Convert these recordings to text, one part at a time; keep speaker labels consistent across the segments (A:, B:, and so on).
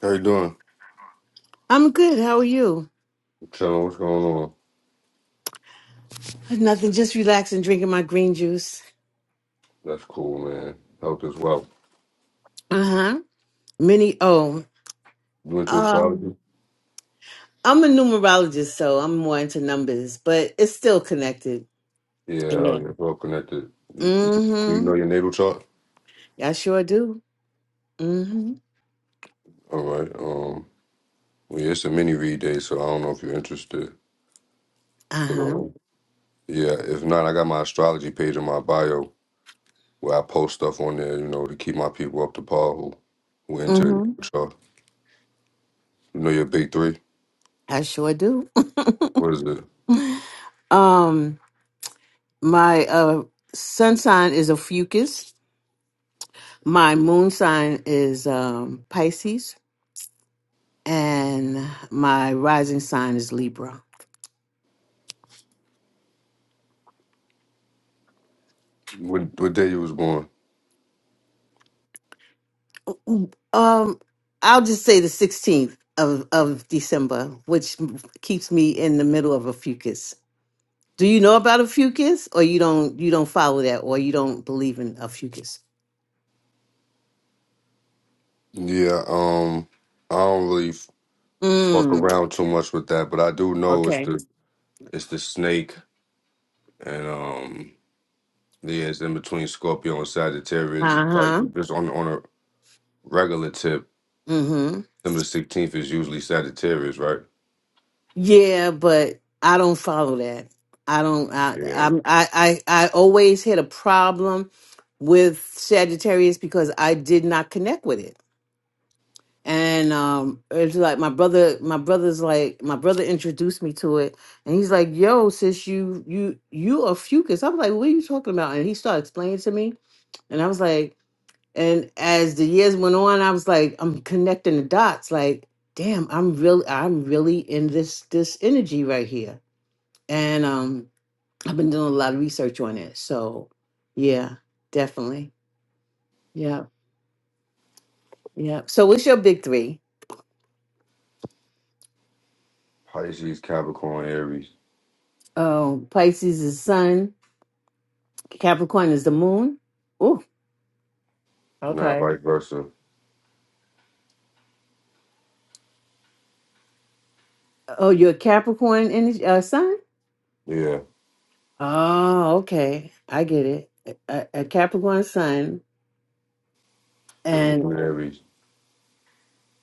A: How you doing?
B: I'm good. How are you?
A: Chilling, what's going on?
B: Nothing, just relaxing, drinking my green juice.
A: That's cool, man. Health is well.
B: Uh huh. Mini O.
A: You into
B: Um,
A: astrology?
B: I'm a numerologist, so I'm more into numbers, but it's still connected.
A: Yeah, hell
B: Yeah.
A: yeah, well connected. You, you, do you know
B: Mm
A: your natal chart?
B: hmm. I sure do. Mm hmm.
A: All right. Um, well, yeah, it's a mini read day, so I don't know if you're interested.
B: Uh
A: But
B: huh.
A: um, yeah, if not, I got my astrology page in my bio where I post stuff on there, you know, to keep my people up to par who who
B: Mm
A: into the natal
B: hmm.
A: chart. You know your big three?
B: I sure do.
A: What is it?
B: Um, my uh sun sign is a fucus. My moon sign is um Pisces, and my rising sign is Libra.
A: What what day you was born?
B: Um, I'll just say the 16th of, of December, which m- keeps me in the middle of a fucus. Do you know about a fucus or you don't you don't follow that or you don't believe in a fucus?
A: Yeah, um, I don't really. fuck
B: Mm,
A: around too much with that, but I do know it's
B: okay.
A: the it's the snake and um yeah, it's in between Scorpio and Sagittarius. Like
B: Uh-huh.
A: just on on a regular tip,
B: Mm-hmm.
A: December sixteenth is usually Sagittarius, right?
B: Yeah, but I don't follow that. I don't I
A: Yeah.
B: I'm I I, I always had a problem with Sagittarius because I did not connect with it. and um it's like my brother my brother's like my brother introduced me to it and he's like yo sis you you you are fucus i was like what are you talking about and he started explaining to me and i was like and as the years went on i was like i'm connecting the dots like damn i'm really i'm really in this this energy right here and um i've been doing a lot of research on it so yeah definitely yeah yeah so what's your big three?
A: Pisces, Capricorn, Aries,
B: Oh, pisces is sun Capricorn is the moon. Oh,
A: not
B: Okay.
A: vice versa.
B: Oh, you're a Capricorn in uh, sun?
A: Yeah.
B: Oh, okay. I get it. A, a Capricorn sun
A: The moon
B: and
A: in Aries.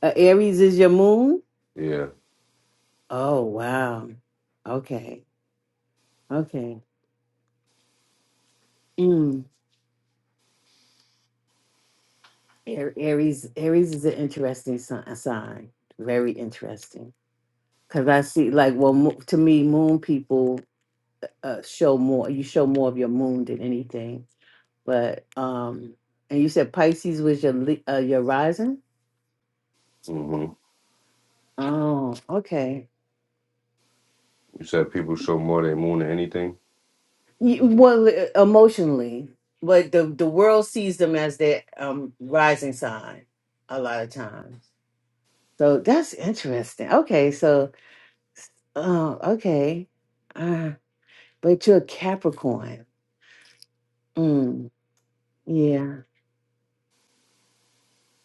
B: uh, Aries is your moon?
A: Yeah.
B: Oh, wow. Okay. Okay. Mm. A- Aries Aries is an interesting si- sign. Very interesting. Cuz I see like well mo- to me moon people uh, show more you show more of your moon than anything But um, and you said Pisces was your li- uh, your rising.
A: hmm
B: Oh, okay.
A: You said people show more their moon than anything?
B: Y- Well, e- emotionally, but the the world sees them as their um rising sign a lot of times. So that's interesting. Okay, so oh, okay. Uh, but you're a Capricorn. Mm, yeah.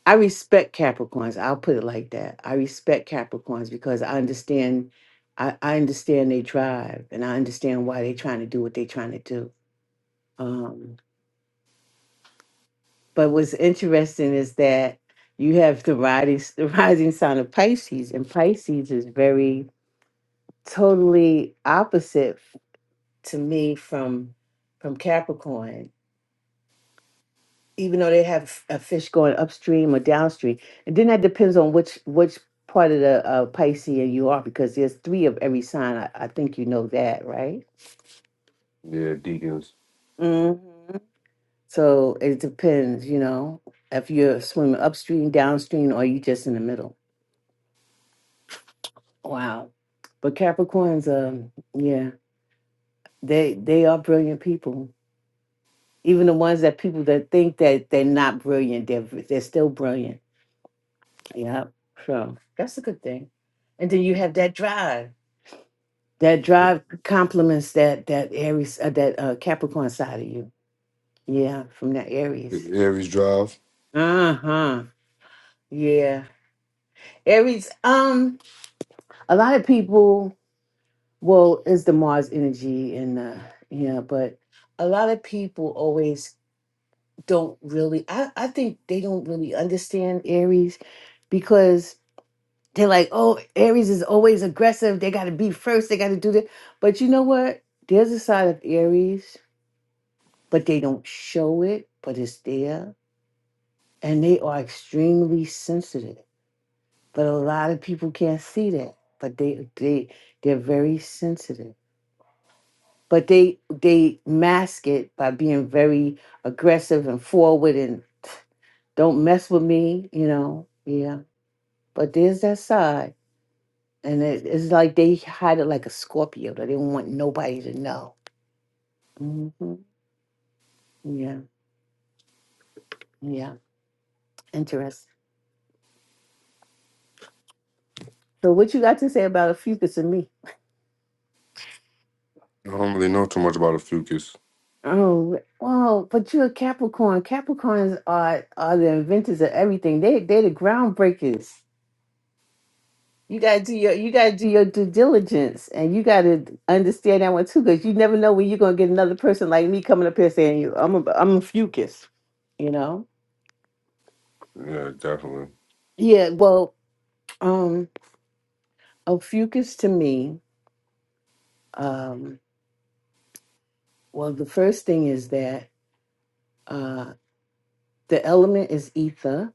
B: I respect Capricorns. I'll put it like that. I respect Capricorns because I understand I, I understand they drive and I understand why they're trying to do what they're trying to do. Um, but what's interesting is that you have the rising, the rising sign of Pisces, and Pisces is very totally opposite f- to me from from Capricorn. even though they have a fish going upstream or downstream. And then that depends on which which part of the uh, Piscean you are, because there's three of every sign. I, I think you know that, right?
A: Yeah, deacons.
B: hmm So it depends, you know, if you're swimming upstream, downstream, or you just in the middle. Wow. But Capricorns, um, yeah, they they are brilliant people. Even the ones that people that think that they're not brilliant, they're they're still brilliant Yeah. So That's a good thing. And then you have that drive. that drive complements that that Aries uh, that uh, Capricorn side of you. Yeah, from that Aries.
A: Aries drive.
B: Uh huh. Yeah. Aries, um, A lot of people. Well, it's the Mars energy and uh, yeah, but a lot of people always don't really I, I think they don't really understand Aries, because. They're like, oh, Aries is always aggressive. They got to be first. They got to do that. But you know what? There's a side of Aries, but they don't show it, but it's there. And they are extremely sensitive. But a lot of people can't see that. But they they they're very sensitive. But they they mask it by being very aggressive and forward and don't mess with me, you know. Yeah. But there's that side. And it, it's like they had it like a Scorpio. They didn't want nobody to know. hmm Yeah, yeah. Interesting. So, what you got to say about a Fucus and me?
A: I don't really know too much about a fucus.
B: Oh, well, but you're a Capricorn. Capricorns are are the inventors of everything. They they're the groundbreakers. You gotta do your you gotta do your due diligence, and you gotta understand that one too, because you never know when you're gonna get another person like me coming up here saying you I'm a I'm a Fucus. You know?
A: Yeah, definitely.
B: Yeah. Well, um, a Fucus to me. Um, well, the first thing is that uh, the element is ether.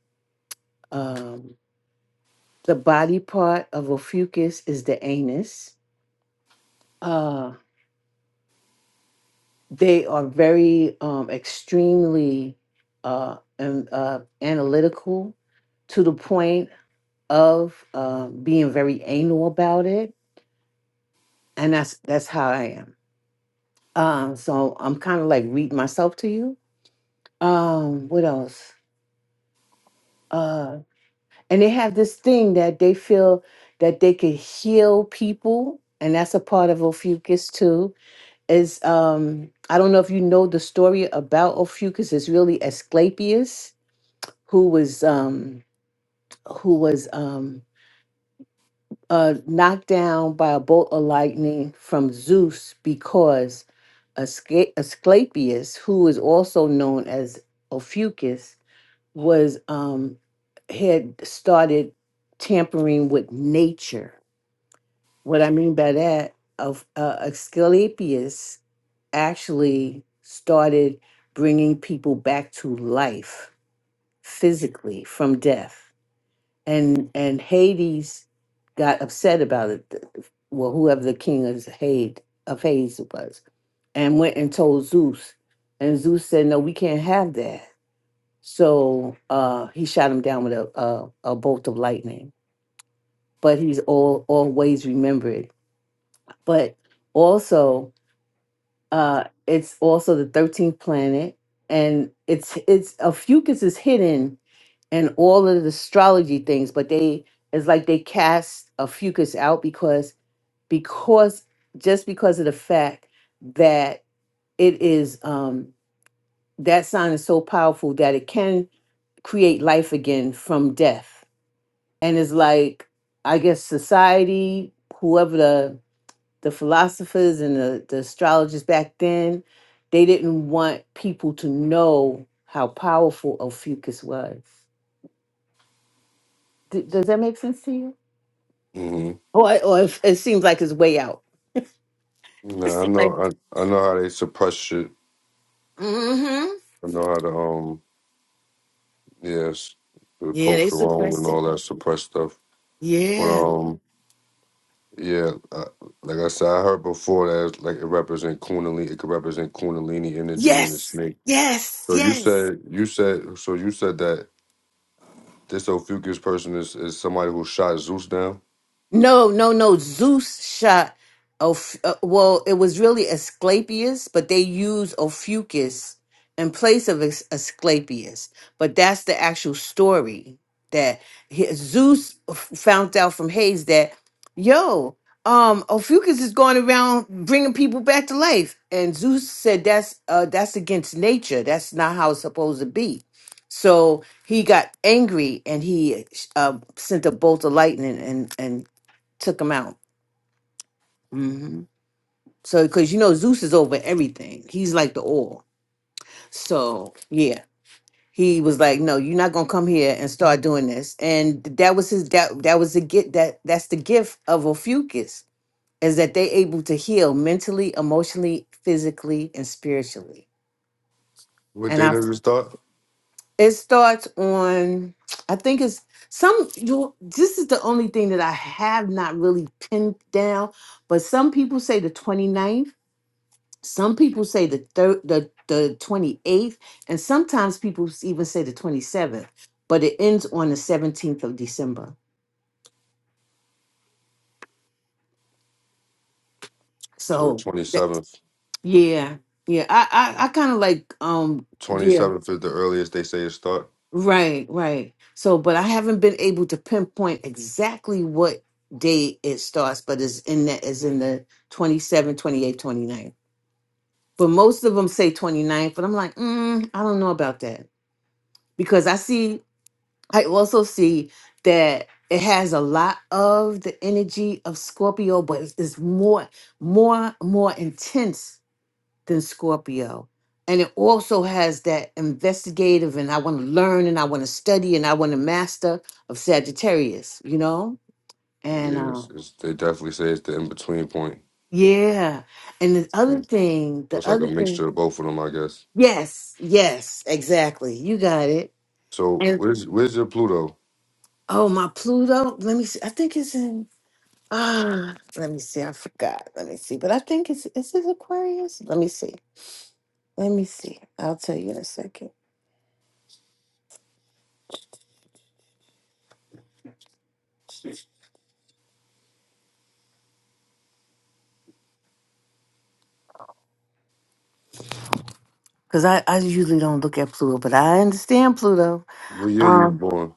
B: Um, the body part of a fucus is the anus. Uh, they are very um, extremely uh, an- uh, analytical to the point of uh, being very anal about it, and that's that's how I am. Um, so I'm kind of like reading myself to you. Um, what else? Uh, and they have this thing that they feel that they can heal people and that's a part of ophiuchus too is um i don't know if you know the story about ophiuchus it's really asclepius who was um who was um uh knocked down by a bolt of lightning from zeus because Asca- asclepius who is also known as ophiuchus was um had started tampering with nature. What I mean by that, of uh, Asclepius actually started bringing people back to life physically from death, and and Hades got upset about it. th- Well, whoever the king of Hades of Hades was, and went and told Zeus, and Zeus said, "No, we can't have that." So uh, he shot him down with a, a, a bolt of lightning. But he's all, always remembered. But also, uh, it's also the 13th planet. And it's it's a Fucus is hidden in all of the astrology things, but they it's like they cast a Fucus out because because just because of the fact that it is um that sign is so powerful that it can create life again from death and it's like i guess society whoever the the philosophers and the, the astrologers back then they didn't want people to know how powerful ophiuchus was D- does that make sense to you
A: Mm-hmm.
B: or, or it, it seems like it's way out
A: Nah, I know.
B: Like,
A: I, I know how they suppress shit.
B: mm-hmm.
A: I know how to um yes, the
B: Yeah, they
A: Pope's Rome and
B: suppressed
A: all
B: it.
A: that suppressed stuff. But
B: Yeah.
A: um yeah, I, like I said, I heard before that like it represent Kundalini. It could represent Kundalini energy in the
B: Yes.
A: snake.
B: Yes.
A: So you
B: Yes.
A: said you said so you said that this Ophiuchus person is is somebody who shot Zeus down.
B: No, no, no. Zeus shot. Oph- uh, well, it was really Asclepius, but they used Ophiuchus in place of As- Asclepius. But that's the actual story that he- Zeus f- found out from Hades that, yo, um, Ophiuchus is going around bringing people back to life, and Zeus said that's uh, that's against nature. That's not how it's supposed to be. So he got angry and he uh, sent a bolt of lightning and and took him out. hmm So, because you know, Zeus is over everything. He's like the all. So, yeah, he was like, "No, you're not gonna come here and start doing this." And that was his. That that was the get. That that's the gift of Ophiuchus is that they able to heal mentally, emotionally, physically, and spiritually.
A: What
B: And
A: day
B: I,
A: does it start?
B: it starts on. I think it's some. You. This is the only thing that I have not really pinned down. But some people say the twenty ninth. Some people say the third, the the twenty eighth, and sometimes people s- even say the twenty seventh. But it ends on the seventeenth of December.
A: To the
B: So
A: twenty
B: that-
A: seventh.
B: yeah, yeah. I I, I kind of like um
A: Twenty
B: yeah
A: seventh is the earliest they say it start.
B: right right. So but I haven't been able to pinpoint exactly what day it starts, but it's in that is in the 27th, 28th, 29th. But most of them say twenty ninth. but I'm like, mm, I don't know about that because I see I also see that it has a lot of the energy of Scorpio, but it's, it's more, more, more intense than Scorpio. And it also has that investigative and I want to learn and I want to study and I want to master of Sagittarius, you know? And
A: Yes,
B: um,
A: it's, they definitely say it's the in between point.
B: yeah. And the
A: Yeah.
B: other thing,
A: Or
B: the
A: it's like a
B: other thing,
A: mixture of both of them, I guess.
B: yes, yes, exactly. You got it.
A: So
B: And
A: where's where's your Pluto?
B: oh, my Pluto, let me see. I think it's in Ah, let me see. I forgot. Let me see. But I think it's is this Aquarius? Let me see. Let me see. I'll tell you in a second. Cause I, I usually don't look at Pluto, but I understand Pluto.
A: What year you was
B: Um,
A: born?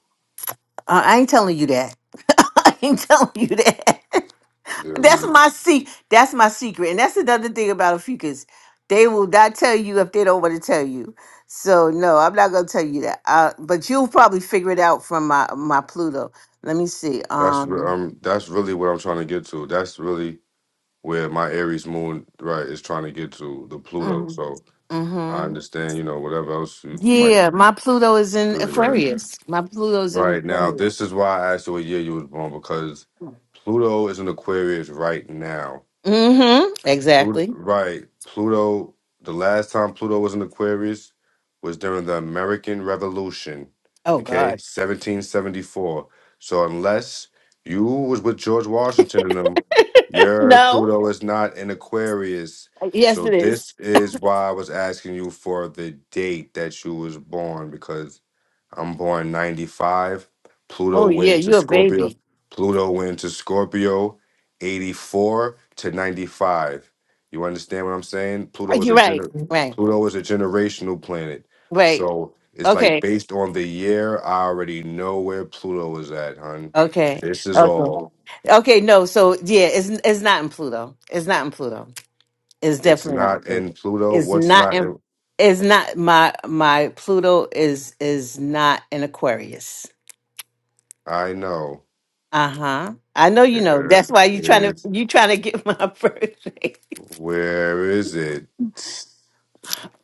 B: I I ain't telling you that. I ain't telling you that.
A: Yeah,
B: that's
A: we.
B: my se- That's my secret, and that's another thing about a fucus. They will not tell you if they don't want to tell you. So no, I'm not gonna tell you that. Uh, but you'll probably figure it out from my my Pluto. Let me see.
A: That's re-
B: Um.
A: um. That's really what I'm trying to get to. That's really where my Aries moon right is trying to get to the Pluto.
B: Mm-hmm.
A: So I
B: mm-hmm.
A: understand, you know, whatever else you might
B: Yeah, my Pluto is in
A: really that.
B: Aquarius. My Pluto's in
A: Right now,
B: Aquarius.
A: this is why I asked you what year you was born because Pluto is in Aquarius right now.
B: Mm-hmm.
A: Pluto,
B: Exactly.
A: right. Pluto, the last time Pluto was in Aquarius was during the American Revolution,
B: Oh
A: okay?
B: God.
A: 1774. So unless you was with George Washington and them, your
B: No.
A: Pluto is not in Aquarius.
B: Yes,
A: So
B: it is.
A: this is why I was asking you for the date that you was born because I'm born 95.
B: Oh
A: Pluto went
B: yeah,
A: into
B: you're a
A: Scorpio.
B: baby.
A: Pluto went into Scorpio 84 to 95. You understand what I'm saying? Pluto is
B: You're
A: a
B: right.
A: gener-
B: Right.
A: Pluto is a generational planet.
B: Right.
A: So it's like
B: Okay.
A: based on the year, I already know where Pluto is at, hun.
B: Okay.
A: This is
B: Okay.
A: all.
B: Okay. No. So yeah, it's it's not in Pluto. It's not in Pluto. It's
A: It's
B: definitely not in
A: not in
B: Pluto.
A: Pluto.
B: It's
A: What's
B: not
A: not
B: in.
A: in
B: It's not my my Pluto is is not in Aquarius.
A: I know.
B: Uh-huh. I know you know.
A: Where
B: That's why you trying to
A: is
B: you trying to get my birthday.
A: where is it?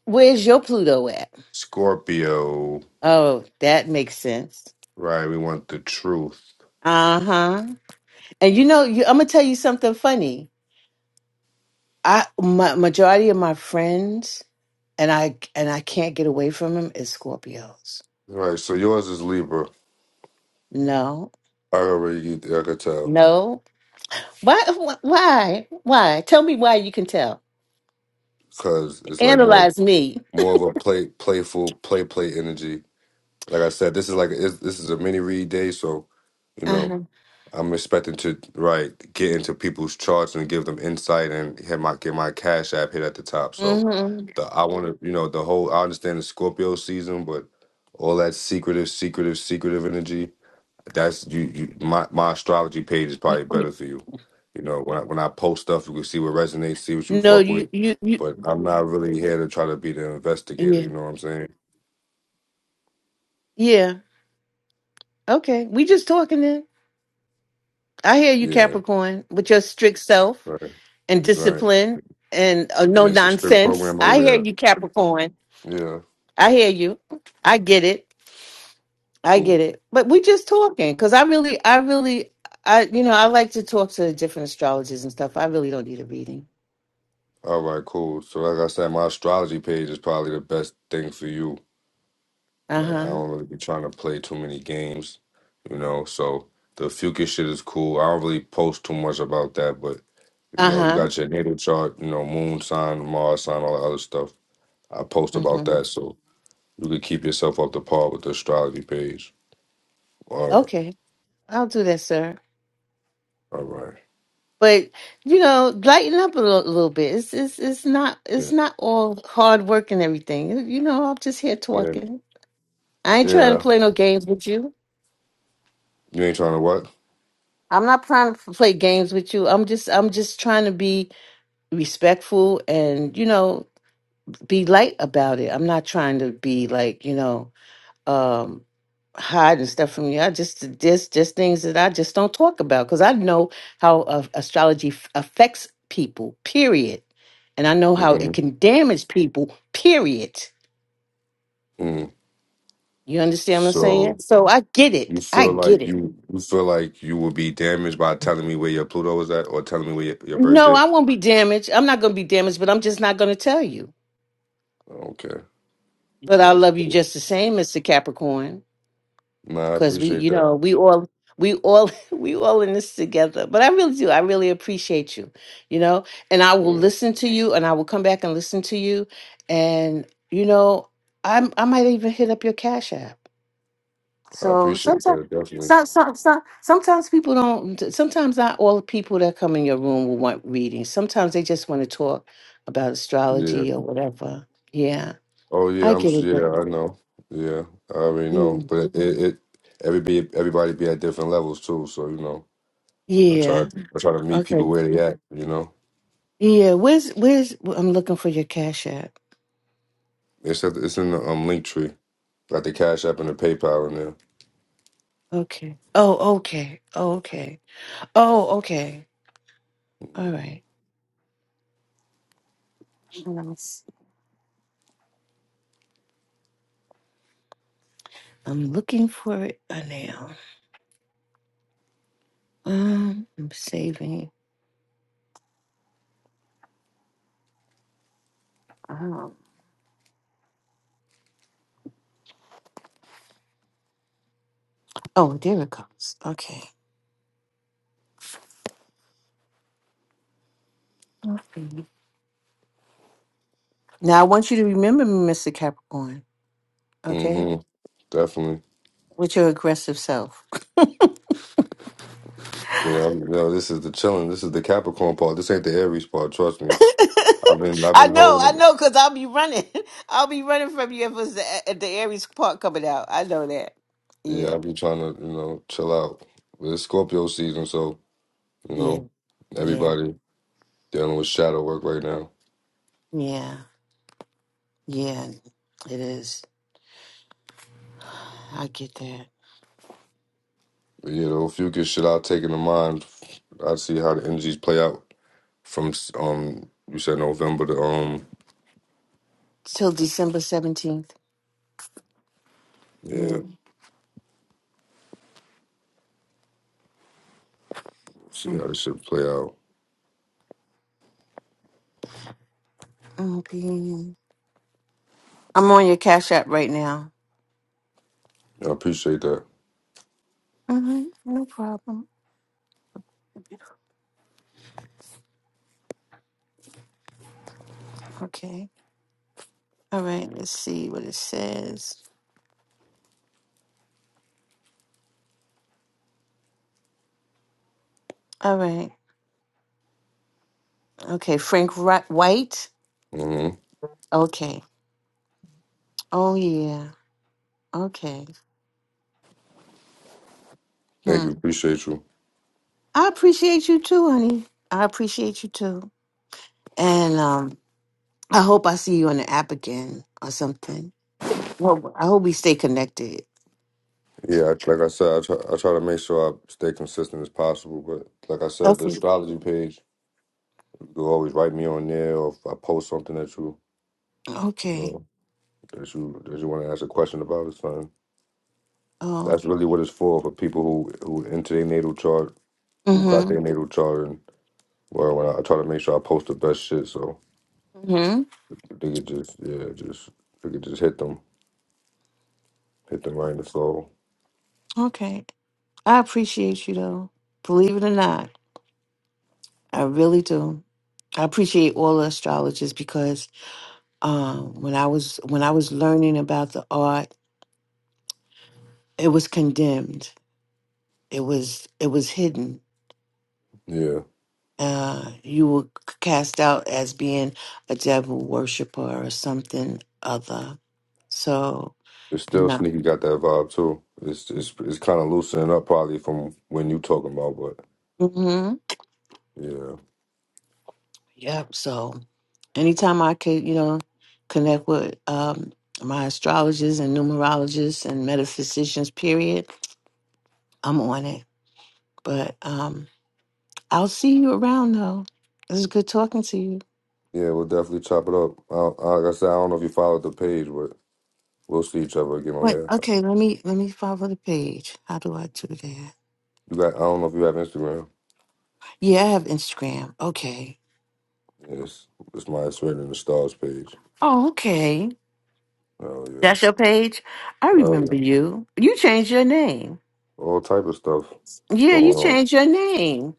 B: Where's your Pluto at?
A: Scorpio.
B: Oh, that makes sense.
A: Right, we want the truth.
B: Uh-huh. And you know, you, I'm gonna tell you something funny. I my majority of my friends and I and I can't get away from them is Scorpios.
A: Right, so yours is Libra.
B: No.
A: I already, I could tell,
B: No. Why wh- why? Why? Tell me why you can tell.
A: because it's like more,
B: Analyze me.
A: more of a play, playful, play, play energy. Like I said, this is like it's, this is a mini read day, so you know
B: Uh-huh.
A: I'm expecting to right get into people's charts and give them insight and hit my get my cash app hit at the top. So
B: Mhm.
A: the I want to, you know, the whole I understand the Scorpio season, but all that secretive, secretive, secretive energy. That's you. you my my astrology page is probably better for you. You know, when I, when I post stuff, you can see what resonates, see what you
B: No,
A: fuck with.
B: you you you
A: But I'm not really here to try to be the investigator.
B: yeah.
A: You know what I'm saying?
B: Yeah. Okay, we just talking then. I hear you,
A: Yeah,
B: Capricorn, with your strict self
A: right,
B: and
A: right.
B: discipline and uh,
A: Yeah,
B: no
A: it's a strict
B: nonsense.
A: program
B: I
A: over
B: hear
A: there.
B: you, Capricorn.
A: Yeah,
B: I hear you. I get it. I
A: cool.
B: get it. But we just talking because I really, I really, I you know, I like to talk to different astrologers and stuff. I really don't need a reading.
A: All right, cool. So like I said, my astrology page is probably the best thing for you.
B: Uh
A: Like I
B: huh.
A: don't really be trying to play too many games. You know, so the future shit is cool. I don't really post too much about that, but. You
B: Uh
A: know, you
B: huh.
A: got your natal chart, you know, moon sign, Mars sign, all that other stuff. I post about
B: Mm-hmm.
A: that so you could keep yourself up to par with the astrology page. All right.
B: Okay, I'll do that, sir.
A: All right.
B: But you know, lighten up a little, little bit. It's, it's it's not it's
A: Yeah.
B: not all hard work and everything. You know, I'm just here
A: Yeah.
B: talking. I ain't trying to
A: Yeah.
B: play no games with you.
A: You ain't trying to what?
B: I'm not trying to play games with you. I'm just I'm just trying to be respectful and you know be light about it. I'm not trying to be like you know. um hiding stuff from you. I just just just things that I just don't talk about because I know how uh, astrology f- affects people. Period. And I know how
A: hmm
B: it can damage people. Period.
A: hmm
B: You understand what I'm saying?
A: So
B: So I get
A: you
B: it. I
A: feel
B: get
A: like
B: it.
A: you you feel like you will be damaged by telling me where your Pluto is at or telling me where your, your
B: No,
A: birthday?
B: I won't be damaged. I'm not going to be damaged, but I'm just not going to tell you.
A: Okay.
B: But
A: Yeah,
B: I
A: that's
B: love you
A: cool.
B: just the same, Mr. Capricorn.
A: Nah, I
B: because we
A: appreciate
B: you
A: that.
B: know we all we all we all in this together but i really do i really appreciate you you know and i will
A: Yeah.
B: listen to you and i will come back and listen to you and you know i'm i might even hit up your cash app
A: I
B: so
A: appreciate
B: sometimes
A: that definitely.
B: some, some, some, sometimes people don't sometimes not all the people that come in your room will want readings. sometimes they just want to talk about
A: Yeah.
B: astrology or whatever yeah
A: Oh
B: i
A: yeah, I'm
B: get
A: s-
B: it
A: yeah,
B: then.
A: I know. Yeah, I already know.
B: Mm.
A: But it, it everybody everybody be at different levels too. So you know, I try
B: yeah
A: I try to meet
B: okay
A: people where they at. You know,
B: Yeah, where's where's I'm looking for your cash app.
A: it's at, it's in the um link tree, like the Cash App and the PayPal in there.
B: Okay. Oh, okay. Oh, okay. Oh, okay. All
A: Mm-hmm.
B: right. Hold on, let's- I'm looking for it uh, now. Um, I'm saving. Um, oh, there it comes. Okay. Okay. Now I want you to remember me, Mr. Capricorn. Okay,
A: Mm-hmm. Definitely.
B: with your aggressive self.
A: Yeah, I'm, you know, this is the chilling. This is the Capricorn part. This ain't the Aries part. Trust me. I've been I've
B: I
A: been
B: know, I
A: holding it.
B: know, because I'll be running. I'll be running from you if it's the, if the Aries part coming out. I know that.
A: Yeah,
B: Yeah.
A: I've been trying to you know chill out. But it's Scorpio season, so you
B: Yeah.
A: know
B: yeah.
A: everybody dealing with shadow work right now.
B: Yeah, yeah, it is. I get that.
A: You know, if you get shit out taken in mind, I see how the energies play out from um you said November to um
B: Till December 17th.
A: yeah,
B: Mm,
A: see how this shit play out.
B: Okay. I'm on your Cash App right now.
A: I appreciate that.
B: hmm No problem. Okay. All right. Let's see what it says. All right. Okay. Frank Ri- White.
A: hmm
B: Okay. Oh, yeah. Okay.
A: Thank
B: Hmm.
A: you, appreciate you.
B: I appreciate you too, honey. I appreciate you too. And um, I hope I see you on the app again or something. Well, I hope we stay connected.
A: Yeah, I- like I said, I try, I try to make sure I stay consistent as possible. But like I said, the
B: Okay.
A: astrology page, you can always write me on there, or if I post something that you, you
B: Okay.
A: know, that you that you want to ask a question about or something.
B: Oh,
A: That's
B: okay.
A: really what it's for for people who who into their natal chart, who got
B: Mm-hmm.
A: their natal chart, Well, when I, I try to make sure I post the best shit, so
B: Mm-hmm.
A: they could just yeah, just they could just hit them, hit them right in the soul.
B: Okay. I appreciate you though. Believe it or not, I really do. I appreciate all the astrologers because um when I was when I was learning about the art, it was condemned. It was it was hidden.
A: Yeah,
B: Uh you were cast out as being a devil worshiper or something other. So,
A: it's
B: you
A: still
B: know.
A: sneaky. Got that vibe too. It's it's it's kind of loosening up probably from when you talking about, but
B: Mm-hmm.
A: yeah,
B: Yep. So anytime I could, you know, connect with um, my astrologers and numerologists and metaphysicians, period, I'm on it. But um, I'll see you around though. This is good talking to you.
A: yeah, we'll definitely chop it up. I, don't- I, like I said, I don't know if you followed the page, but we'll see each other again on
B: Wait,
A: here.
B: okay, let me let me follow the page. How do I do that?
A: You got? I don't know if you have Instagram.
B: Yeah, I have Instagram. Okay.
A: Yes, it's my it's written in the stars page.
B: Oh, okay.
A: Oh
B: That's
A: yeah,
B: your page? I
A: oh yeah,
B: remember you. You changed your name.
A: all type of stuff
B: Yeah, you
A: going on.
B: changed your name.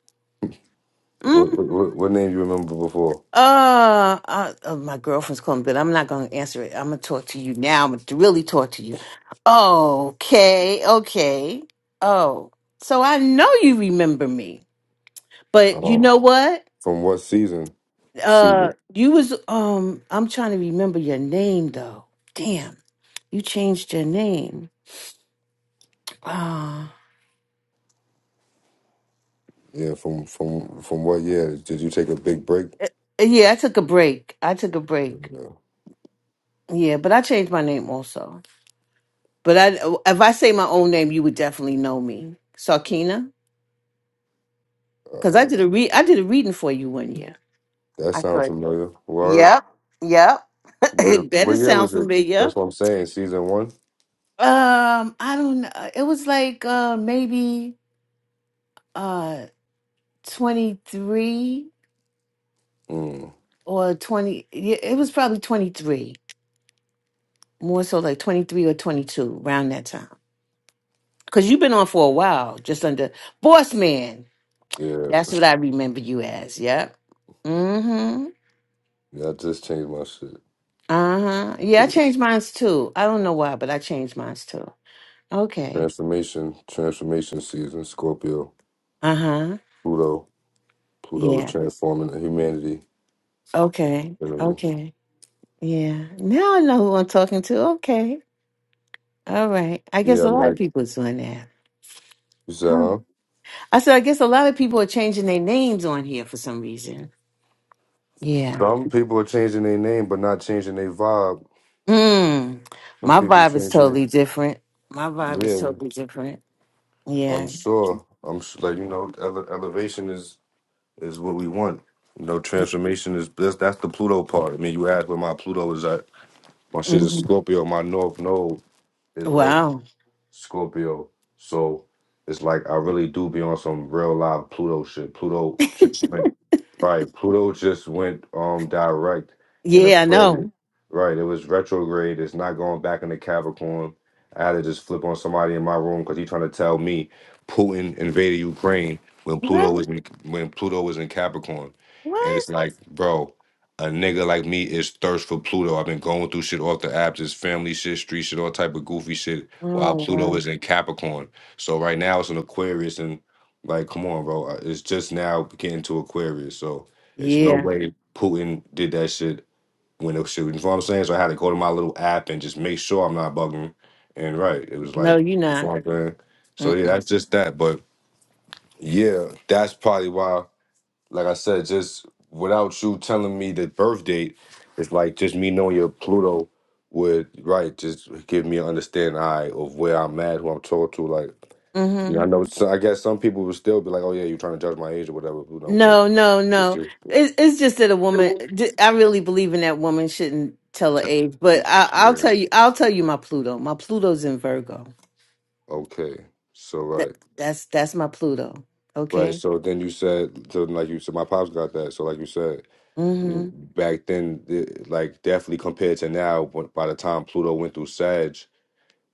A: What what,
B: hmm
A: what what name you remember before?
B: Uh, uh, uh, my girlfriend's calling, but I'm not going to answer it. I'm going to talk to you now. I'm going to really talk to you. Okay, okay. Oh, so I know you remember me,
A: I
B: but you
A: don't.
B: know what?
A: From what season?
B: Uh,
A: Season.
B: you was um. I'm trying to remember your name though. Damn, you changed your name. Ah,
A: Yeah. From from from what year? Did you take a big break?
B: Uh, eh, eh, yeah, I took a break. I took a break.
A: No.
B: Yeah, but I changed my name also. But I, if I say my own name, you would definitely know me, Sarkina. Because I
A: Uh,
B: did a re I did a reading for you one year.
A: that
B: I
A: sounds
B: could.
A: familiar. What?
B: Yep. Yep. it
A: What
B: better
A: year
B: sound
A: was it?
B: familiar.
A: That's what I'm saying. Season one.
B: Um, I don't know. It was like uh maybe uh 23
A: Mm,
B: or 20. Yeah, it was probably 23. More so like 23 or 22 around that time. Because you've been on for a while, just under Boss Man.
A: yeah.
B: That's what I remember you as. Yep. Mm-hmm.
A: Yeah. I just changed my shit
B: Uh-huh. Yeah,
A: to
B: I
A: this
B: changed mine too. I don't know why, but I changed mine too. Okay.
A: transformation. Transformation season. Scorpio.
B: Uh huh.
A: Pluto. Pluto is
B: Yeah.
A: transforming the humanity.
B: Okay.
A: So,
B: Okay. Yeah. Now I know who I'm talking to. Okay. All right. I
A: Yeah.
B: guess
A: I
B: a
A: mean,
B: lot of
A: like
B: people is doing that.
A: you said,
B: Oh.
A: huh?
B: I said, I guess a lot of people are changing their names on here for some reason. Yeah.
A: Some people are changing their name, but not changing their vibe.
B: Mm.
A: Some
B: My
A: people
B: vibe is
A: changing it.
B: totally different. My vibe is
A: Yeah.
B: totally different.
A: I'm
B: Yeah.
A: sure. I'm sure, like you know, ele- elevation is is what we want. You know, transformation is that's that's the Pluto part. I mean, you asked where my Pluto is at. My shit is
B: hmm
A: Scorpio. My North Node is all
B: Wow.
A: Scorpio. So it's like I really do be on some real live Pluto shit. Pluto just went Right, Pluto just went um direct in
B: Yeah, I
A: Aquarius.
B: know.
A: Mhm. Right, it was retrograde. It's not going back into Capricorn. I had to just flip on somebody in my room because he trying to tell me Putin invaded Ukraine when Pluto
B: What?
A: was in, when Pluto was in Capricorn, and
B: What?
A: it's like, bro, a nigga like me is thirst for Pluto. I've been going through shit off the app, just family shit, street shit, all type of goofy shit, while
B: Oh,
A: Pluto
B: wow.
A: is in Capricorn. So right now it's in Aquarius, like, come on, bro. Uh, It's just now getting to Aquarius, so it's no
B: Yeah.
A: way Putin did that shit when it was shooting. You know what I'm saying? So I had to go to my little app and just make sure I'm not bugging. And right, it was
B: No,
A: like,
B: you're
A: you know
B: not.
A: what I'm saying? So yeah, that's
B: Mm-mm.
A: just that. But yeah, that's probably why, like I said, just without you telling me the birth date, it's like just me knowing your Pluto would, right, just give me an understanding, all right, of where I'm at, who I'm talking to. Like,
B: Mm-hmm.
A: yeah, I know. So I guess some people would still be like, "Oh yeah, you're trying to judge my age or whatever." You know, but
B: No, no,
A: it's
B: no.
A: just
B: It, it's just that a woman. d- I really believe in that woman shouldn't tell her age. But I, I'll
A: yeah.
B: tell you. I'll tell you my Pluto. My Pluto's in Virgo.
A: Okay, so
B: That
A: right,
B: that's that's my Pluto.
A: right.
B: Okay.
A: So then you said, so like you said, my pops got that. So like you said, I mean,
B: Mm
A: back then, the- like definitely compared to now, when- by the time Pluto went through Sag.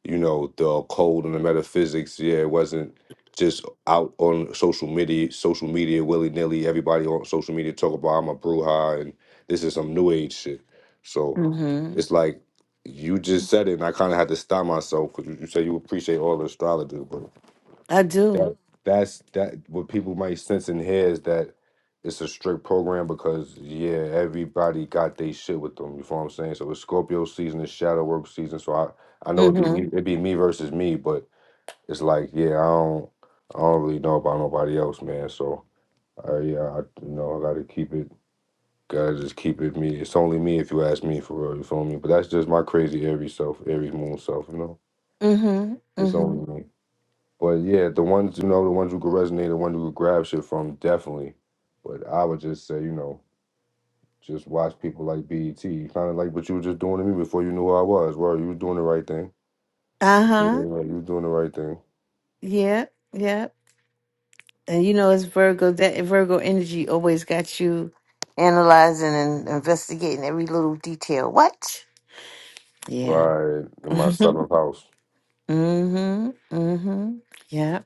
A: you know the occult and the metaphysics yeah it wasn't just out on social media social media willy-nilly everybody on social media talk about i'm a bruja and this is some new age shit so
B: hmm. Mm hmm.
A: it's like you just said it and i kind of had to stop myself because you, you said you appreciate all the astrologers but
B: I do.
A: that that's that what people might sense in here is that it's a strict program because yeah, everybody got their shit with them. You feel what I'm saying? So it's Scorpio season, it's shadow work season. So I I know
B: Mm
A: it'd be me it'd be me versus me, but it's like, yeah, I don't I don't really know about nobody else, man. So uh, yeah, I you know I gotta keep it gotta just keep it me. It's only me if you ask me for real, you feel me? But that's just my crazy Aries self, Aries moon self, you know.
B: hmm. Mm hmm. Mm
A: It's
B: hmm.
A: only me. But yeah, the ones you know, the ones who could resonate, the ones who could grab shit from, definitely. But I would just say, you know, just watch people like BET, kind of like what you were just doing to me before you knew who I was. Well, you were doing the right thing.
B: Uh
A: Yeah,
B: huh.
A: right, you were doing the right thing.
B: Yeah. Yeah. And you know, it's Virgo. That Virgo energy always got you analyzing and investigating every little detail. What? Yeah.
A: Right in my seventh house.
B: Mm-hmm. Mm-hmm. Yeah.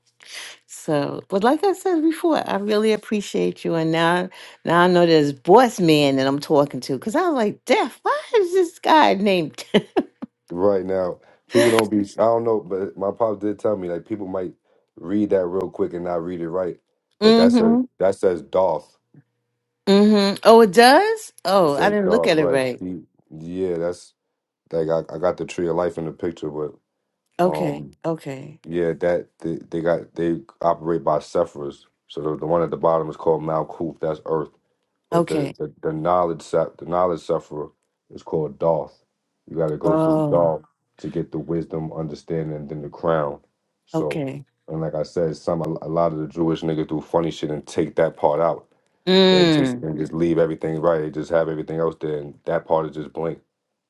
B: So, but like I said before, I really appreciate you. And now, now I know there's boss man that I'm talking to because I was like, Deaf, why is this guy named?
A: Right now, people don't be. I don't know, but my pops did tell me like people might read that real quick and not read it right. But that's a
B: mm-hmm.
A: that says Dolph.
B: Mm-hmm. Oh, it does?
A: It
B: Oh, I
A: says
B: didn't look
A: Dolph,
B: at it
A: right?
B: right.
A: He- Yeah, that's like I, I got the tree of life in the picture, but
B: Okay.
A: Um,
B: Okay.
A: yeah, that they, they got they operate by Sephiras. So the, the one at the bottom is called Malkuth. That's Earth. But the
B: Okay.
A: the, the knowledge Sep- the knowledge Sephira is called Doth. You got to go through
B: Oh,
A: Doth to get the wisdom, understanding, and then the crown. So,
B: okay.
A: and like I said, some a a lot of the Jewish niggas do funny shit and take that part out and just
B: Mm.
A: and just leave everything right. They just have everything else there, and that part is just blank.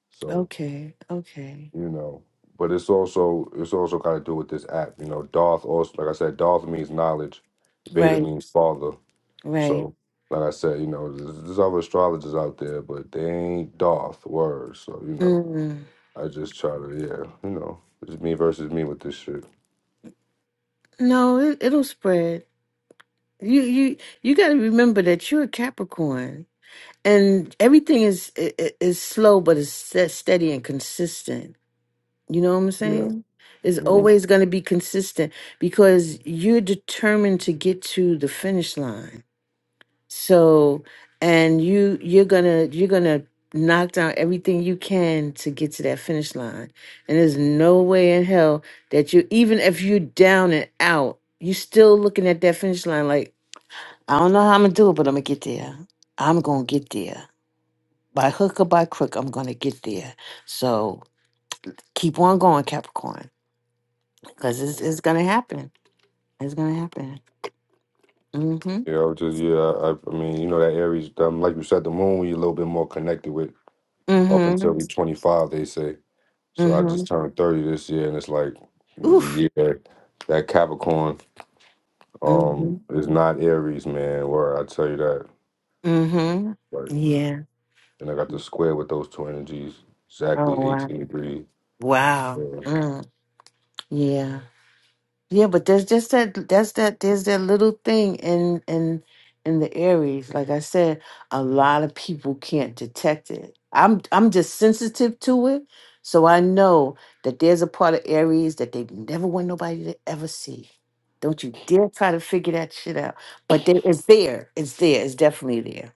A: So
B: Okay. Okay.
A: you know. But it's also it's also got to do with this app, you know. Darth also, like I said, Darth means knowledge, Veda
B: Right.
A: means father.
B: Right.
A: So, like I said, you know, there's, there's other astrologers out there, but they ain't Darth words. So, you know,
B: Mm.
A: I just try to, yeah, you know, it's me versus me with this shit.
B: No, it, it'll spread. You, you, you got to remember that you're a Capricorn. and everything is i- i- is slow but it's ste- steady and consistent you know what i'm
A: Yeah,
B: saying it's
A: hmm
B: always going to be consistent because you're determined to get to the finish line so and you you're gonna you're gonna knock down everything you can to get to that finish line and there's no way in hell that you even if you're down and out you're still looking at that finish line like i don't know how i'm gonna do it but i'm gonna get there i'm gonna get there by hook or by crook, I'm going to get there. So keep on going, Capricorn, because it's, it's going to happen. It's going to happen. Mm-hmm.
A: yeah, I was just yeah. I, I mean, you know, that Aries, um, like you said, the moon, you're a little bit more connected with up
B: Mm-hmm.
A: until you're 25, they say. So I
B: Mm-hmm.
A: just turned 30 this year, and it's like the
B: Oof.
A: year that Capricorn
B: Mm-hmm.
A: um is not Aries, man. Where I tell you that,
B: Mm-hmm.
A: like,
B: Yeah.
A: and I got the square with those two energies,
B: Oh,
A: exactly
B: wow.
A: 18 degrees.
B: Wow.
A: Yeah,
B: Mm. Yeah. Yeah, but there's just that that's that there's that little thing in in in the Aries. Like I said, a lot of people can't detect it. I'm I'm just sensitive to it. So I know that there's a part of Aries that they never want nobody to ever see. Don't you dare try to figure that shit out. But there, it's there. It's there. It's definitely there.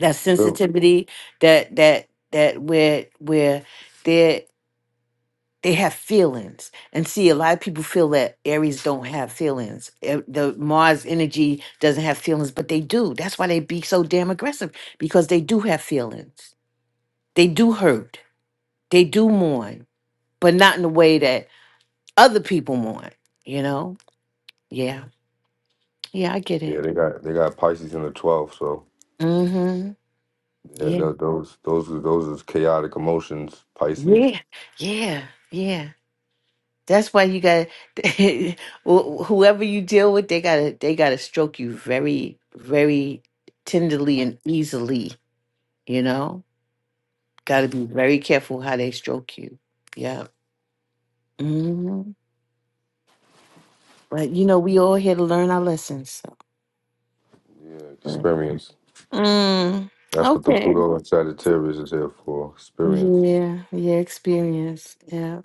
B: That
A: Yep.
B: sensitivity, that that that where where there they have feelings and see a lot of people feel that aries don't have feelings Eh, the mars energy doesn't have feelings but they do that's why they be so damn aggressive because they do have feelings they do hurt they do mourn but not in the way that other people mourn you know yeah yeah i get
A: yeah
B: it
A: they got they got Pisces in the 12th, so
B: mm-hmm
A: yeah,
B: yeah
A: tho- those those are- those is chaotic emotions, Pisces.
B: yeah yeah yeah That's why you got to whoever you deal with, they gotta they gotta stroke you very, very tenderly and easily. You know, got to be very careful how they stroke you. Yeah. hmm But you know, we all here to learn our lessons. So.
A: Yeah,
B: But,
A: experience.
B: mm,
A: That's what the
B: okay.
A: Pluto and Sagittarius is here for, experience.
B: Yeah. Yeah. Experience. Yeah.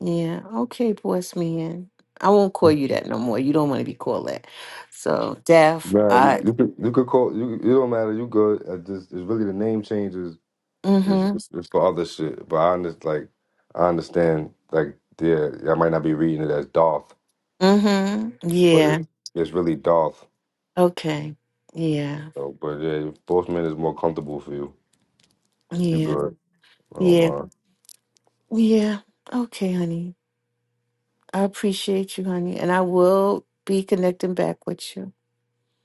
B: Yeah. Okay, boss man. I won't call you that no more. You don't want to be called that. So, deaf.
A: Man, you,
B: I.
A: you, could, you could call you. It don't matter. You good. I just it's really the name changes It's
B: mm-hmm.
A: it's for other shit, but I understand. Like I understand. Like yeah, I might not be reading it as Darth,
B: Mm-hmm.
A: but
B: Yeah.
A: it, it's really Darth.
B: Okay. Yeah.
A: So, but yeah, Postman is more comfortable for you. You
B: Yeah.
A: good? Oh
B: Yeah.
A: my.
B: Yeah. Okay, honey. I appreciate you, honey. And I will be connecting back with you.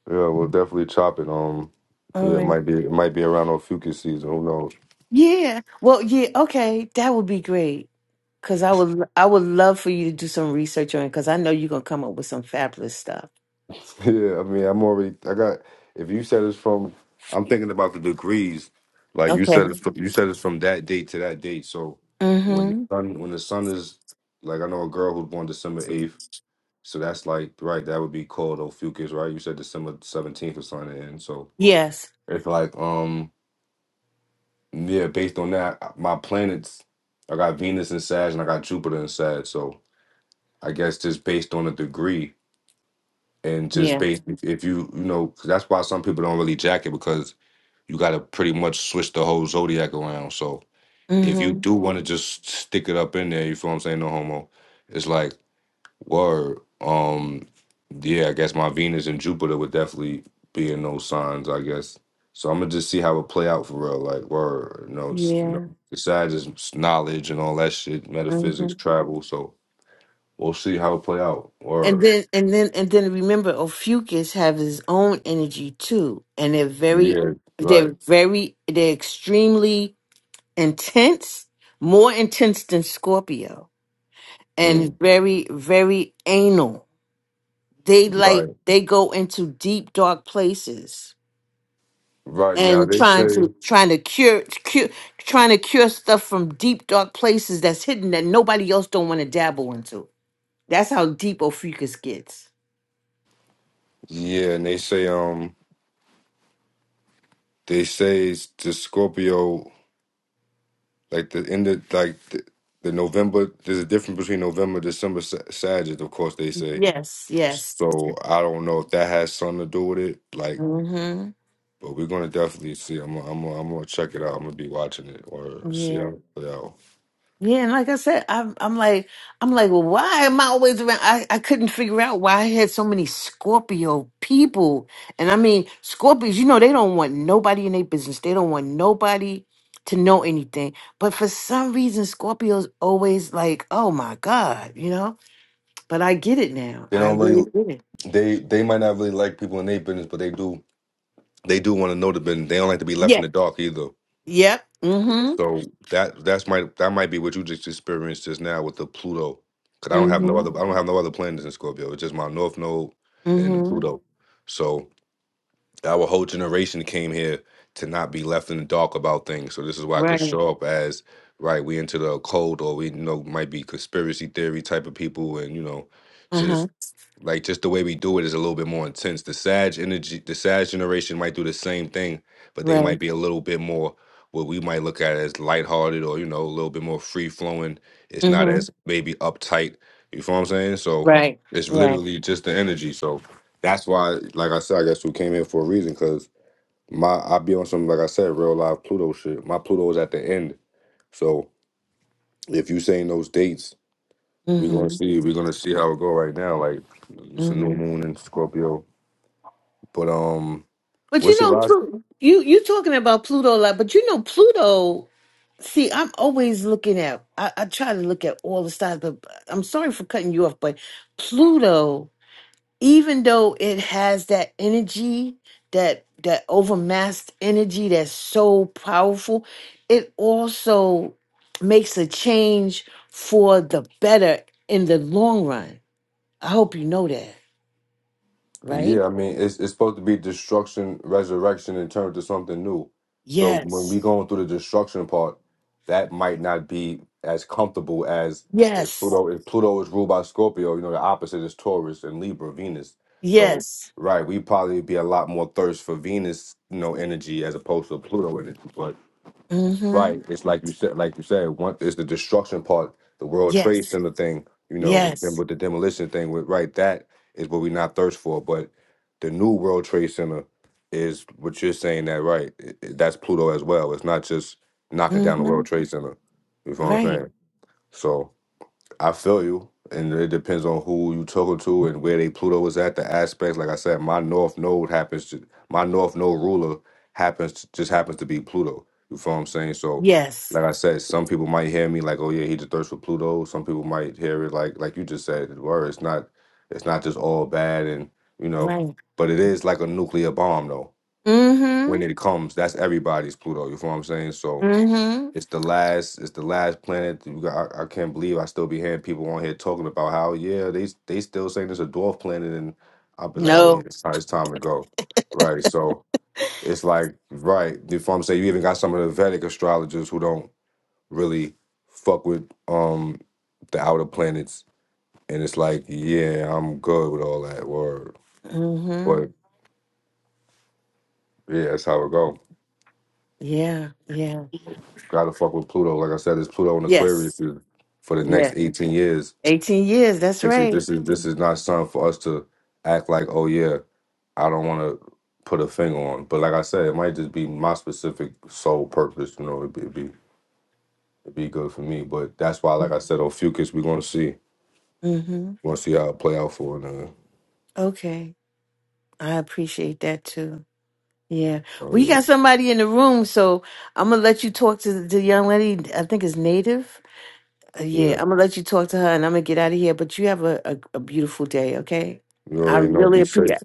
A: Yeah, we'll definitely chop it. Um,
B: All
A: yeah, it
B: right.
A: might be it might be around on Fucus season. Who knows?
B: Yeah. Well, yeah, okay. That would be great. Cause I would I would love for you to do some research on it because I know you're gonna come up with some fabulous stuff.
A: yeah, I mean, I'm already. I got. If you said it's from, I'm thinking about the degrees. Like you
B: Okay.
A: said, it's from, you said it's from that date to that date. So when the
B: Mm-hmm.
A: sun when the sun is like I know a girl who's born December eighth. So that's like right. That would be called Ophiuchus, right? You said December seventeenth or something. And so
B: Yes.
A: it's like um yeah, based on that, uh, my planets, I got Venus in Sag and I got Jupiter in Sag. So I guess just based on the degree and just
B: Yeah.
A: based if if you you know 'cause that's why some people don't really jack it because you got to pretty much switch the whole zodiac around. So if you
B: Mm-hmm.
A: do want to just stick it up in there, you feel what I'm saying? No homo. It's like Word. Um, yeah, I guess my Venus and Jupiter would definitely be in those signs, I guess. So I'm gonna just see how it play out for real. Like, word, you know, it's, you know,
B: Yeah.
A: besides just knowledge and all that shit,
B: Mm-hmm.
A: metaphysics, travel. So we'll see how it play out.
B: And
A: Word.
B: then and then and then remember Ophiuchus have his own energy too. And they're very
A: Yeah. Right.
B: they're very they're extremely intense, more intense than Scorpio. And
A: Mm,
B: very, very anal. They like
A: right.
B: they go into deep dark places
A: Right. Now
B: and
A: they
B: trying
A: say.
B: to trying to cure cure trying to cure stuff from deep dark places that's hidden that nobody else don't want to dabble into. That's how deep Ophiuchus gets.
A: Yeah, and they say um they say it's the Scorpio like the end of like the, the November. There's a difference between November, December, Sa- Sagittarius. Of course, they say.
B: Yes, yes.
A: So I don't know if that has something to do with it. Like,
B: hmm
A: but we're gonna definitely see. I'm gonna, I'm gonna, I'm gonna check it out. I'm gonna be watching it or see how
B: Yeah.
A: it play out.
B: Yeah. And like I said, I'm I'm like I'm like, well, why am I always around? I, I couldn't figure out why I had so many Scorpio people. And I mean, Scorpios, you know, they don't want nobody in their business. They don't want nobody to know anything. But for some reason, Scorpios always like, oh my God, you know? But I get it now.
A: They
B: I
A: don't
B: really
A: really.
B: get it.
A: They they might not really like people in their business, but they do. They do want to know the business. They don't like to be left in
B: Yeah.
A: the dark either.
B: Yep. Mm-hmm.
A: So that that's might that might be what you just experienced just now with the Pluto. Cause I don't have no
B: Mm-hmm.
A: other I don't have no other planets in Scorpio. It's just my North Node and
B: Mm-hmm.
A: Pluto. So Our whole generation came here to not be left in the dark about things. So this is why I could
B: Right.
A: show up as right. We into the occult, or we you know might be conspiracy theory type of people, and you know, just.
B: Uh-huh.
A: Like just the way we do it is a little bit more intense. The Sag energy, the Sag generation might do the same thing, but they
B: Right.
A: might be a little bit more what we might look at as lighthearted or you know a little bit more free flowing. It's not
B: Mm-hmm.
A: as maybe uptight. You feel what I'm saying? So
B: Right.
A: it's
B: Right.
A: literally just the energy. So that's why, like I said, I guess we came here for a reason because my I be on some like I said, real live Pluto shit. My Pluto is at the end. So if you saying those dates, we're
B: Mhm.
A: gonna see. We're gonna see how it go right now. Like it's a new
B: hmm
A: moon in Scorpio but um,
B: But you
A: what's your
B: know,
A: last?
B: too, you you talking about Pluto a lot, but you know Pluto. See, I'm always looking at. I, I try to look at all the stars, but I'm sorry for cutting you off. But Pluto, even though it has that energy, that that overmassed energy that's so powerful, it also makes a change for the better in the long run. I hope you know that, right?
A: Yeah, I mean, it's it's supposed to be destruction, resurrection, and turn to something new. So when
B: Yes.
A: we going through the destruction part, that might not be as comfortable as if
B: Yes.
A: Pluto if Pluto is ruled by Scorpio. You know, the opposite is Taurus and Libra, Venus. So
B: Yes.
A: right, we probably be a lot more thirst for Venus, you know, energy as opposed to Pluto energy.
B: Mm-hmm.
A: Right. It's like you said, like you said, one is the destruction part, the World Trade
B: Yes.
A: Center thing, you know, then
B: Yes.
A: with the demolition thing, with right, that is what we not thirst for. But the new World Trade Center is what you're saying that right. i- i- That's Pluto as well. It's not just knocking down the
B: Mm-hmm.
A: World Trade Center. You know what I'm
B: Right.
A: saying? So. I feel you, and it depends on who you talking to and where they Pluto is at. The aspects, like I said, my North Node happens to my North Node ruler happens to, just happens to be Pluto. You feel what I'm saying? So,
B: Yes.
A: like I said, some people might hear me like, "Oh yeah, he just thirst for Pluto." Some people might hear it like, like you just said, where it's not, it's not just all bad, and you know,
B: Right.
A: but it is like a nuclear bomb though.
B: Mm-hmm.
A: When it comes, that's everybody's Pluto. You feel what I'm saying? So
B: Mm-hmm.
A: it's the last. It's the last planet. that got- I, I can't believe I still be hearing people on here talking about how yeah they they still saying it's a dwarf planet, and I'll be like, oh yeah,
B: No.
A: it's time, it's time to go, right? So it's like right. If I'm saying you even got some of the Vedic astrologers who don't really fuck with um the outer planets, and it's like yeah, I'm good with all that word,
B: Mm-hmm.
A: but yeah, that's how it go.
B: Yeah. Yeah.
A: Gotta fuck with Pluto. Like I said, it's Pluto and
B: Yes.
A: Aquarius is- for the next
B: Yeah.
A: 18 years
B: 18 years. That's
A: They say
B: right.
A: this is this is not something for us to act like, oh yeah, I don't want to put a finger on. But like I said, it might just be my specific sole purpose. You know, it'd be it'd be, it'd be good for me. But that's why, like I said, on Fucus, we're gonna see,
B: Mm-hmm.
A: we're gonna see how it play out for another.
B: Okay. I appreciate that too. Yeah.
A: Oh
B: We
A: yeah,
B: got somebody in the room, so I'm gonna let you talk to the the young lady. I think it's native. Uh,
A: yeah.
B: Yeah, I'm gonna let you talk to her and I'm gonna get out of here. But you have a, a, a beautiful day, okay?
A: You
B: I
A: already know.
B: really
A: Be
B: appreciate
A: safe.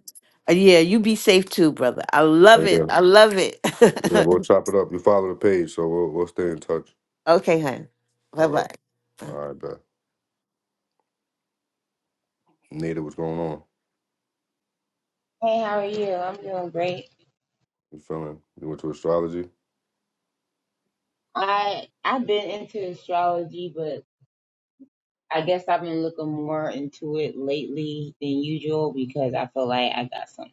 B: Uh, Yeah, you be safe too, brother. I
A: Oh
B: love it.
A: yeah,
B: I love it.
A: yeah. We'll chop it up. You follow the page, so we'll we'll stay in touch.
B: okay, hon.
A: All
B: Bye
A: right,
B: bye.
A: all right, bet. Nita, what's going on?
C: Hey, how are you? I'm doing great.
A: You feeling? You went to astrology.
C: I I've been into astrology, but I guess I've been looking more into it lately than usual because I feel like I got some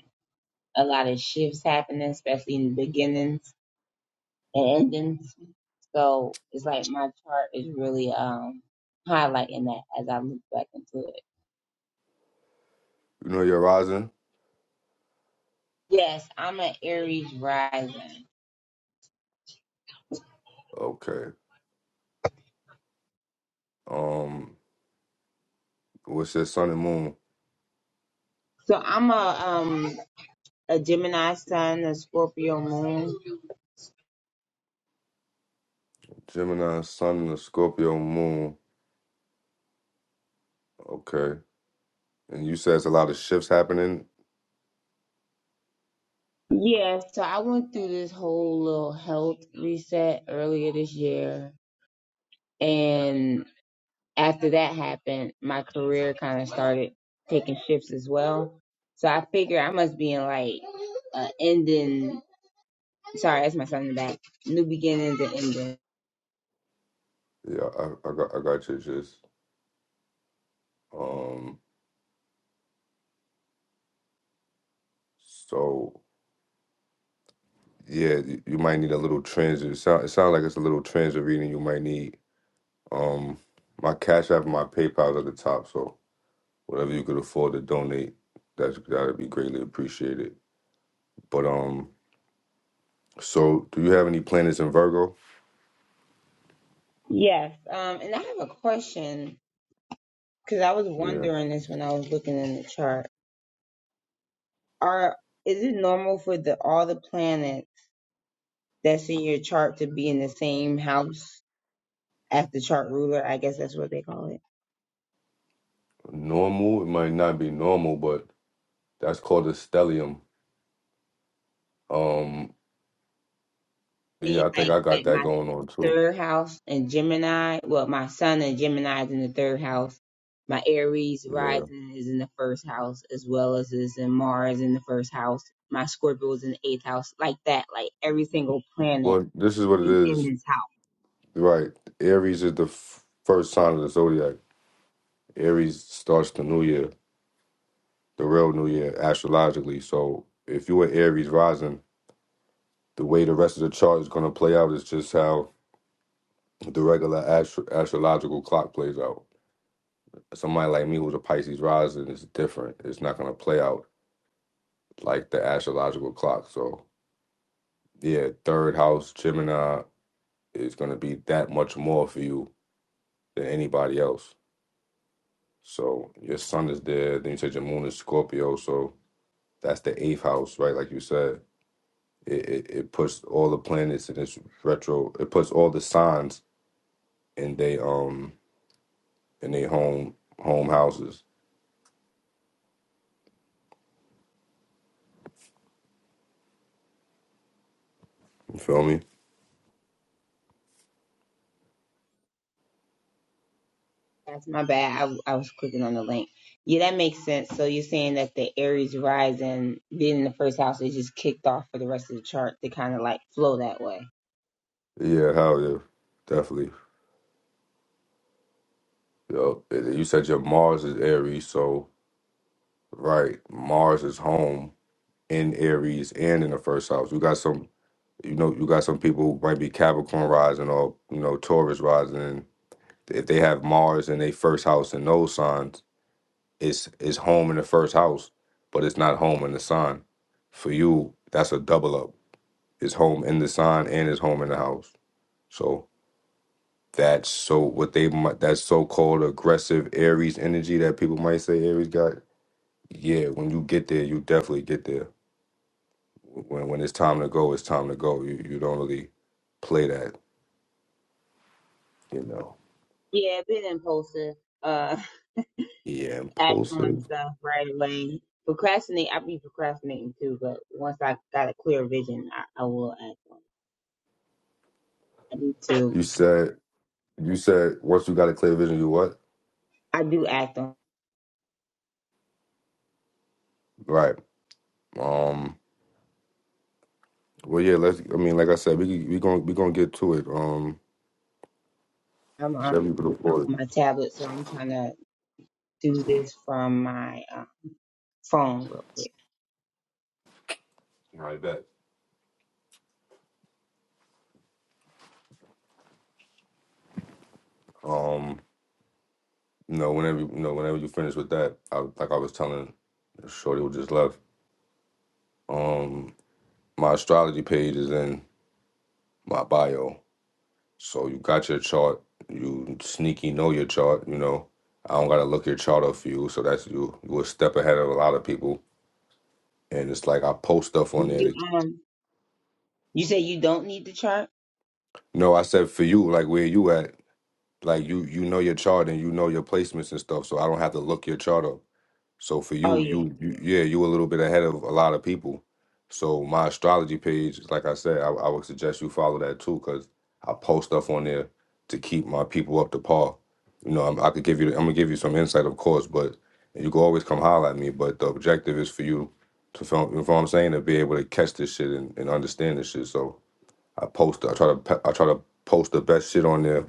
C: a lot of shifts happening, especially in the beginnings and endings. So it's like my chart is really um highlighting that as I look back into it.
A: You know your rising.
C: Yes, I'm an Aries rising.
A: Okay. Um. What's that sun and moon?
C: So I'm a um a Gemini sun, a Scorpio moon.
A: Gemini, sun, and the Scorpio moon. Okay. And you said it's a lot of shifts happening.
C: Yeah, so I went through this whole little health reset earlier this year. And after that happened, my career kind of started taking shifts as well. So I figure I must be in like a ending. Sorry, that's my son in the back. New beginnings and ending.
A: Yeah, I, I got I got you just um so yeah, you, you might need a little transit. It sound it sounds like it's a little transit reading you might need. Um my cash app and my PayPal's at the top, so whatever you could afford to donate, that's that'd be greatly appreciated. But um so do you have any planets in Virgo?
C: Yes. Um, and I have a question because I was
A: Yeah.
C: wondering this when I was looking in the chart. Are is it normal for the all the planets that's in your chart to be in the same house? after chart ruler, I guess that's what they call it.
A: Normal, it might not be normal, but That's called a stellium. Um,
C: Me,
A: yeah, I think
C: like
A: I got
C: like
A: that
C: my
A: going on too.
C: third house in Gemini. Well, my sun in Gemini is in the third house. My Aries
A: Yeah.
C: rising is in the first house, as well as is in Mars in the first house. My Scorpio is in the eighth house, like that. Like every single planet
A: Well, this is what it
C: is in
A: is.
C: this house.
A: Right. Aries is the f- first sign of the zodiac. Aries starts the new year, the real new year, astrologically. So if you were Aries rising, the way the rest of the chart is going to play out is just how the regular astro- astrological clock plays out. Somebody like me who's a Pisces rising is different. It's not going to play out like the astrological clock. So yeah, third house, Gemini, is going to be that much more for you than anybody else. So your sun is there. Then you said your moon is Scorpio. So that's the eighth house, right? Like you said, it, it, it puts all the planets in its retro. It puts all the signs in they um in their home home houses. You feel me?
C: That's my bad. I, I was clicking on the link. Yeah, that makes sense. So you're saying that the Aries rising being in the first house is just kicked off for the rest of the chart to kind of like flow that way.
A: Yeah, hell yeah, definitely. Yo, you said your Mars is Aries, so right, Mars is home in Aries and in the first house. You got some you know, you got some people who might be Capricorn rising or, you know, Taurus rising. And if they have Mars in their first house in those signs, it's it's home in the first house, but it's not home in the sign. For you, that's a double up. It's home in the sign and it's home in the house. So that's so what they might that so called aggressive Aries energy that people might say Aries got. Yeah, when you get there, you definitely get there. When when it's time to go, it's time to go. You you don't really play that, you know.
C: Yeah, been impulsive, uh,
A: Yeah,
C: acting on
A: impulsive.
C: stuff right away. Procrastinate, I be procrastinating too, but once I got a clear vision, I, I will act on it. I do too
A: You
C: before.
A: said you said once you got a clear vision, you what?
C: I do act on
A: Right. Um. Well, yeah. Let's. I mean, like I said, we we gonna we gonna get to it. Um.
C: I'm on,
A: Whatever you can
C: I'm
A: afford.
C: on my tablet, so I'm trying to do this from my uh, phone real quick.
A: I bet. Um. You know, whenever you know, whenever you finish with that, I, like I was telling Shorty who just left. Um. My astrology page is in my bio, so you got your chart. You sneaky know your chart. You know, I don't gotta look your chart up for you, so that's you. You a step ahead of a lot of people and it's like I post stuff
C: Do
A: on there.
C: You
A: That,
C: um, you say you don't need the chart?
A: no, I said for you, like where you at, like you you know your chart and you know your placements and stuff, so I don't have to look your chart up. So for
C: Oh
A: you,
C: yeah.
A: you, you yeah, you a little bit ahead of a lot of people. So my astrology page, like I said, I, I would suggest you follow that too, cause I post stuff on there to keep my people up to par. You know, I'm, I could give you, I'm gonna give you some insight, of course, but you can always come holler at me. But the objective is for you to, feel- you know what I'm saying, to be able to catch this shit and, and understand this shit. So I post. I try to. pe- I try to post the best shit on there.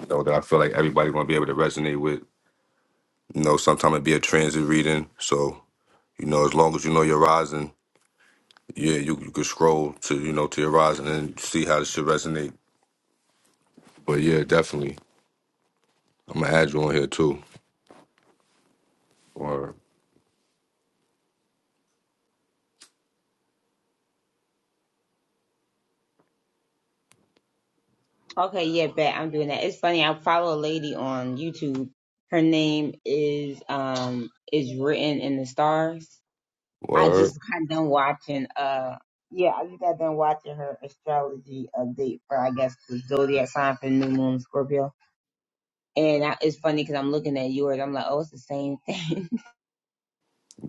A: You know that I feel like everybody gonna be able to resonate with. You know, sometimes it be a transit reading. So you know, as long as you know your rising, yeah, you you can scroll to you know to your rising and see how this shit resonate. But yeah, definitely, I'm gonna add you on here too. Word,
C: Okay, yeah, bet I'm doing that. It's funny. I follow a lady on YouTube. Her name is um is written in the stars I
A: word.
C: just got done watching uh yeah, I just got done watching her astrology update for I guess the zodiac sign for new moon Scorpio. And I, it's funny because I'm looking at yours. I'm like, oh, it's the same thing.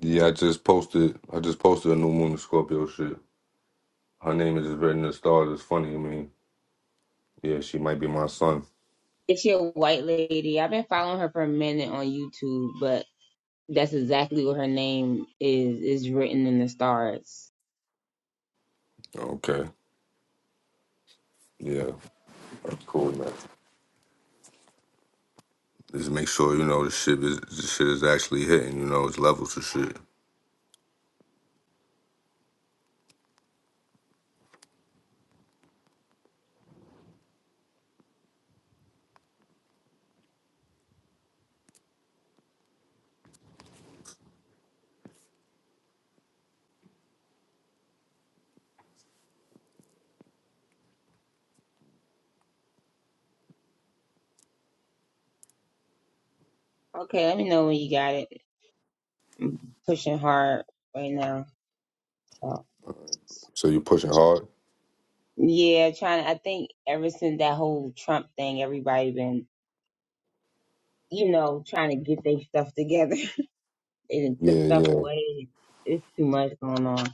A: Yeah, I just posted. I just posted a new moon in Scorpio shit. Her name is just written in the stars. It's funny. I mean, yeah, she might be my son.
C: If she a white lady, I've been following her for a minute on YouTube, but that's exactly what her name is is written in the stars.
A: Okay. Yeah, that's cool, man. Just make sure you know the shit is the shit is actually hitting. You know, it's levels of shit.
C: Okay, let me know when you got it. I'm pushing hard right now. So
A: So you pushing hard.
C: yeah, trying. I think ever since that whole Trump thing, everybody been you know, trying to get their stuff together and took
A: Yeah,
C: stuff
A: yeah.
C: away. It's too much going on.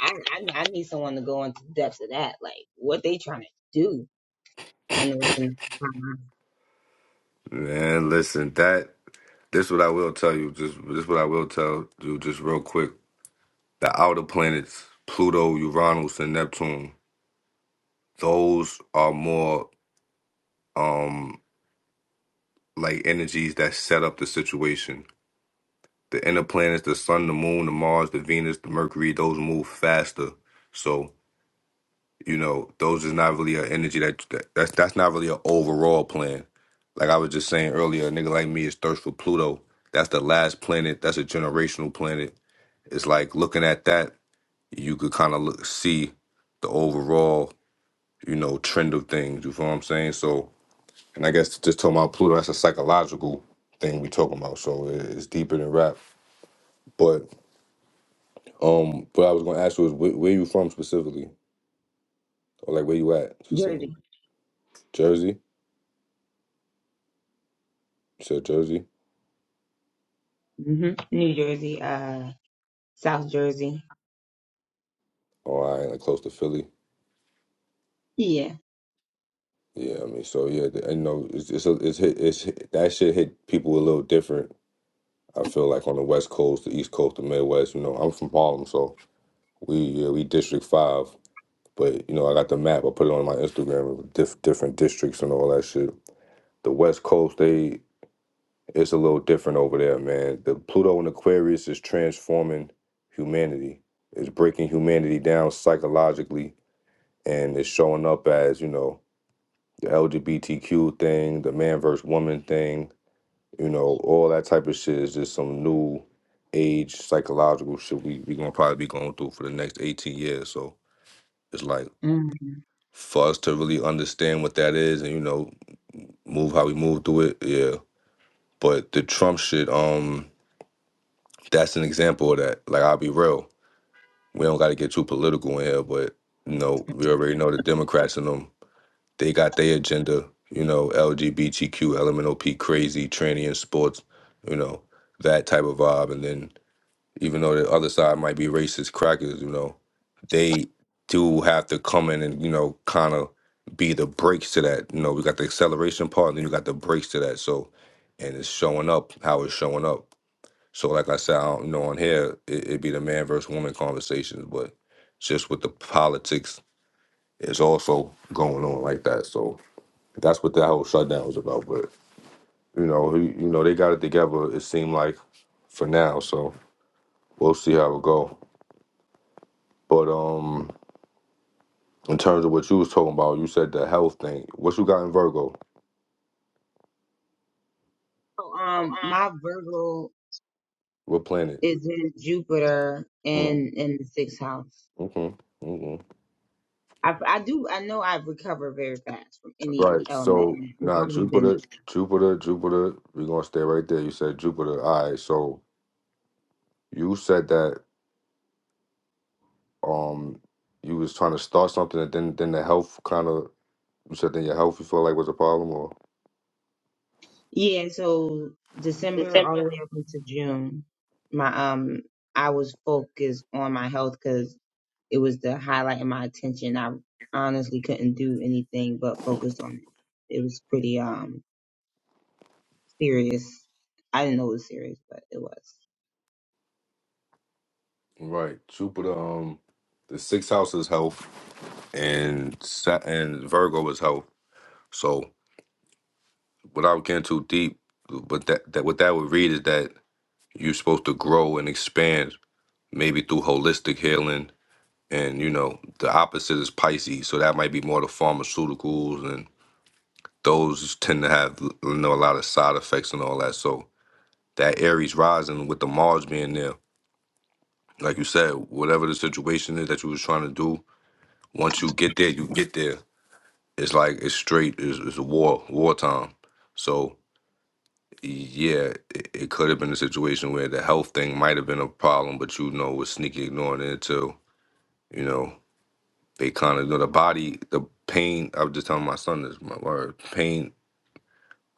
C: I, I I need someone to go into the depths of that, like what they trying to do. I know it's in
A: Man, listen, that this what I will tell you. Just this what I will tell you. Just real quick, the outer planets, Pluto, Uranus, and Neptune. Those are more um like energies that set up the situation. The inner planets, the Sun, the Moon, the Mars, the Venus, the Mercury. Those move faster. So You know, those is not really an energy that, that that's that's not really an overall plan. Like I was just saying earlier, a nigga like me is thirst for Pluto. That's the last planet. That's a generational planet. It's like looking at that, you could kind of look see the overall, you know, trend of things. You feel what I'm saying? So, and I guess just talking about Pluto, that's a psychological thing we talking about. So it- it's deeper than rap. But um, what I was gonna ask was where, where you from specifically, or like where you at specifically?
C: Jersey,
A: Jersey. You said Jersey.
C: hmm New Jersey, uh, South Jersey.
A: Oh, I ain't close to Philly.
C: Yeah.
A: Yeah, I mean, so yeah, the- and you know, it's it's a, it's hit, it's hit, that shit hit people a little different. I feel like on the West Coast, the East Coast, the Midwest. You know, I'm from Harlem, so we yeah we District Five. But you know, I got the map. I put it on my Instagram of diff, different districts and all that shit. The West Coast, they it's a little different over there, man. The Pluto and Aquarius is transforming humanity. It's breaking humanity down psychologically, and it's showing up as you know the LGBTQ thing, the man versus woman thing, you know, all that type of shit is just some new age psychological shit we we gonna probably be going through for the next eighteen years. So it's like
C: hmm
A: for us to really understand what that is and you know move how we move through it, yeah. But the Trump shit, um, that's an example of that. Like I'll be real, we don't got to get too political in here, but you know we already know the Democrats and them. They got their agenda, you know, LGBTQ, LMNOP, crazy, tranny in sports, you know, that type of vibe. And then even though the other side might be racist crackers, you know, they do have to come in and, you know, kind of be the brakes to that. You know, we got the acceleration part and then you got the brakes to that. So, and it's showing up how it's showing up. So, like I said, I don't, you know, on here, it, it'd be the man versus woman conversations, but just with the politics it's also going on like that. So, that's what that whole shutdown was about. But you know, he, you know, they got it together. It seemed like for now. So we'll see how it go. But um, in terms of what you was talking about, you said the health thing. What you got in Virgo?
C: So, um, my Virgo
A: What planet?
C: is in Jupiter
A: Mm,
C: in in the sixth house.
A: okay. Mm-hmm.
C: I I do I know I've recovered very fast from any
A: Right.
C: element.
A: So
C: and It's
A: nah,
C: always been that.
A: Jupiter, Jupiter, Jupiter. We're gonna stay right there. You said Jupiter. All right. So you said that um you was trying to start something and then then the health kind of you said then your health you feel like was a problem or
C: Yeah, so December all the way up into June, my um I was focused on my health because it was the highlight of my attention. I honestly couldn't do anything but focus on it. It was pretty um serious. I didn't know it was serious, but it was.
A: Right. Jupiter, um, the sixth house is health, and Sa- and Virgo is health. So without getting too deep, but that that what that would read is that you're supposed to grow and expand, maybe through holistic healing. And you know, the opposite is Pisces, so that might be more the pharmaceuticals, and those tend to have you know a lot of side effects and all that. So that Aries rising with the Mars being there, like you said, whatever the situation is that you was trying to do, once you get there, you get there it's like it's straight it's, it's a war wartime so yeah it, it could have been a situation where the health thing might have been a problem but you know was sneaky ignoring it until you know they kind of you know the body the pain i was just telling my son this my word pain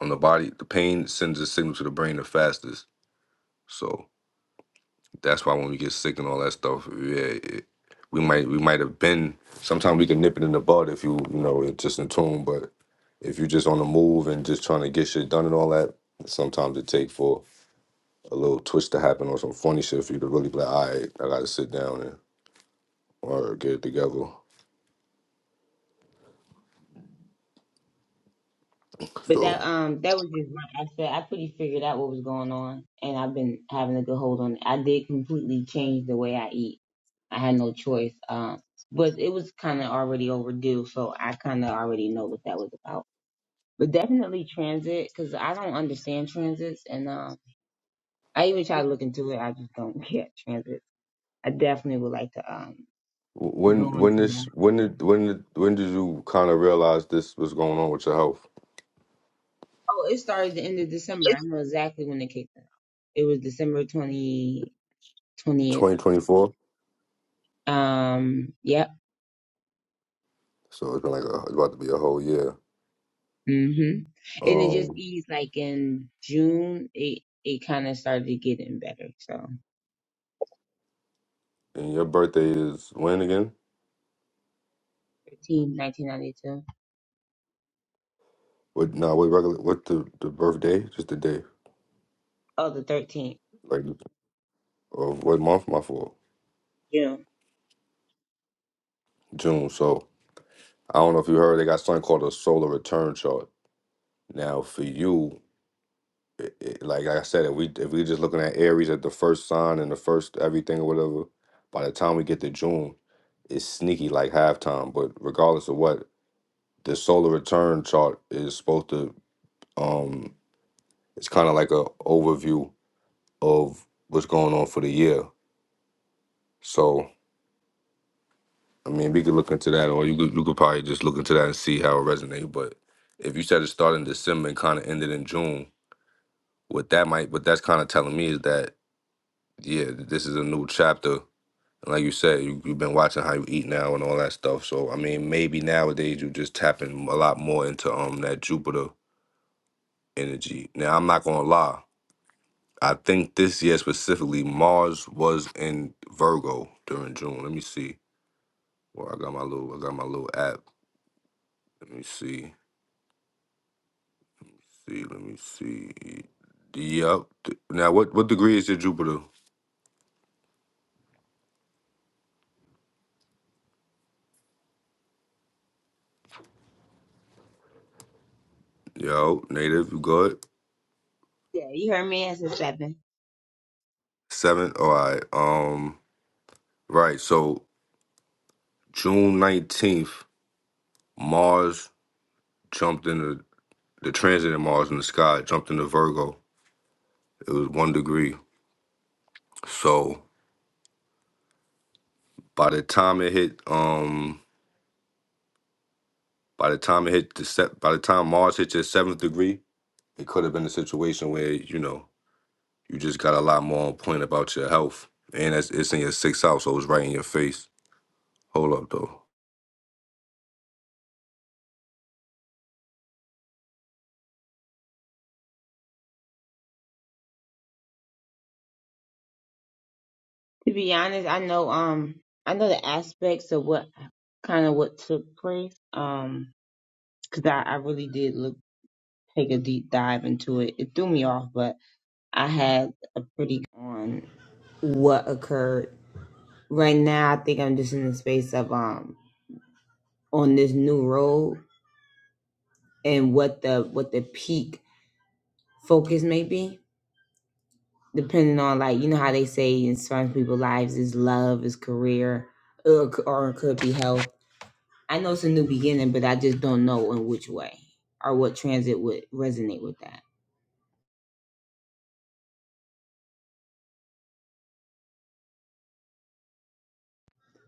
A: on the body the pain sends a signal to the brain the fastest so That's why when we get sick and all that stuff, yeah, it, we might we might have been. Sometimes we can nip it in the bud if you you know it's just in tune. But if you're just on the move and just trying to get shit done and all that, sometimes it take for a little twist to happen or some funny shit for you to really be like, all right, I got to sit down and or get it together.
C: But that
A: So
C: um that was just my aspect. I pretty figured out what was going on, and I've been having a good hold on it. I did completely change the way I eat. I had no choice. Um, but it was kind of already overdue, so I kind of already know what that was about. But definitely transit, because I don't understand transits, and um, I even try to look into it. I just don't get transit. I definitely would like to um
A: wh- when
C: go into
A: when
C: that.
A: this when did when did, when did you kind of realize this was going on with your health?
C: Oh, it started the end of December. I know exactly when it kicked off. It was December 20, 20th.
A: 2024.
C: Um, yep.
A: So it's been like a, it's about to be a whole year.
C: hmm And it just
A: Um.
C: eased like in June, it, it kind of started getting better. So
A: And your birthday is when again?
C: 13, 1992.
A: What? No, what regular? What the the birthday? Just the day,
C: Oh, the 13th,
A: like of what month? My fault.
C: June.
A: June. So I don't know if you heard they got something called a solar return chart. Now for you, it, it, like like I said, if we if we just looking at Aries at the first sign and the first everything or whatever, by the time we get to June, it's sneaky like halftime. But regardless of what, the solar return chart is supposed to um, it's kind of like a overview of what's going on for the year So I mean, we could look into that, or you could you could probably just look into that and see how it resonates. But if you said it started in December and kind of ended in June, what that might, what that's kind of telling me is that yeah, th- this is a new chapter. And like you said, you, you've been watching how you eat now and all that stuff. So I mean, maybe nowadays you just tapping a lot more into um that Jupiter energy. Now I'm not gonna lie. I think this year specifically, Mars was in Virgo during June. Let me see. Well, I got my little, I got my little app. Let me see. see, let me see. Yep. Now, what what degree is your Jupiter? Yo, native, you good?
C: Yeah, you heard me as a seven.
A: Seven. All right. Um. Right. So June nineteenth, Mars jumped into the transit of Mars in the sky jumped into Virgo. It was one degree. So by the time it hit, um, by the time it hit the set, by the time Mars hit your seventh degree, it could have been a situation where you know You just got a lot more on point about your health. And it's, it's in your sixth house, so it's right in your face. Hold up, though.
C: To be honest, I know, um, I know the aspects of what kind of what took place. Um, cause I, I really did look, take a deep dive into it. It threw me off, but I had a pretty on what occurred. Right now, I think I'm just in the space of, um, on this new road and what the what the peak focus may be depending on like you know how they say in some people's lives is love is career or, or it could be health i know it's a new beginning but i just don't know in which way or what transit would resonate with that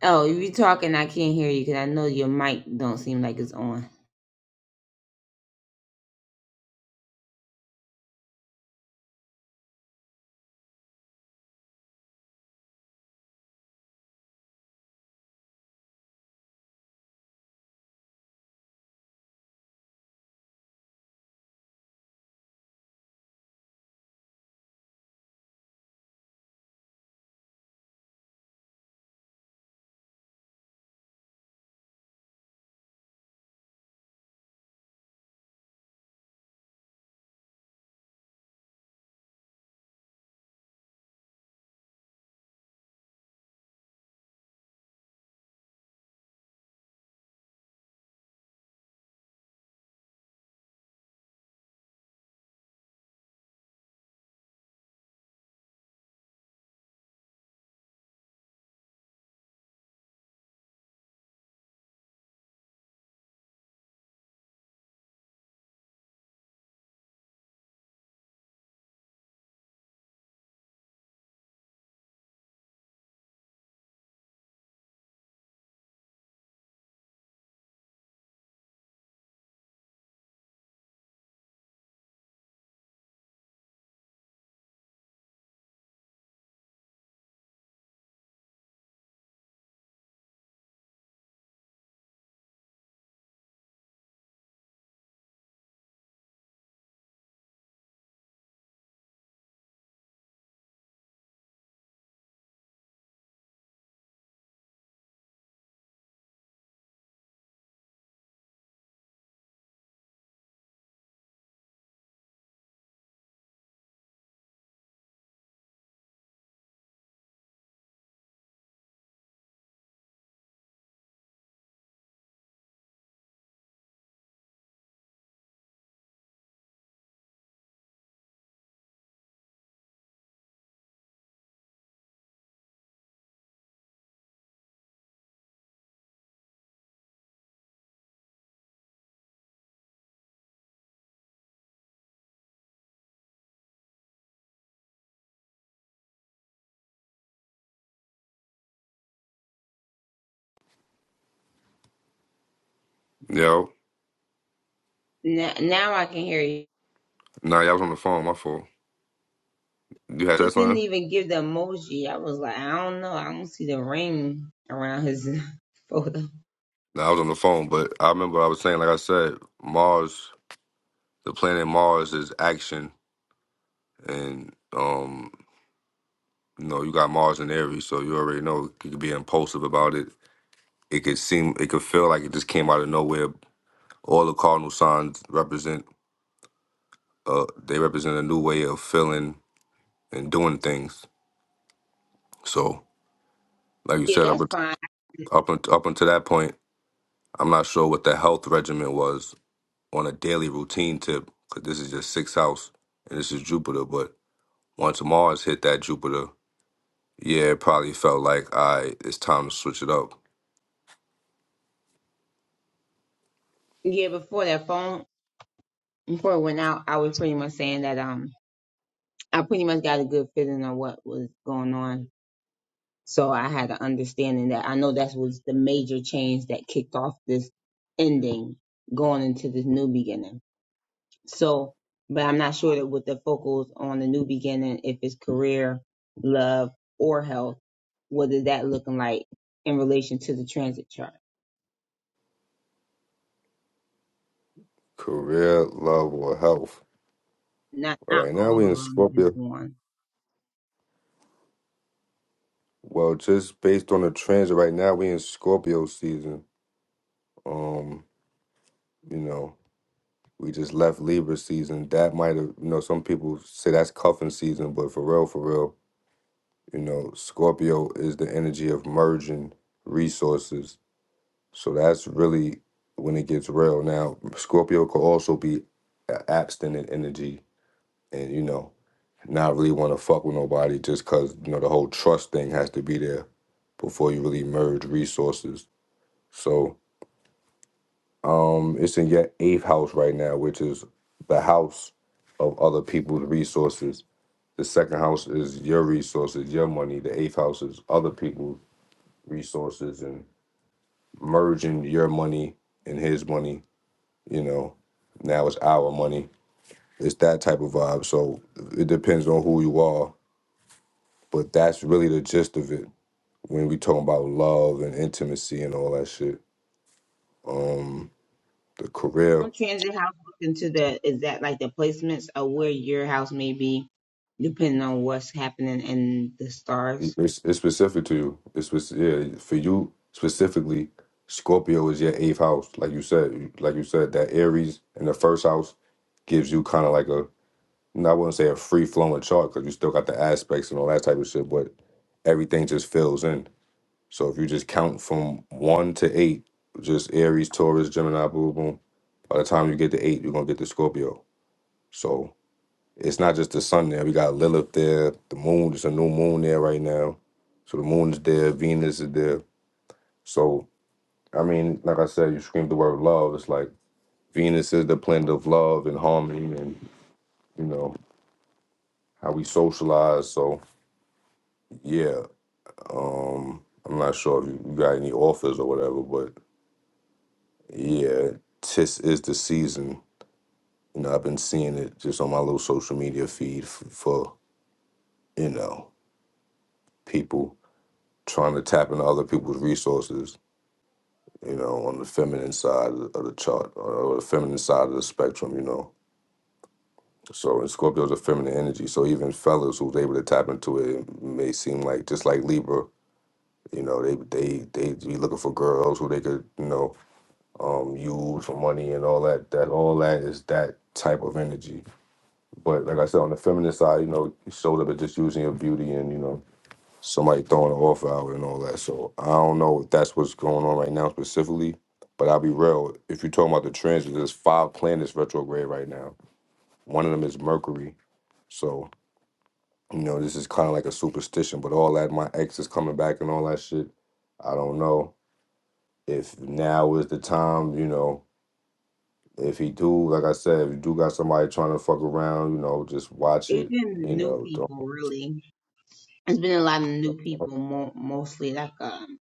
C: oh if you talking i can't hear you because i know your mic don't seem like it's on
A: Yo,
C: now, now i can hear you
A: nah, y'all was on the phone, my fault. You had
C: it
A: that
C: didn't
A: line?
C: even give the emoji i was like i don't know i don't see the ring around his photo
A: Nah, I was on the phone, but I remember I was saying, like I said, Mars, the planet Mars is action. And, um, you know, you got Mars in Aries, so you already know you could be impulsive about it. It could seem, it could feel like it just came out of nowhere. All the cardinal signs represent, uh, they represent a new way of feeling and doing things. So Like you
C: yeah
A: said, up
C: that's
A: unt-
C: fine
A: up unt- up until that point, I'm not sure what the health regimen was on a daily routine tip because this is just sixth house and this is Jupiter. But once Mars hit that Jupiter, yeah, it probably felt like I it's time to switch it up.
C: Yeah, before that phone before it went out, I was pretty much saying that um I pretty much got a good feeling of what was going on. So I had an understanding that I know that was the major change that kicked off this ending going into this new beginning. So but I'm not sure that with the focus on the new beginning, if it's career, love, or health, what is that looking like in relation to the transit chart?
A: Career, love, or health.
C: Not
A: All
C: not
A: right, now
C: all
A: we
C: of
A: in
C: them, just
A: Scorpio.
C: one.
A: Well, just based on the transit right now, we in Scorpio season. Um, you know, we just left Libra season. That might have, you know, some people say that's cuffing season, but for real, for real You know, Scorpio is the energy of merging resources. So that's really when it gets real. Now, Scorpio could also be a- abstinent energy and, you know, not really want to fuck with nobody just because, you know, the whole trust thing has to be there before you really merge resources. So um it's in your eighth house right now, which is the house of other people's resources. The second house is your resources, your money. The eighth house is other people's resources and merging your money and his money. You know, now it's our money. It's that type of vibe. So it depends on who you are, but that's really the gist of it when we talking about love and intimacy and all that shit. Um, the career,
C: Some transit house look into the is that like the placements of where your house may be, depending on what's happening in the stars.
A: it's, it's specific to you. It's spec- yeah for you specifically. Scorpio is your eighth house, like you said. Like you said, that Aries in the first house gives you kind of like a And I wouldn't say a free flowing chart because you still got the aspects and all that type of shit, but everything just fills in. So if you just count from one to eight, just Aries, Taurus, Gemini, boom, boom. By the time you get to eight, you're gonna get the Scorpio. So it's not just the sun there. We got Lilith there, the moon, there's a new moon there right now. So the moon is there, Venus is there. So I mean, like I said, you scream the word love. It's like Venus is the planet of love and harmony and you know, how we socialize. So yeah, Um, I'm not sure if you you got any offers or whatever, but yeah, this is the season. You know, I've been seeing it just on my little social media feed f- for you know people trying to tap into other people's resources. You know, on the feminine side of the chart or the feminine side of the spectrum. You know, so and Scorpio's a feminine energy. So even fellas who's able to tap into it, it may seem like just like Libra. You know, they they they be looking for girls who they could you know um used for money and all that that all that is that type of energy but like i said on the feminine side you know you showed up at just using your beauty and you know somebody throwing an off hour and all that so i don't know if that's what's going on right now specifically but i'll be real if you're talking about the transits there's five planets retrograde right now one of them is mercury so you know this is kind of like a superstition but all that my ex is coming back and all that shit i don't know if now is the time you know If he do, like I said, if you do got somebody trying to fuck around, you know, just watch
C: It's
A: it.
C: been
A: You
C: new
A: know, don't.
C: people really. It's been a lot of new people, mo- mostly like um,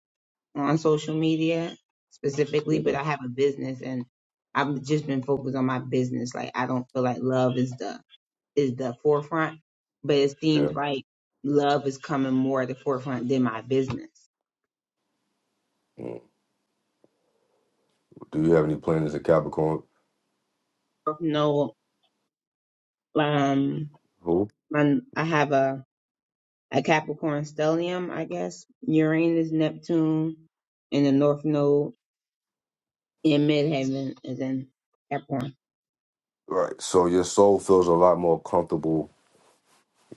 C: on social media specifically.
A: Yeah.
C: But I have a business and I've just been focused on my business. Like I don't feel like love is the is the forefront, but it
A: yeah.
C: seems like love is coming more at the forefront than my business.
A: Mm. Do you have any planets in Capricorn?
C: No, um,
A: Who?
C: my, I have a, a Capricorn stellium, I guess, Uranus, Neptune, in the North Node in Midheaven is in Capricorn.
A: Right. So your soul feels a lot more comfortable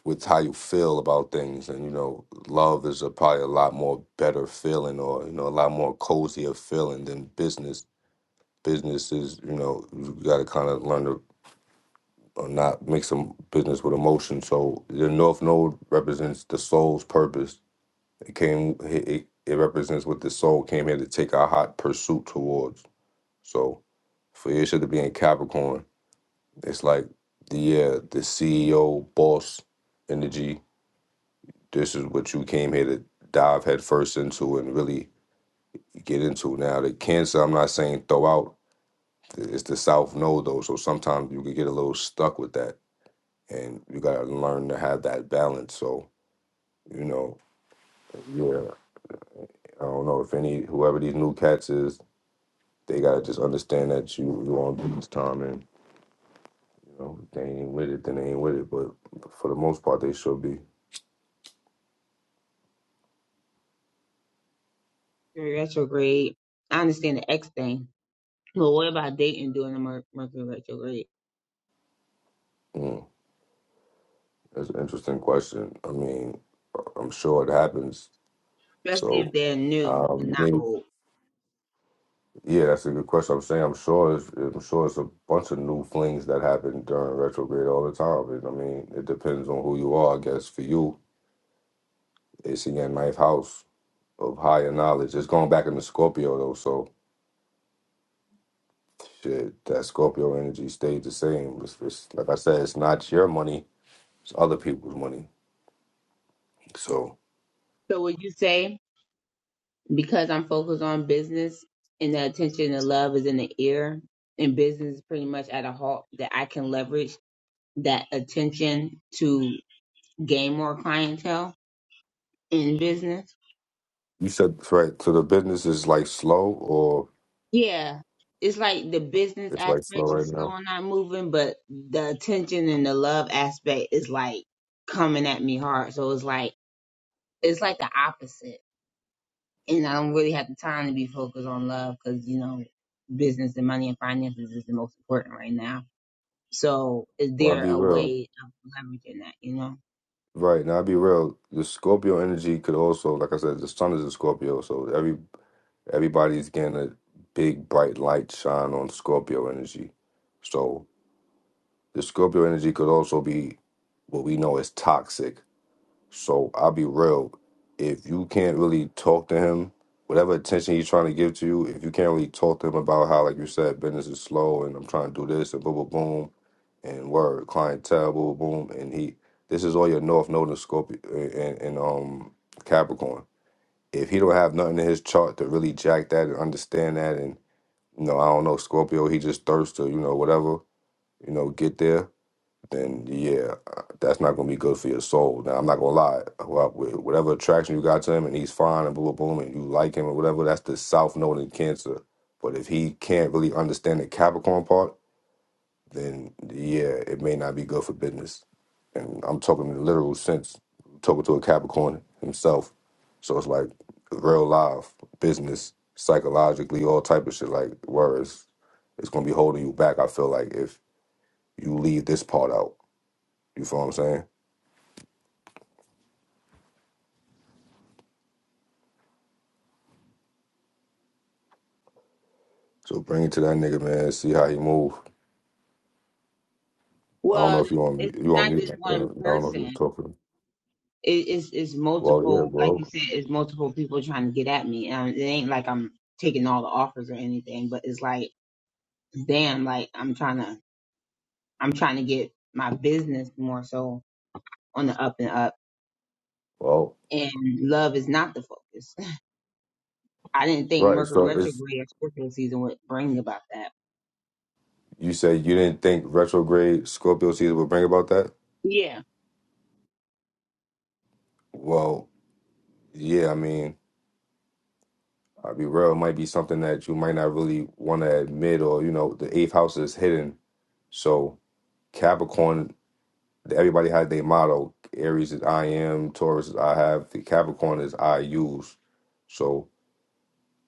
A: with how you feel about things, and you know, love is a, probably a lot more better feeling, or you know, a lot more cozier feeling than business. Business is, you know, you got to kind of learn to or not mix some business with emotion. So the North Node represents the soul's purpose It came. It, it it represents what the soul came here to take our hot pursuit towards. So, for Isha to be in Capricorn, it's like the yeah, the CEO boss energy. This is what you came here to dive headfirst into and really get into. Now, the Cancer, I'm not saying throw out. It's the South Node though, so sometimes you can get a little stuck with that, and you gotta learn to have that balance. So, you know, yeah, I don't know if any whoever these new cats is They gotta just understand that you you all do this time, and you know if they ain't with it, then they ain't with it. But for the most part, they should be.
C: Mercury Retrograde. I understand the X thing, but what about dating during the Mer- Mercury retrograde,
A: Mm, that's an interesting question. I mean, I'm sure it happens.
C: especially if
A: So,
C: they're new and
A: um,
C: not
A: me,
C: old?
A: yeah, that's a good question. I'm saying I'm sure it's, I'm sure it's a bunch of new flings that happen during retrograde all the time. And, I mean, it depends on who you are. I guess for you, it's in your ninth house of higher knowledge. It's going back into Scorpio though, so Shit, that Scorpio energy stayed the same. It's, it's, like I said, it's not your money; it's other people's money. So
C: So would you say because I'm focused on business and the attention and love is in the ear and business is pretty much at a halt that I can leverage that attention to gain more clientele in business.
A: you said right. So the business is like slow, or
C: Yeah. It's like the business
A: it's like slow
C: aspect is
A: right
C: slow
A: now.
C: and not moving, but the attention and the love aspect is like coming at me hard. So it's like it's like the opposite. And I don't really have the time to be focused on love because, you know, business and money and finances is the most important right now So is
A: Well, I'll
C: there
A: be
C: a
A: real.
C: way of leveraging that, you know?
A: Right now, I'll be real. The Scorpio energy could also, like I said, the sun is a Scorpio, so every everybody's getting a big bright light shine on Scorpio energy. So the Scorpio energy could also be what we know as toxic So I'll be real. If you can't really talk to him, whatever attention he's trying to give to you, if you can't really talk to him about how, like you said, business is slow and I'm trying to do this and boom, boom, boom, and word, clientele, boom, boom, boom, and he, this is all your North Node and Scorpio and, and um Capricorn. If he don't have nothing in his chart to really jack that and understand that, and you know, I don't know Scorpio, he just thirsts to you know whatever, you know, get there then yeah, uh, that's not going to be good for your soul. Now, I'm not going to lie. Well, wh- Whatever attraction you got to him and he's fine and boom, boom, boom, and you like him or whatever, that's the south node in Cancer. But if he can't really understand the Capricorn part, then yeah, it may not be good for business. And I'm talking in the literal sense, talking to a Capricorn himself. So it's like real life, business, psychologically, all type of shit. Like, whereas it's going to be holding you back, I feel like, if you leave this part out. You feel what I'm saying? So bring it to that nigga, man. See how he move. I don't know
C: Well,
A: if you
C: it's
A: want you want
C: not
A: me.
C: just
A: uh, I
C: one
A: don't know if you're
C: person.
A: talking.
C: It, it's, it's
A: Well,
C: multiple,
A: yeah,
C: like you
A: bro.
C: said, it's multiple people trying to get at me. Um, it ain't like I'm taking all the offers or anything, but it's like, damn, like I'm trying to, I'm trying to get my business more so on the up and up.
A: Well,
C: And love is not the focus. I didn't think
A: right.
C: Mercury
A: So it's
C: retrograde or Scorpio season would bring about that.
A: you say you didn't think retrograde Scorpio season would bring about that.
C: Yeah,
A: Well, yeah. I mean, I'll be real. It might be something that you might not really want to admit, or you know, the eighth house is hidden. So Capricorn, everybody had their motto. Aries is I am. Taurus is I have. The Capricorn is I use. So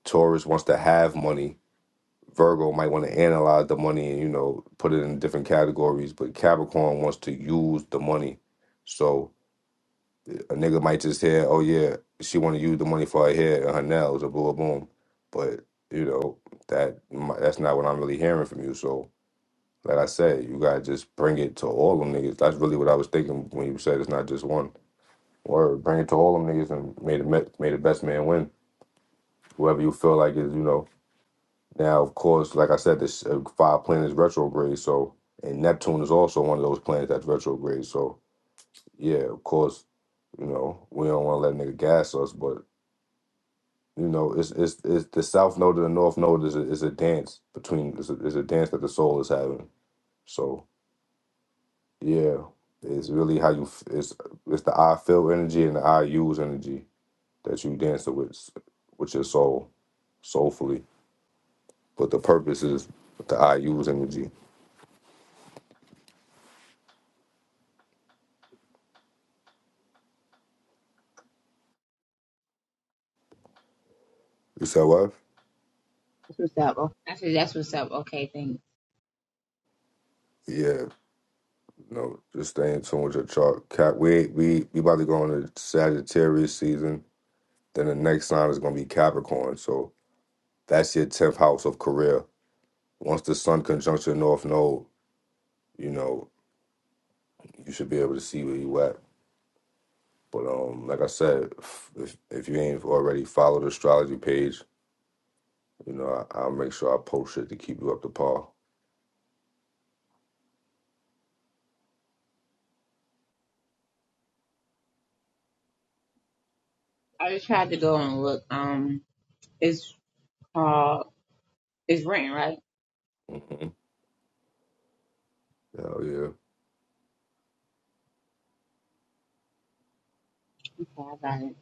A: Taurus wants to have money. Virgo might want to analyze the money and you know put it in different categories, but Capricorn wants to use the money. So a nigga might just hear, "Oh yeah, she want to use the money for her hair and her nails," or boom, boom. But you know that mi- that's not what I'm really hearing from you. So like I said, you gotta just bring it to all them niggas. That's really what I was thinking when you said it's not just one word. Bring it to all them niggas and made the me- made the best man win. Whoever you feel like is, you know Now, of course, like I said, this uh, five planets retrograde, so and Neptune is also one of those planets that's retrograde. So yeah, of course, you know we don't want to let a nigga gas us, but you know it's it's, it's the South Node and the North Node is a, is a dance between is a, is a dance that the soul is having. So yeah, it's really how you f- it's it's the I feel energy and the I use energy that you dance with with your soul soulfully, but the purpose is the I use energy. You said what?
C: that's what's up. Oh, I said that's what's up. Okay, thank you.
A: Yeah. No, just stay in tune with your chart. Cap, we we we about to go into Sagittarius season. Then the next sign is going to be Capricorn. So that's your tenth house of career. Once the Sun conjunction North Node, you know you should be able to see where you at. But um, like I said, if if if you ain't already followed the astrology page, you know I, I'll make sure I post shit to keep you up to par.
C: I just tried to go and look. Um, it's called. It's written right.
A: Mm-hmm. Hell yeah,
C: Okay, I got it.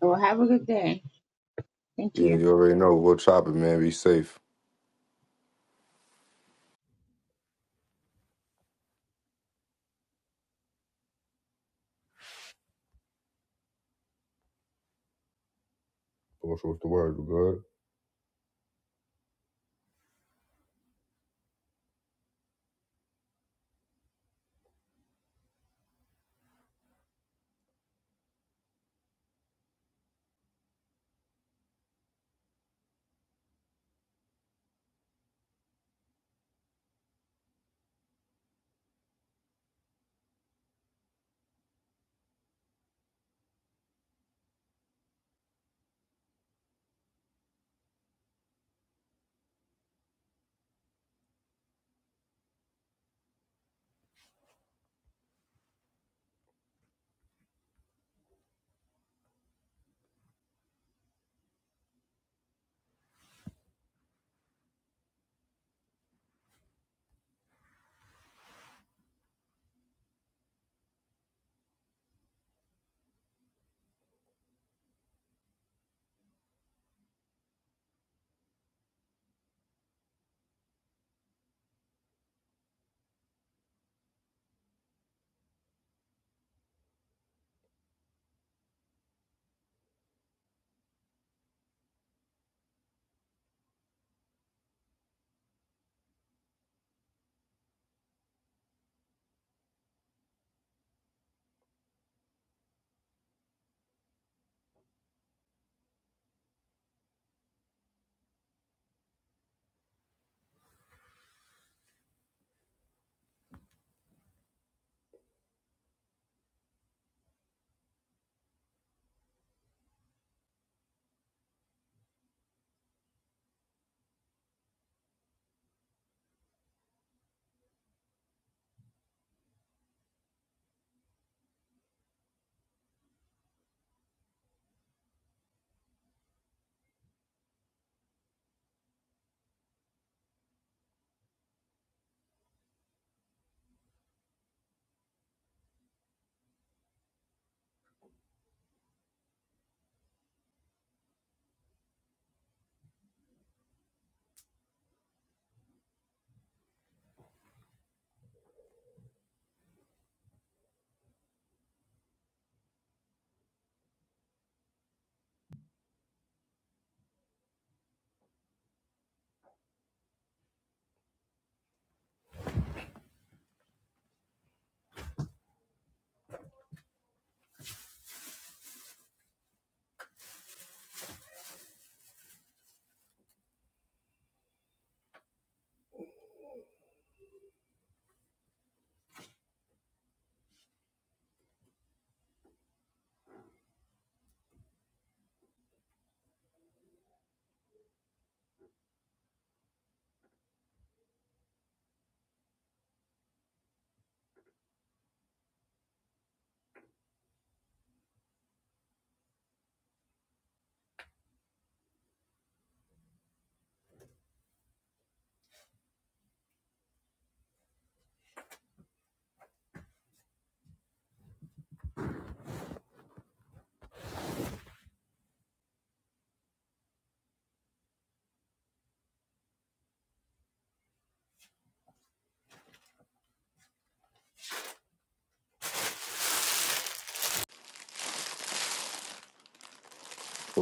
C: Well, have a good day. Thank
A: yeah.
C: you.
A: You already know. We'll chop it, man. Be safe. What's, what's the word? You good?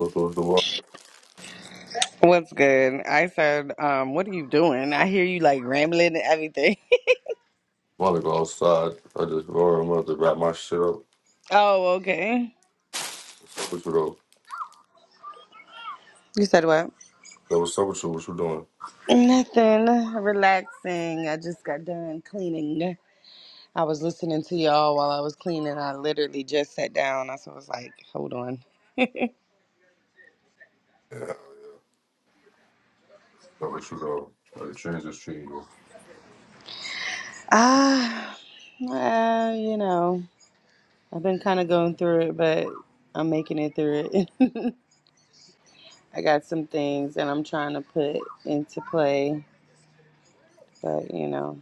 A: What's, what's the word?
D: What's good? I said, um, what are you doing? I hear you like rambling and everything.
A: want to go outside. I just roll. I'm about to wrap my shit up.
D: oh, okay.
A: What's up with you though?
D: You said what?
A: So what's up with you? What you doing?
D: Nothing. Relaxing. I just got done cleaning. I was listening to y'all while I was cleaning. I literally just sat down. I was like, hold on.
A: Yeah, what's up with you though? How the transits treating you?
D: Ah, uh, you know, I've been kind of going through it, but I'm making it through it. I got some things that I'm trying to put into play, but you know,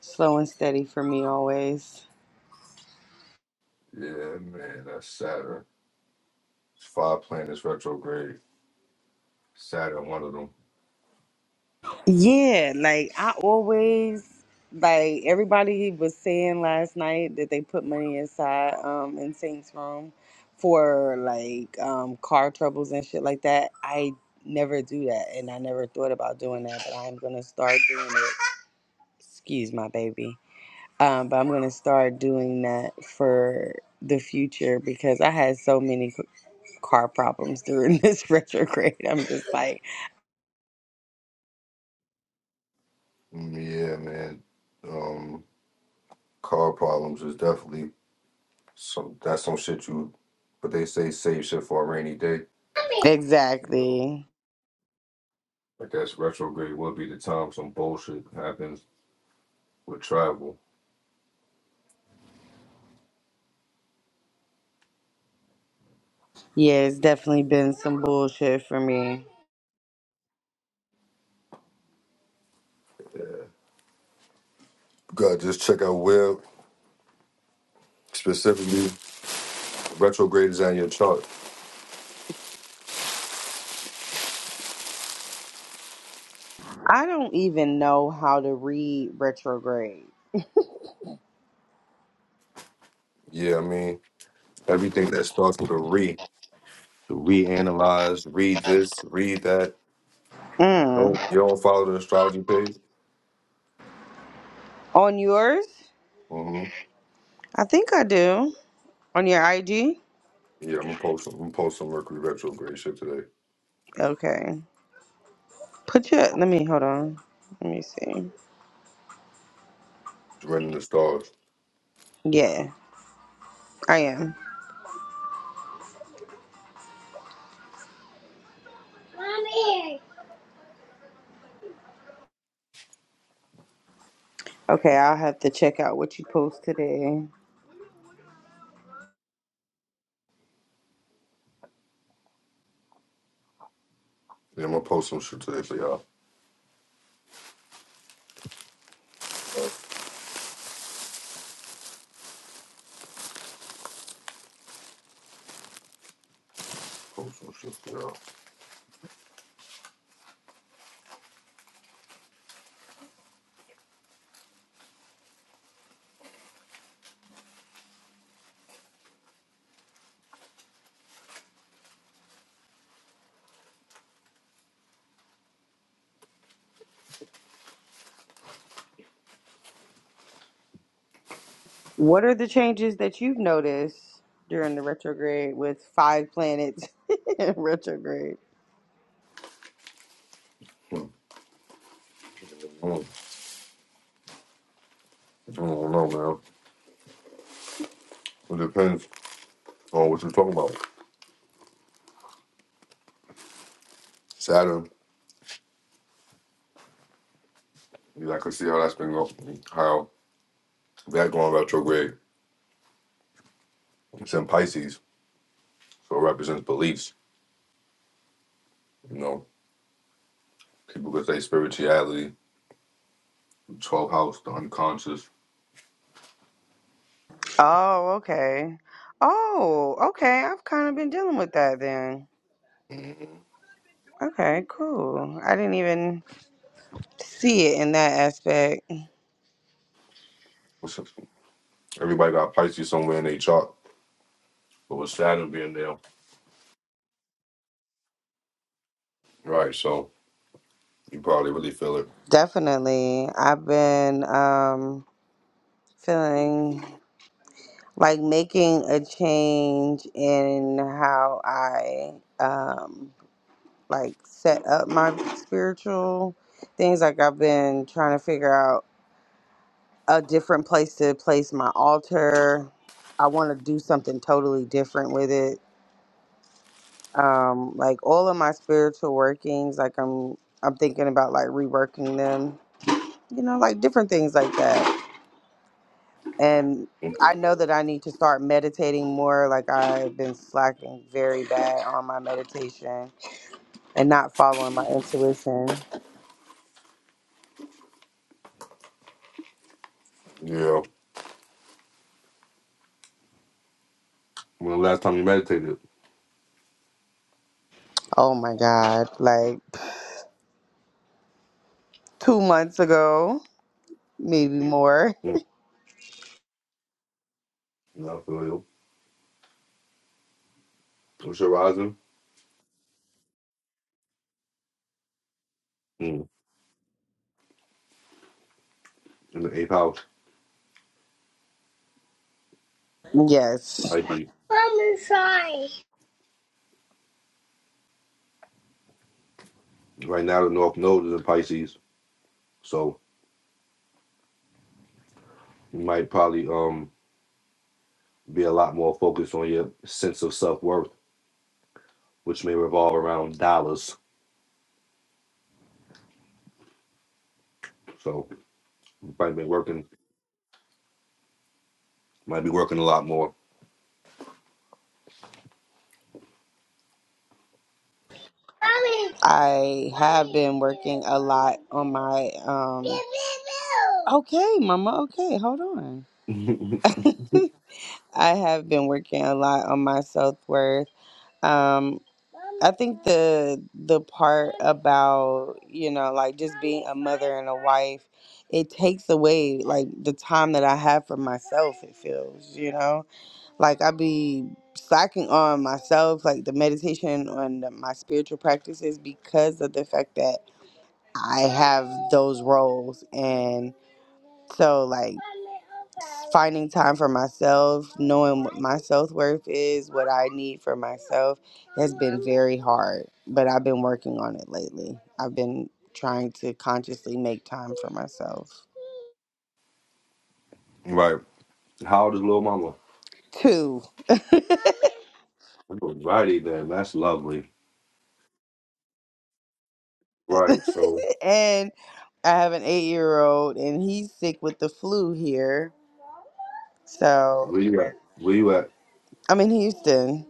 D: slow and steady for me always.
A: Yeah, man, that's Saturn. It's five planets retrograde. Saturn, one of them.
D: Yeah, like I always like everybody was saying last night that they put money inside um in Saint's room for like um car troubles and shit like that. I never do that and I never thought about doing that, but I'm gonna start doing it. Excuse my baby. Um, but I'm gonna start doing that for the future because I had so many c- car problems during this retrograde. I'm just like,
A: Mm, Yeah, man. Um, car problems is definitely some. That's some shit you. But they say save shit for a rainy day. You know,
D: exactly.
A: I guess retrograde will be the time some bullshit happens with travel.
D: Yeah, it's definitely been some bullshit for me.
A: God, just check out web specifically. retrograde is on your chart.
D: I don't even know how to read retrograde.
A: Yeah, I mean, everything that starts with a re, to reanalyze, read this, read that.
D: Mm.
A: Don't you don't follow the astrology page?
D: On yours?
A: Mm-hmm.
D: I think I do. On your IG?
A: Yeah, I'm gonna post some. I'm gonna post some Mercury retrograde shit today.
D: Okay. Put your. Let me hold on. Let me see.
A: It's the stars.
D: Yeah, I am. Okay, I'll have to check out what you post today.
A: Yeah, I'm gonna post some shit today for y'all. Uh, Post some shit for y'all.
D: What are the changes that you've noticed during the retrograde with five planets in retrograde?
A: Hmm. Mm. I don't know, man. It depends on what you're talking about. Saturn. You I can see how that's been going. How that going retrograde. It's in Pisces, so it represents beliefs. You know. People could say spirituality, 12th house, the unconscious.
D: Oh, okay. Oh, okay. I've kind of been dealing with that then.
A: hmm
D: Okay, cool. I didn't even see it in that aspect.
A: What's up? Everybody got Pisces somewhere in their chart, but with Saturn being there, right? So you probably really feel it.
D: Definitely. I've been um feeling like making a change in how I um like set up my spiritual things like I've been trying to figure out a different place to place my altar. I want to do something totally different with it Um, like all of my spiritual workings, like I'm I'm thinking about like reworking them, you know, like different things like that. And
A: Mm,
D: I know that I need to start meditating more. Like I've been slacking very bad on my meditation and not following my intuition.
A: Yeah. When the last time you meditated?
D: Oh my God. Like two months ago, maybe more.
A: Mm. No, I feel you. What's your rising? Mm. In the eighth house,
D: Yes.
A: Pisces.
D: Mom, I'm sorry.
A: Right now, the North Node is in Pisces, so you might probably um be a lot more focused on your sense of self worth, which may revolve around dollars. So you might be working, might be working a lot more.
D: I have been working a lot on my um Okay, mama, okay, hold on. I have been working a lot on my self-worth. Um I think the the part about, you know, like just being a mother and a wife, it takes away like the time that I have for myself, it feels, you know? Like I be slacking on myself, like the meditation on the, my spiritual practices because of the fact that I have those roles. And so, like, finding time for myself, knowing what my self worth is, what I need for myself, has been very hard. But I've been working on it lately. I've been trying to consciously make time for myself.
A: Right. How old is little mama?
D: Two.
A: Righty then. That's lovely. Right. So
D: and I have an eight year old, and he's sick with the flu here. So
A: where you where you at?
D: I'm in Houston.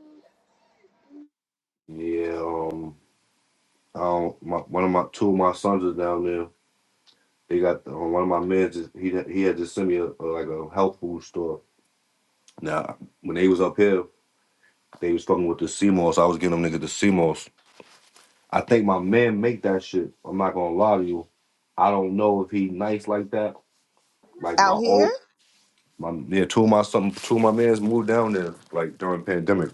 A: Yeah. Um. I don't, my, one of my two of my sons is down there. They got um, one of my men. Just, he he had just sent me a, a, like a health food store. Now when they was up here, they was fucking with the CMOS. I was getting them niggas the CMOS. I think my man make that shit. I'm not gonna lie to you. I don't know if he nice like that. Like
D: Out
A: my
D: here?
A: old my yeah, two of my some two of my mans moved down there like during pandemic.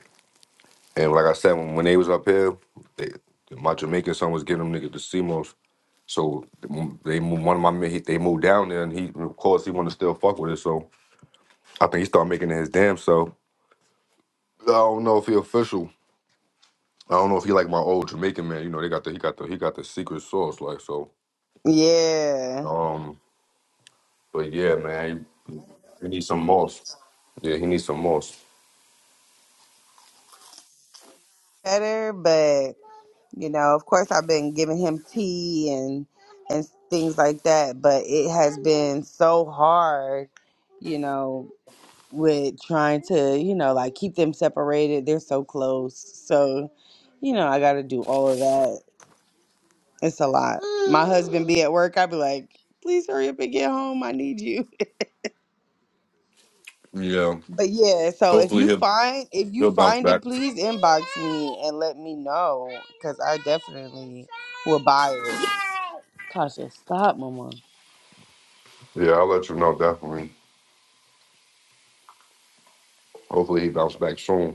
A: And like I said, when, when they was up here, they, my Jamaican son was getting them niggas the CMOS. So they moved, one of my men, he, they moved down there, and he, of course, he wanted to still fuck with it. So I think he started making it his damn self. I don't know if he official. I don't know if he like my old Jamaican man. You know, they got the he got the he got the secret sauce, like so.
D: Yeah.
A: Um, but yeah, man, he, he needs some moss. Yeah, he needs some moss.
D: Better, but. You know, of course, I've been giving him tea and and things like that, but it has been so hard, you know, with trying to, you know, like keep them separated. They're so close, so you know, I got to do all of that. It's a lot. My husband be at work. I'd be like, "Please hurry up and get home. I need you."
A: Yeah.
D: But yeah, so if
A: Hopefully
D: you
A: he'll
D: find if you
A: he'll bounce
D: find it,
A: back.
D: please inbox me and let me know because I definitely will buy it. Kasha, stop, Mama.
A: Yeah, I'll let you know definitely. Hopefully he bounce back soon.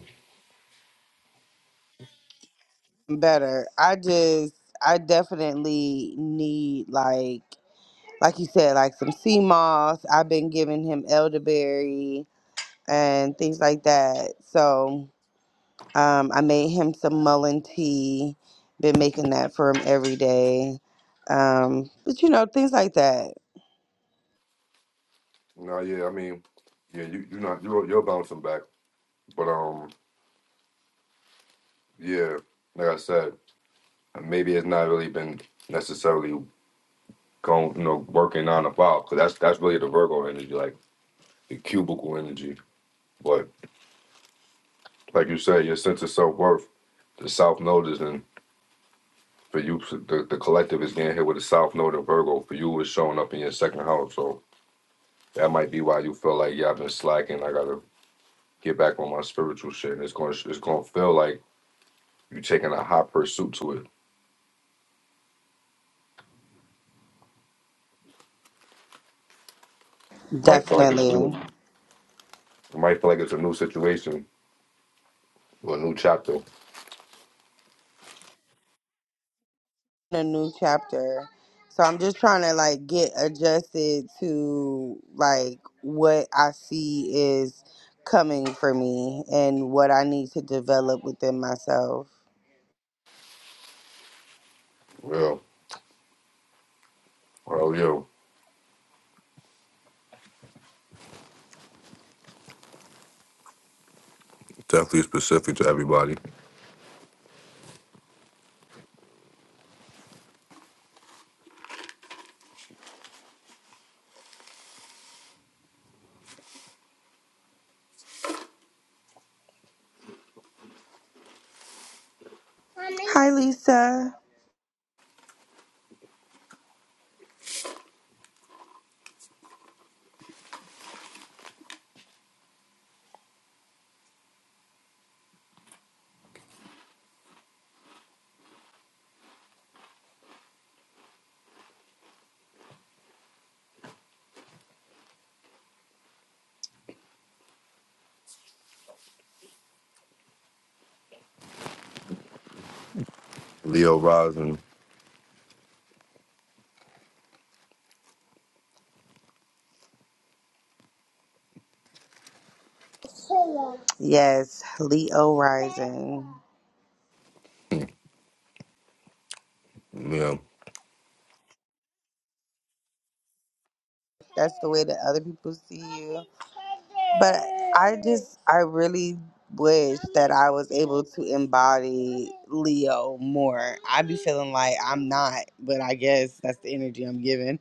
D: Better. I just I definitely need like like you said like some sea moss. I've been giving him elderberry and things like that. So um, I made him some mullein tea. Been making that for him every day. Um, but you know things like that.
A: No, yeah, I mean, yeah, you you are not you're you're bouncing back, but um, yeah, like I said, maybe it's not really been necessarily going, you know, working on the five because that's that's really the Virgo energy, like the cubicle energy. But like you said, your sense of self worth, the South Node is in for you. so The, the collective is getting hit with the South Node and Virgo. For you, it's showing up in your second house, so that might be why you feel like yeah, I've been slacking. I gotta get back on my spiritual shit. And it's going to it's going to feel like you taking a hot pursuit to it might feel like it's new.
D: Definitely.
A: It might feel like it's a new situation or a new chapter.
D: A new chapter. So I'm just trying to like get adjusted to like what I see is coming for me and what I need to develop within myself.
A: Real. Oh, yo. Definitely specific to everybody.
D: Hi Lisa.
A: Leo rising.
D: Yes, Leo rising.
A: Yeah.
D: That's the way that other people see you. But I just, I really wish that I was able to embody Leo more. I be feeling like I'm not, but I guess that's the energy I'm giving.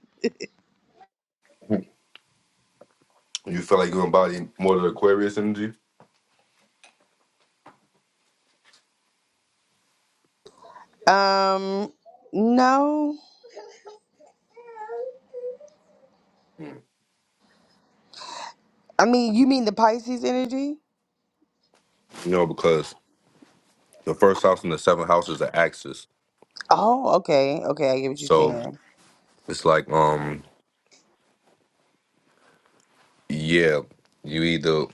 A: You feel like you embody more of the Aquarius energy?
D: Um, no.
A: You
D: I mean, you mean the Pisces energy?
A: know, because the first house and the seventh house is the axis.
D: Oh, okay. Okay, I get what you're
A: So
D: saying.
A: it's like, um, yeah, you either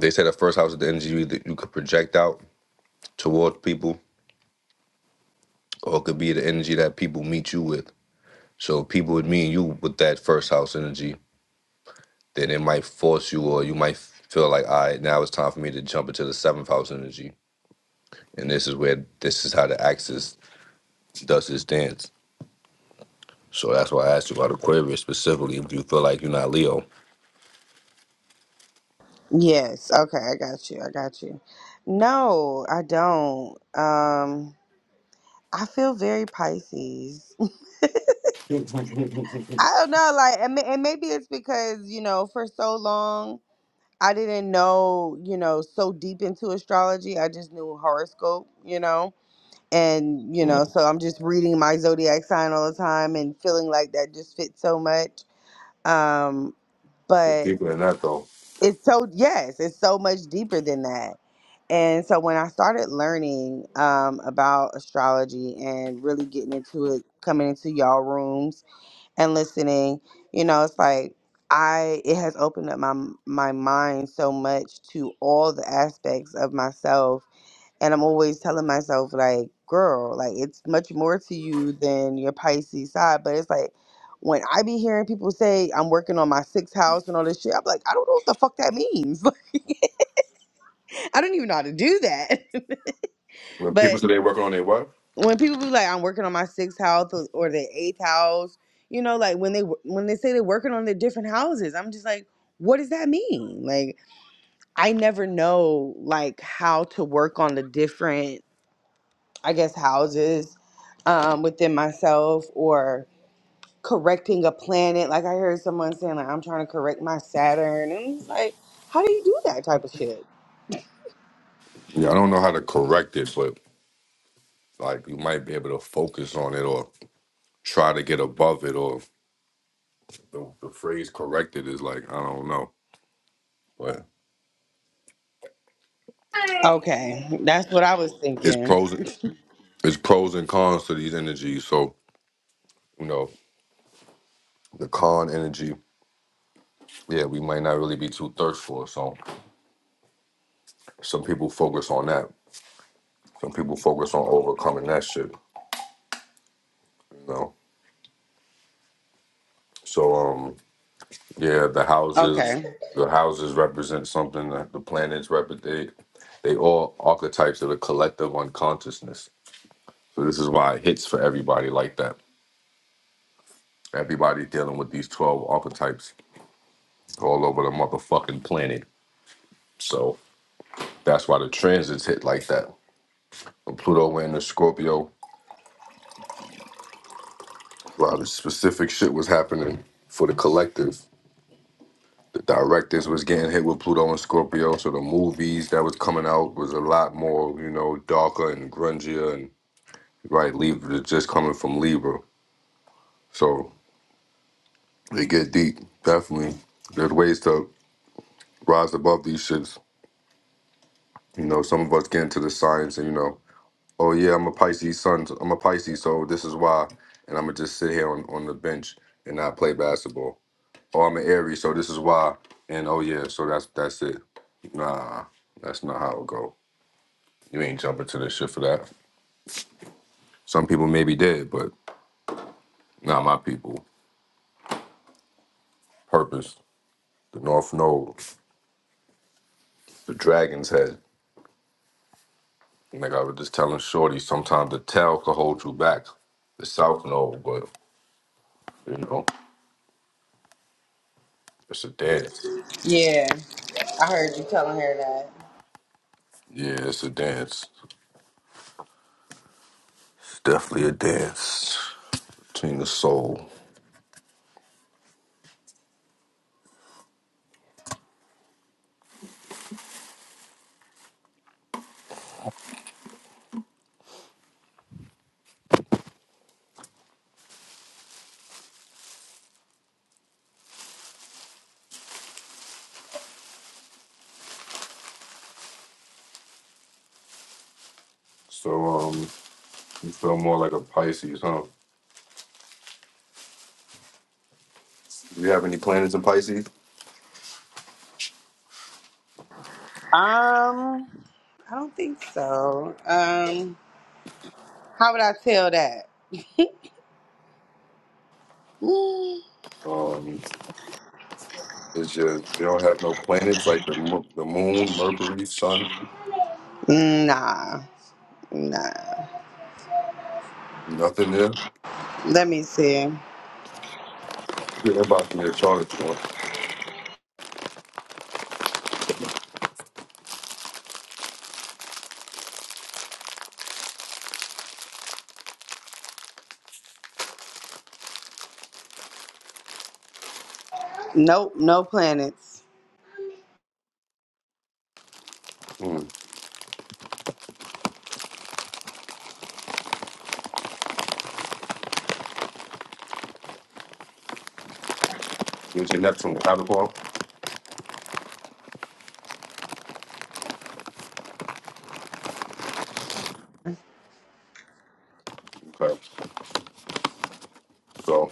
A: they say the first house is the energy you either you could project out towards people, or it could be the energy that people meet you with. So people would meet you with that first house energy, then it might force you or you might feel like all right now it's time for me to jump into the seventh house energy and this is where this is how the axis does its dance so that's why i asked you about aquarius specifically if you feel like you're not leo
D: Yes. Okay, I got you. I got you. No, I don't. Um, I feel very Pisces. I don't know, like, and, ma- and maybe it's because you know, for so long I didn't know, you know, so deep into astrology. I just knew horoscope, you know, and you
A: Mhm.
D: know, so I'm just reading my zodiac sign all the time and feeling like that just fits so much. Um,
A: It's
D: but
A: deeper than that, though.
D: it's so yes, it's so much deeper than that. And so when I started learning um, about astrology and really getting into it, coming into y'all rooms and listening you know it's like i it has opened up my my mind so much to all the aspects of myself and i'm always telling myself like girl like it's much more to you than your pisces side but it's like when i be hearing people say i'm working on my sixth house and all this shit i'm like i don't know what the fuck that means i don't even know how to do that
A: When
D: but
A: people say they are working on their what?
D: when people be like, I'm working on my sixth house or, or the eighth house, you know, like when they when they say they're working on their different houses, I'm just like, what does that mean? Like, I never know like how to work on the different, I guess, houses um, within myself or correcting a planet. Like I heard someone saying, like, I'm trying to correct my Saturn, and I'm just like, how do you do that type of shit?
A: Yeah, I don't know how to correct it, but like you might be able to focus on it or try to get above it, or the, the phrase corrected is like I don't know, but
D: Okay, that's what I was
A: it's
D: thinking.
A: pros it's pros and cons to these energies. So you know, the con energy, yeah, we might not really be too thirstful. So some people focus on that. Some people focus on overcoming that shit, you know. So um yeah, the houses
D: Okay,
A: the houses represent something that the planets represent they all archetypes of the collective unconsciousness. So this is why it hits for everybody like that. Everybody's dealing with these twelve archetypes all over the motherfucking planet. So that's why the transits hit like that. So Pluto went into Scorpio A lot of specific shit was happening for the collective. The directors was getting hit with Pluto and Scorpio, so the movies that was coming out was a lot more, you know, darker and grungier and right, Libra just coming from Libra. So they get deep, definitely. There's ways to rise above these shits. You know, some of us get into the science and you know, oh yeah, I'm a Pisces son, I'm a Pisces, so this is why and I'm gonna just sit here on, on the bench and not play basketball. Oh, I'm an Aries, so this is why. And oh yeah, so that's that's it. Nah, that's not how it go. You ain't jumping to this shit for that. Some people may be dead, but not my people. Purpose, the North Node, the Dragon's Head. Like I was just telling Shorty, sometimes the tail could hold you back. The South Node, but you know, it's a dance.
D: yeah, I heard you telling her that.
A: Yeah, it's a dance. It's definitely a dance between the soul. So um, you feel more like a Pisces, huh? Do you have any planets in Pisces?
D: Um, I don't think so. Um, how would I tell that? Mm,
A: Um, it's just they don't have no planets like the mo- the moon, Mercury, Sun,
D: nah, nah.
A: nothing there.
D: Let me see.
A: Yeah, They're about to get charted for.
D: Nope, no planets.
A: Hmm. It's your Neptune, Capricorn. Okay, so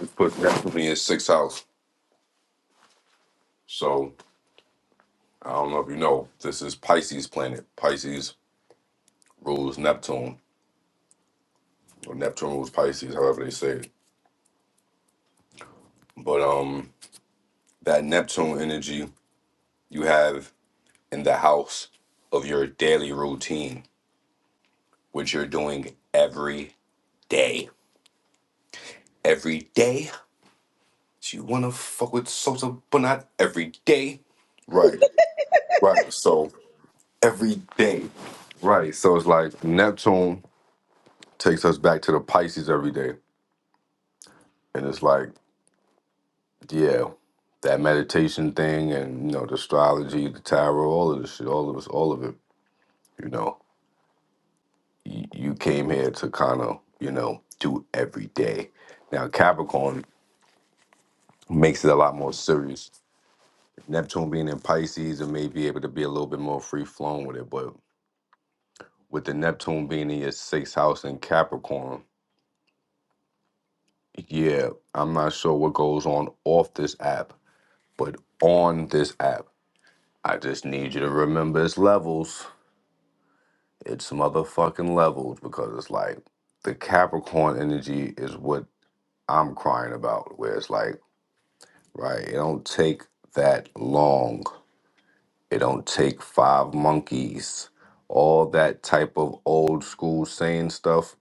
A: it puts Neptune in his sixth house. So I don't know if you know, this is Pisces planet. Pisces rules Neptune, or Neptune rules Pisces, however they say it. But um, that Neptune energy you have in the house of your daily routine, which you're doing every day every day. She wanna fuck with Sosa, but not every day. Right, right. So every day. Right. So it's like Neptune takes us back to the Pisces every day. And it's like, yeah, that meditation thing and you know, the astrology, the tarot, all of this shit, all of us, all of it, you know. You, you came here to kind of, you know, do every day. Now Capricorn makes it a lot more serious Neptune being in Pisces, it may be able to be a little bit more free flowing with it. But with the Neptune being in your sixth house in Capricorn, yeah, I'm not sure what goes on off this app, but on this app, I just need you to remember it's levels. It's motherfucking levels because it's like the Capricorn energy is what I'm crying about, where it's like, right, it don't take that long It don't take five monkeys. All that type of old school saying stuff.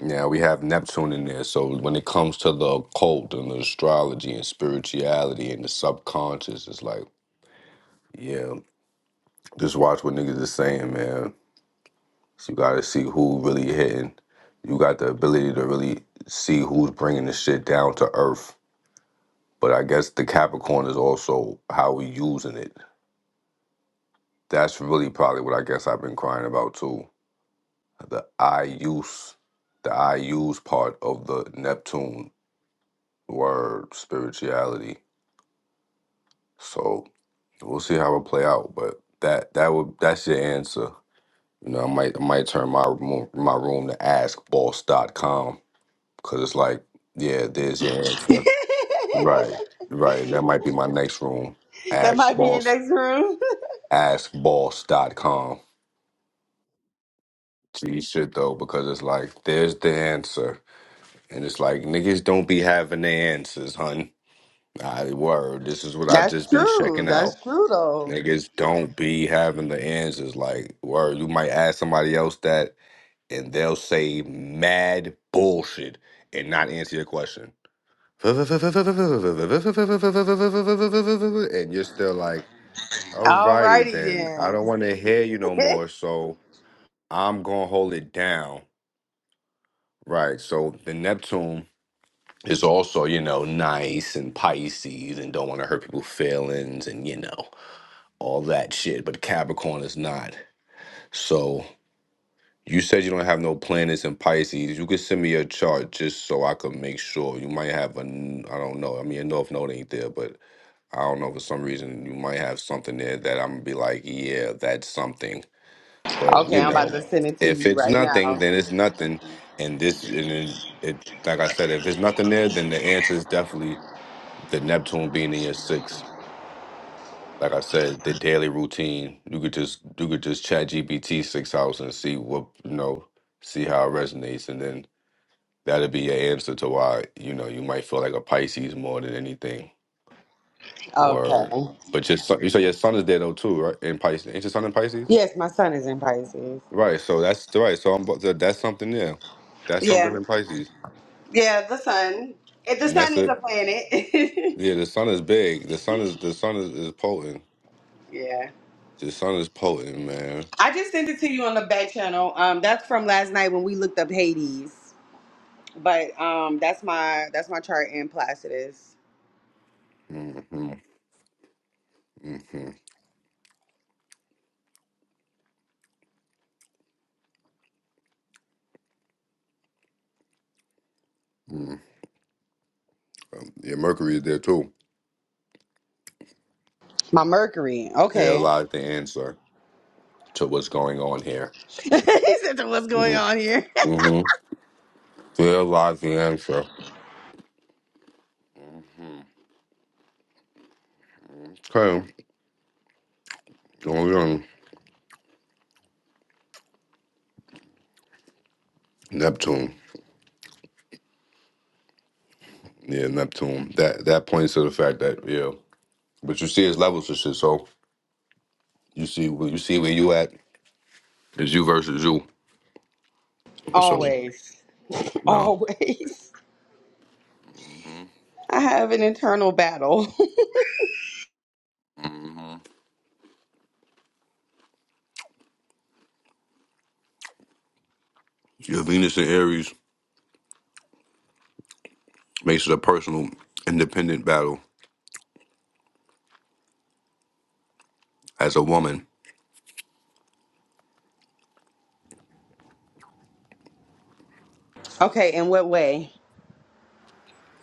A: Now we have Neptune in there. So when it comes to the occult and the astrology and spirituality and the subconscious, it's like, yeah, just watch what niggas is saying, man. So You gotta see who really hitting. You got the ability to really see who's bringing the shit down to earth. But I guess the Capricorn is also how we using it. That's really probably what I guess I've been crying about too the I use the I use part of the Neptune word spirituality. So we'll see how it play out. But that that would that's your answer. You know, I might I might turn my room, my room to ask boss dot com because it's like, yeah, there's your answer.
D: that
A: Right. Right. That might be my next room. Ask
D: might be your
A: boss
D: next room.
A: Ask boss dot com. See shit though, because it's like, there's the answer. And it's like niggas don't be having the answers, hun. I word. This is what I just
D: That's
A: been
D: true.
A: checking out.
D: That's true though.
A: Niggas don't be having the answers. Like word, you might ask somebody else that, and they'll say mad bullshit and not answer your question. And you're still like, alrighty
D: Alrighty
A: then. I
D: then.
A: don't want to hear you no more. So I'm gonna hold it down. Right. So the Neptune is also, you know, nice and Pisces and don't want to hurt people's feelings and you know. all that shit, but Capricorn is not. So you said you don't have no planets in Pisces. You could send me a chart just so I could make sure. You might have a, n- I don't know. I mean, a North Node ain't there, but I don't know for some reason you might have something there that I'm gonna be like, yeah, that's something. But
D: okay,
A: you
D: I'm about
A: know,
D: to send it to
A: if
D: you
A: it's
D: right
A: nothing,
D: now.
A: then it's nothing. And this, and then it, like I said, if it's nothing there, then the answer is definitely the Neptune being in your six. Like I said, the daily routine. You could just you could just chat GPT six hours and see what you know, see how it resonates, and then that'll be your answer to why you know you might feel like a Pisces more than anything.
D: Okay.
A: Or but just you say your son is there though too, right? In Pisces, ain't your son in Pisces?
D: Yes, my son is in Pisces.
A: Right. So that's right. So I'm about to, that's something there. That's something
D: Yeah.
A: in Pisces,
D: Yeah, the sun. If the
A: and
D: sun
A: that's
D: is a
A: it.
D: planet.
A: Yeah, the sun is big. The sun is the sun is, is potent.
D: yeah.
A: The sun is potent, man.
D: I just sent it to you on the back channel. Um, that's from last night when we looked up Hades. But um, that's my that's my chart in Placidus.
A: hmm hmm Um, yeah, Mercury is there too.
D: My Mercury.
A: There
D: Okay.
A: lies the answer to what's going on here.
D: he said, "So "What's going
A: Mm-hmm.
D: on here?"
A: Mm-hmm. There lies the answer. hmm Okay, going on Neptune. Yeah, Neptune. That that points to the fact that yeah, but you see it's levels of shit. So you see, where you see where you at is you versus you. So
D: Always,
A: no.
D: always.
A: hmm
D: I have an internal battle.
A: hmm Your Venus and Aries makes it a personal, independent battle as a woman.
D: okay, in what way?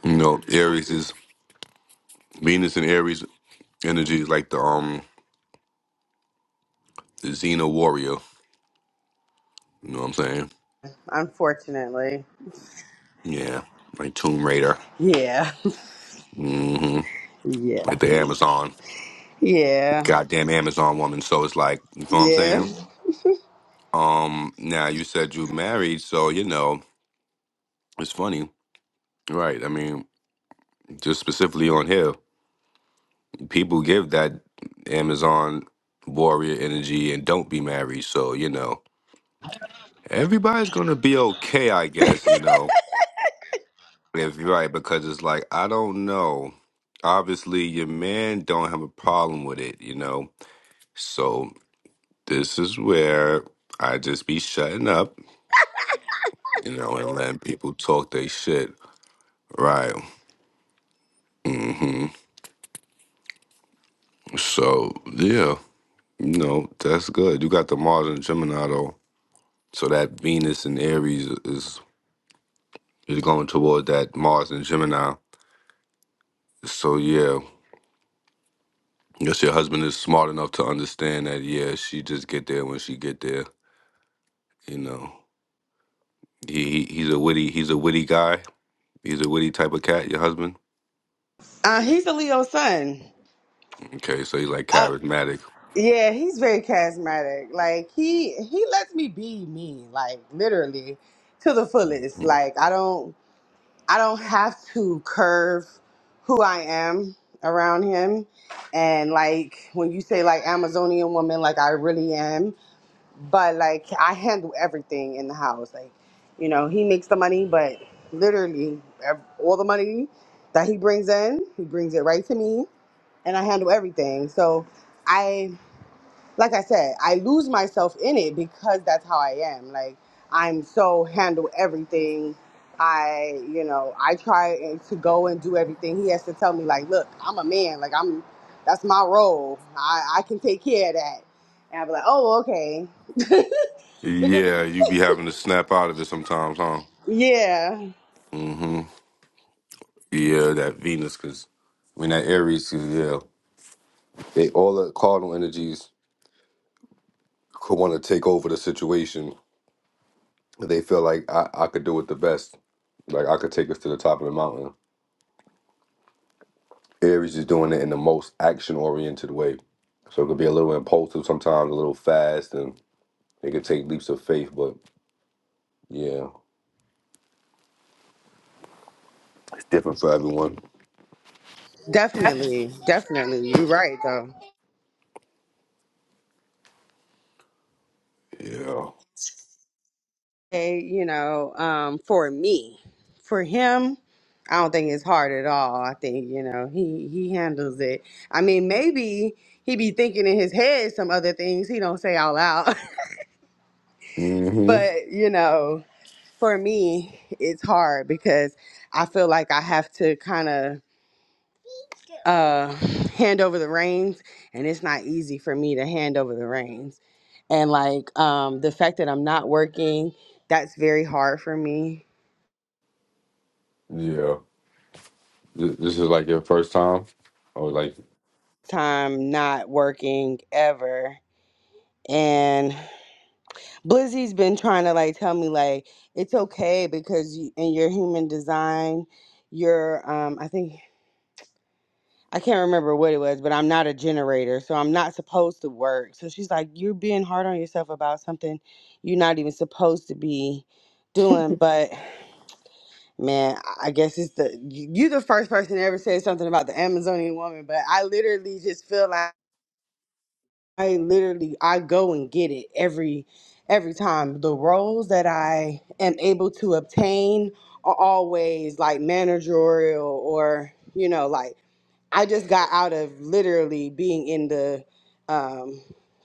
A: You know, Aries is Venus and Aries Energy is like the um the Xena warrior. You know what I'm saying?
D: Unfortunately.
A: Yeah, like Tomb Raider.
D: Yeah.
A: hmm
D: Yeah.
A: Like the Amazon,
D: Yeah.
A: goddamn Amazon woman. So it's like, you know what I'm
D: Yeah.
A: saying? Um, now you said you married, so you know it's funny, right? I mean, just specifically on here, people give that Amazon warrior energy and don't be married. So you know, everybody's gonna be okay, I guess. You know, If you're right, because it's like I don't know. Obviously, your man don't have a problem with it, you know. So this is where I just be shutting up, you know, and letting people talk their shit. Right. Mm-hmm. So yeah, you know, that's good. You got the Mars and Gemini though. So that Venus and Aries is is going toward that Mars and Gemini. So yeah. guess your husband is smart enough to understand that. Yeah, she just get there when she get there. You know, he, he he's a witty he's a witty guy. He's a witty type of cat. Your husband?
D: Uh, he's a Leo sun.
A: Okay, so he's like
D: Uh,
A: charismatic.
D: Yeah, he's very charismatic. Like he he lets me be me, like literally to the fullest.
A: Mhm.
D: Like I don't I don't have to curve who I am around him. And like when you say like Amazonian woman, like I really am. But like I handle everything in the house. Like, you know, he makes the money, but literally ev- all the money that he brings in, he brings it right to me and I handle everything. So like I said, I lose myself in it because that's how I am. Like I'm so handle everything. I, you know, I try and- to go and do everything. He has to tell me like, look, I'm a man. Like I'm, that's my role. I, I can take care of that. And I'll be like, oh, okay,
A: Yeah, you be having to snap out of it sometimes, huh?
D: yeah,
A: Mm-hmm. Yeah, that Venus, cause I mean that Aries, 'cause, yeah, they all the cardinal energies could want to take over the situation. They feel like I, I could do it the best. Like I could take us to the top of the mountain. Aries is doing it in the most action oriented way. So it could be a little impulsive sometimes, a little fast, and. They could take leaps of faith, but yeah, it's different for everyone.
D: definitely, definitely. You're right though.
A: Yeah.
D: say, you know, um, for me, for him, I don't think it's hard at all. I think you know he he handles it. I mean, maybe he be thinking in his head some other things he don't say out loud,
A: hmm
D: but you know, for me, it's hard because I feel like I have to kind of uh hand over the reins and it's not easy for me to hand over the reins and like um the fact that i'm not working that's very hard for me
A: Yeah. Th- This is like your first time, or like
D: time not working ever. And Blizzy's been trying to like tell me like it's okay because you, in your human design, you're um I think I can't remember what it was, but I'm not a generator, so I'm not supposed to work. So she's like, you're being hard on yourself about something you're not even supposed to be doing. But man, I guess it's the you you the first person to ever say something about the Amazonian woman, but I literally just feel like. I literally I go and get it every every time. The roles that I am able to obtain are always like managerial or you know like I just got out of literally being in the um,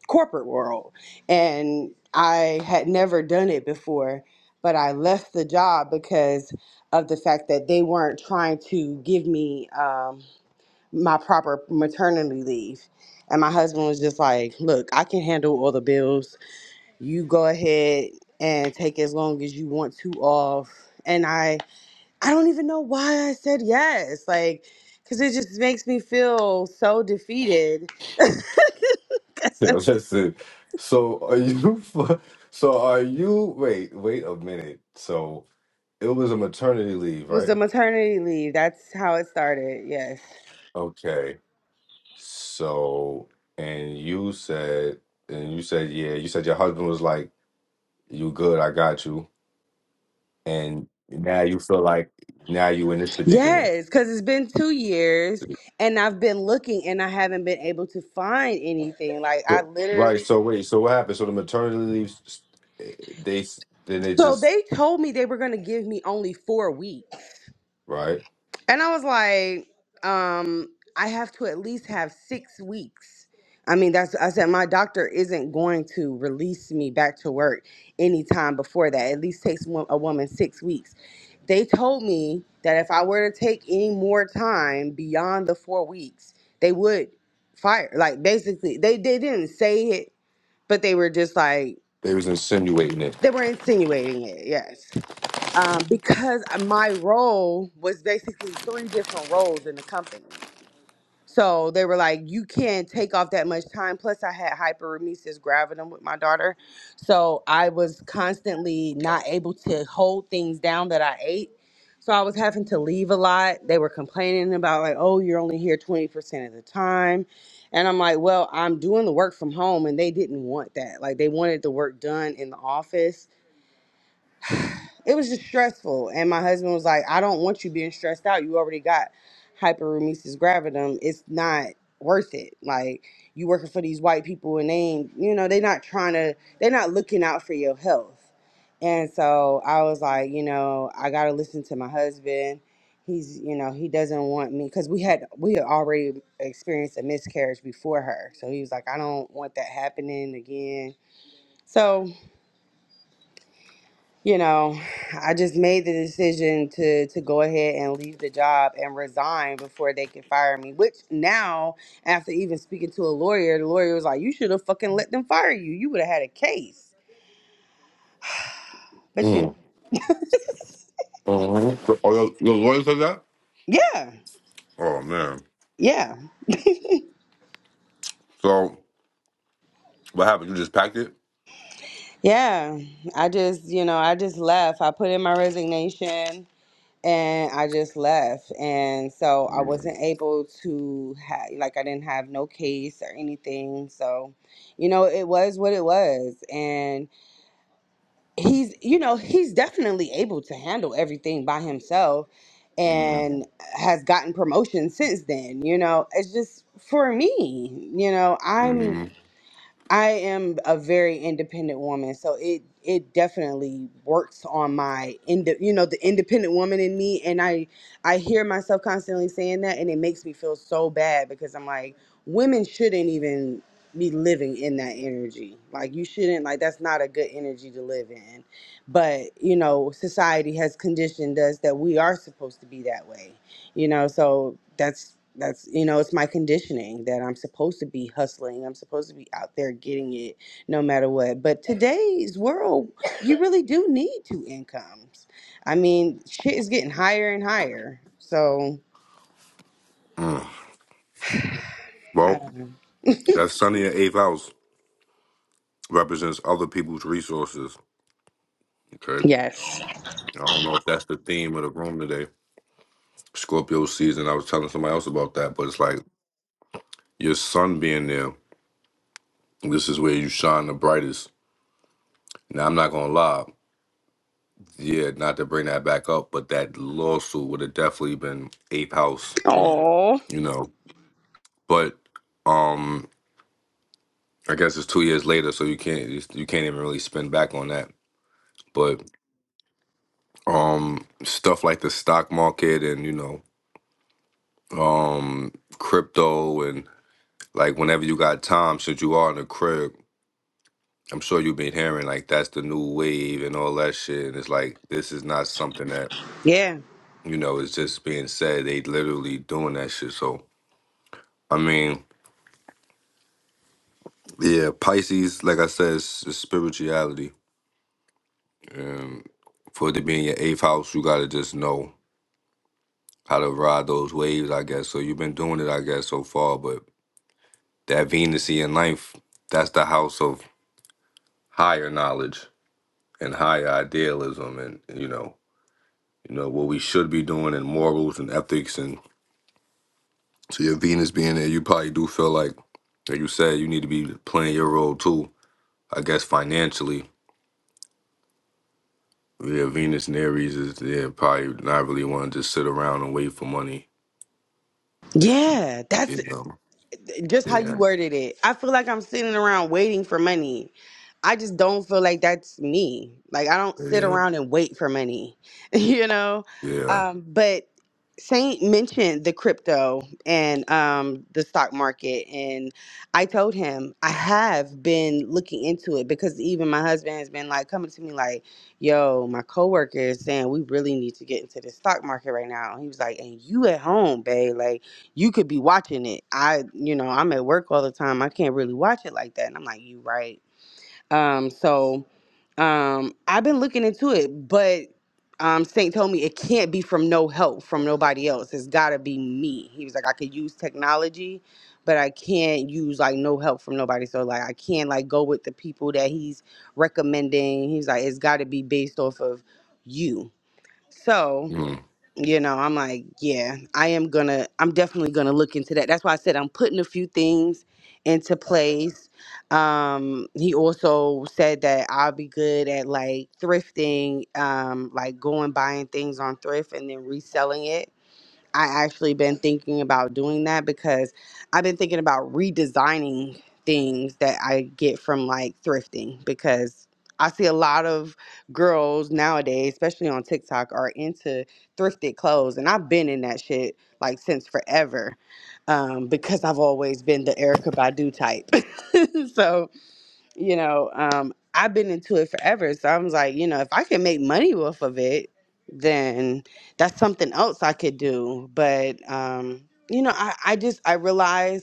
D: corporate world and I had never done it before, but I left the job because of the fact that they weren't trying to give me. Um, my proper maternity leave. And my husband was just like, Look, I can handle all the bills. You go ahead and take as long as you want to off. And I I don't even know why I said yes. Like, cause it just makes me feel so defeated. 'Cause
A: yeah,
D: I'm it
A: that's it. So are you? fu- So are you? Wait, wait a minute. So it was a maternity leave,
D: was
A: right?
D: the maternity leave. That's how it started. Yes.
A: Okay. So and you said, and you said, yeah, you said your husband was like, "You good? I got you." And now you feel like now you in this predicament.
D: Yes, because it's been two years and I've been looking and I haven't been able to find anything. Like I
A: So right.
D: literally
A: So wait. So what happened? So the maternity leaves. They s- then they
D: So
A: just
D: they told me they were going to give me only four weeks.
A: right.
D: And I was like, um, I have to at least have six weeks. I mean, that's, I said, my doctor isn't going to release me back to work anytime before that. At least takes wo- a woman six weeks. They told me that if I were to take any more time beyond the four weeks, they would fire. Like, basically, they, they didn't say it, but they were just like,
A: They was insinuating it.
D: they were insinuating it. Yes. um, because my role was basically three different roles in the company. So they were like, you can't take off that much time. Plus, I had hyperemesis gravidum with my daughter. So I was constantly not able to hold things down that I ate. So I was having to leave a lot. They were complaining about, like, oh, you're only here 20% of the time. And I'm like, well, I'm doing the work from home. And they didn't want that. Like, they wanted the work done in the office it was just stressful. And my husband was like, I don't want you being stressed out. You already got hyperemesis gravidum. It's not worth it. Like you working for these white people and they ain't, you know, they not trying to, they're not looking out for your health. And so I was like, you know, I got to listen to my husband. He's, you know, he doesn't want me because we had, we had already experienced a miscarriage before her. So he was like, I don't want that happening again. So you know, I just made the decision to to go ahead and leave the job and resign before they could fire me. Which now, after even speaking to a lawyer, the lawyer was like, "You should have fucking let them fire you. You would have had a case." But you know,
A: Mm. hmm So, oh, your, your lawyer said that?
D: yeah,
A: Oh, man.
D: yeah,
A: So, what happened? You just packed it?
D: yeah. I just, you know, I just left. I put in my resignation and I just left, and so I
A: Mm.
D: wasn't able to have like I didn't have no case or anything. So, you know, it was what it was, and he's you know he's definitely able to handle everything by himself
A: mm
D: and has gotten promotion since then you know it's just for me you know i'm
A: mm
D: I am a very independent woman, so it it definitely works on my ind- you know the independent woman in me, and I I hear myself constantly saying that, and it makes me feel so bad because I'm like women shouldn't even be living in that energy. Like you shouldn't like that's not a good energy to live in. But, you know, society has conditioned us that we are supposed to be that way you know so that's that's you know it's my conditioning that i'm supposed to be hustling i'm supposed to be out there getting it no matter what but today's world you really do need two incomes i mean shit is getting higher and higher so
A: mm
D: I
A: Well,
D: don't know.
A: that sunny. in eighth house represents other people's resources. Okay.
D: yes
A: I don't know if that's the theme of the room today. Scorpio season. I was telling somebody else about that, but it's like your sun being there. This is where you shine the brightest. Now I'm not gonna lie, yeah, not to bring that back up, but that lawsuit would have definitely been ape house,
D: Oh,
A: you know. But um, I guess it's two years later, so you can't you can't even really spin back on that. But um, stuff like the stock market and you know um crypto and like whenever you got time, since you are in the crib. I'm sure you've been hearing like that's the new wave and all that shit. And it's like this is not something that,
D: yeah
A: you know, is just being said. They literally doing that shit. So I mean, yeah, Pisces, like I said, is, is spirituality. And for it to be in your eighth house, you got to just know how to ride those waves, I guess. So you've been doing it, I guess, so far. But that Venus in ninth, that's the house of higher knowledge and higher idealism and, you know, you know, what we should be doing in morals and ethics. And so your Venus being there, you probably do feel like, like you said, you need to be playing your role too, I guess, financially Yeah, Venus and Aries is yeah, probably not really want to just sit around and wait for money.
D: yeah that's
A: You know.
D: just how
A: Yeah.
D: you worded it i feel like i'm sitting around waiting for money I just don't feel like that's me. Like I don't sit
A: Yeah.
D: around and wait for money, you know.
A: Yeah.
D: Um, but Saint mentioned the crypto and um, the stock market, and I told him I have been looking into it because even my husband has been like coming to me like, "Yo, my coworker is saying we really need to get into the stock market right now." And He was like, "And you at home, babe? Like you could be watching it. I, you know, I'm at work all the time. I can't really watch it like that." And I'm like, "You right." Um, so um, I've been looking into it, but um, Saint told me it can't be from no help from nobody else. It's got to be me. He was like, I could use technology, but I can't use like no help from nobody. So like, I can't like go with the people that he's recommending. He's like, it's got to be based off of you. So
A: Mm.
D: you know, I'm like, yeah, I am gonna, I'm definitely gonna look into that. That's why I said I'm putting a few things into place. Um, he also said that I'll be good at like thrifting, um, like going buying things on thrift and then reselling it I actually been thinking about doing that because I've been thinking about redesigning things that I get from like thrifting because I see a lot of girls nowadays, especially on TikTok, are into thrifted clothes. And I've been in that shit like since forever um, because I've always been the Erica Badu type. so you know, um, I've been into it forever. So I was like, you know, if I can make money off of it, then that's something else I could do. But um, you know, I, I just I realized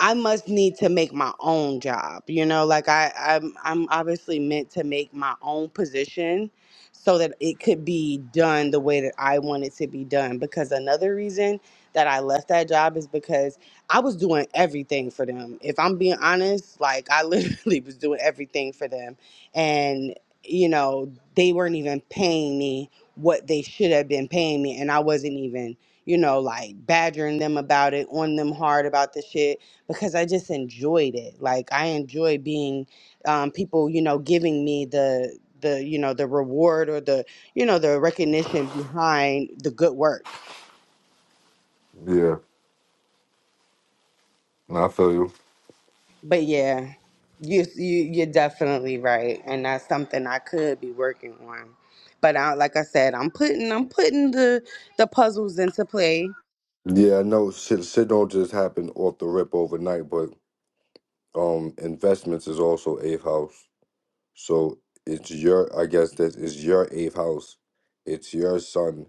D: I must need to make my own job. You know, like I, I'm, I'm obviously meant to make my own position so that it could be done the way that I want it to be done. Because another reason that I left that job is because I was doing everything for them. If I'm being honest, like I literally was doing everything for them. And, you know, they weren't even paying me what they should have been paying me. And I wasn't even, you know, like badgering them about it, on them hard about the shit because I just enjoyed it. Like I enjoy being um, people, you know, giving me the the you know the reward or the you know the recognition behind the good work.
A: Yeah. No, I feel you.
D: But yeah, you you you're definitely right, and that's something I could be working on. But I, like I said, I'm putting I'm putting the the puzzles into play.
A: Yeah, I know shit, shit don't just happen off the rip overnight, but um investments is also eighth house. So it's your I guess that is your eighth house. It's your son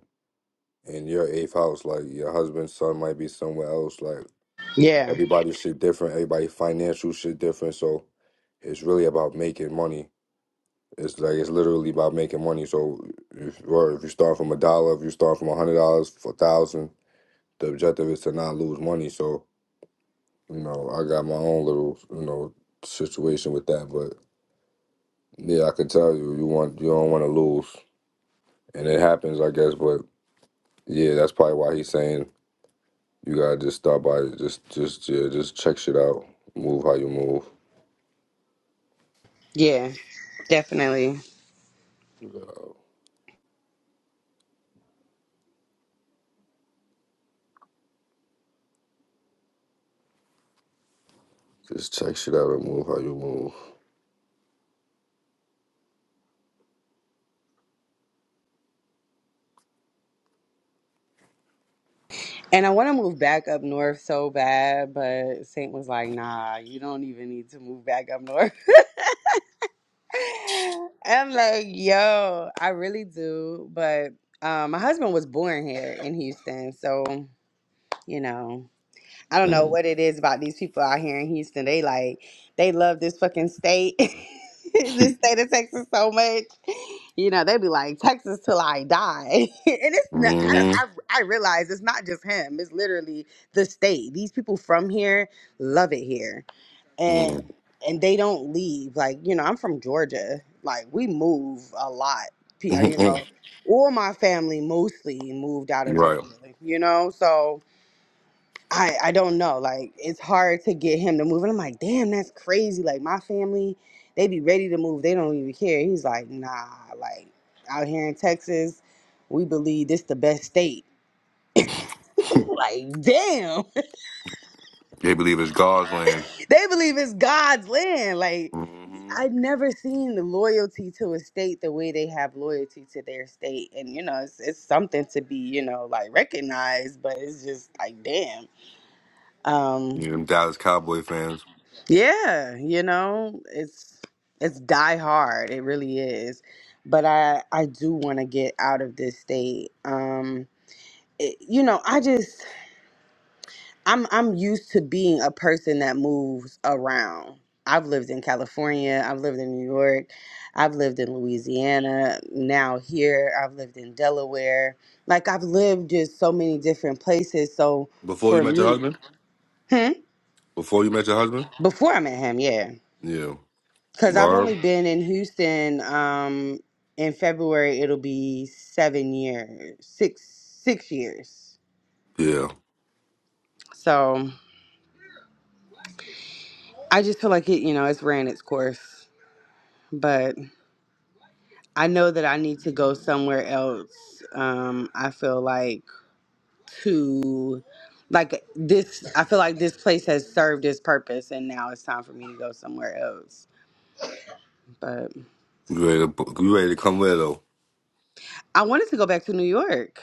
A: and your eighth house. Like your husband's son might be somewhere else. Like
D: Yeah,
A: everybody shit different, everybody financial shit different. So it's really about making money It's like it's literally about making money. So if or if you start from a dollar, if you start from a hundred dollars, a thousand, the objective is to not lose money. So you know, I got my own little you know situation with that, but yeah, I can tell you, you want you don't want to lose, and it happens, I guess. But yeah, that's probably why he's saying you gotta just start by just just yeah just check shit out, move how you move,
D: yeah, definitely.
A: Uh, just check shit out and move how you move.
D: And I want to move back up north so bad, but Saint was like, "Nah, you don't even need to move back up north." I'm like, yo, I really do. But um, my husband was born here in Houston, so you know, I don't know what it is about these people out here in Houston. They like, they love this fucking state, this state of Texas so much. You know, they be like Texas till I die, and it's not.
A: Mm-hmm.
D: I, I I realize it's not just him. It's literally the state. These people from here love it here and and they don't leave. Like you know, I'm from Georgia. Like we move a lot. P- uh, You
A: Mm-hmm.
D: know, all my family mostly moved out of
A: Right.
D: Georgia. You know, so I I don't know. Like it's hard to get him to move. And I'm like, damn, that's crazy. Like my family, they be ready to move. They don't even care. He's like, nah. Like out here in Texas, we believe this the best state. like damn,
A: They believe it's God's land.
D: they believe it's God's land. Like
A: Mm-hmm.
D: I'd never seen the loyalty to a state the way they have loyalty to their state. And, you know, it's, it's something to be, you know, like recognized, but it's just like, damn. Um,
A: Yeah, them Dallas Cowboy fans.
D: yeah, you know, it's, it's die hard. It really is. But I, I do want to get out of this state. Um, it, you know, I just, I'm I'm used to being a person that moves around. I've lived in California, I've lived in New York, I've lived in Louisiana, now here, I've lived in Delaware. Like I've lived just so many different places. So
A: Before you
D: for
A: met your
D: me,
A: husband?
D: hmm?
A: Before you met your husband?
D: before I met him, yeah.
A: Yeah.
D: Cause I've only
A: Barb?
D: been in Houston um in February it'll be seven years, six six years.
A: Yeah.
D: So I just feel like it, you know, it's ran its course. But I know that I need to go somewhere else. Um, I feel like to like this I feel like this place has served its purpose and now it's time for me to go somewhere else. But
A: You ready to you ready to come with her, though?
D: I wanted to go back to New York.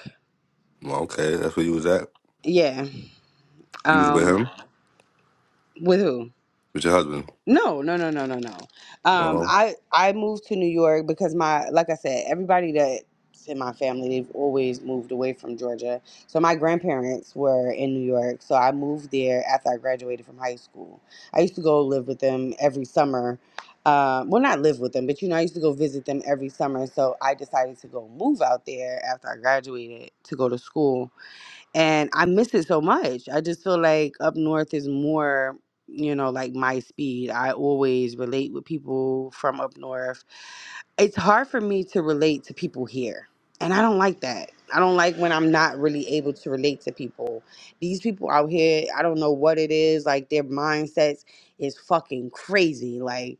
A: Well, okay, that's where you was at.
D: Yeah.
A: You was with
D: Um
A: him?
D: with who?
A: With your husband?
D: No, no, no, no, no, no. Um,
A: Well,
D: I I moved to New York because my like I said, everybody that's in my family they've always moved away from Georgia. So my grandparents were in New York, so I moved there after I graduated from high school. I used to go live with them every summer. Um, well, not live with them, but you know, I used to go visit them every summer. So I decided to go move out there after I graduated to go to school and I miss it so much. I just feel like up north is more, you know, like my speed. I always relate with people from up north. It's hard for me to relate to people here, and I don't like that. I don't like when I'm not really able to relate to people. These people out here, I don't know what it is. Like their mindsets is fucking crazy. Like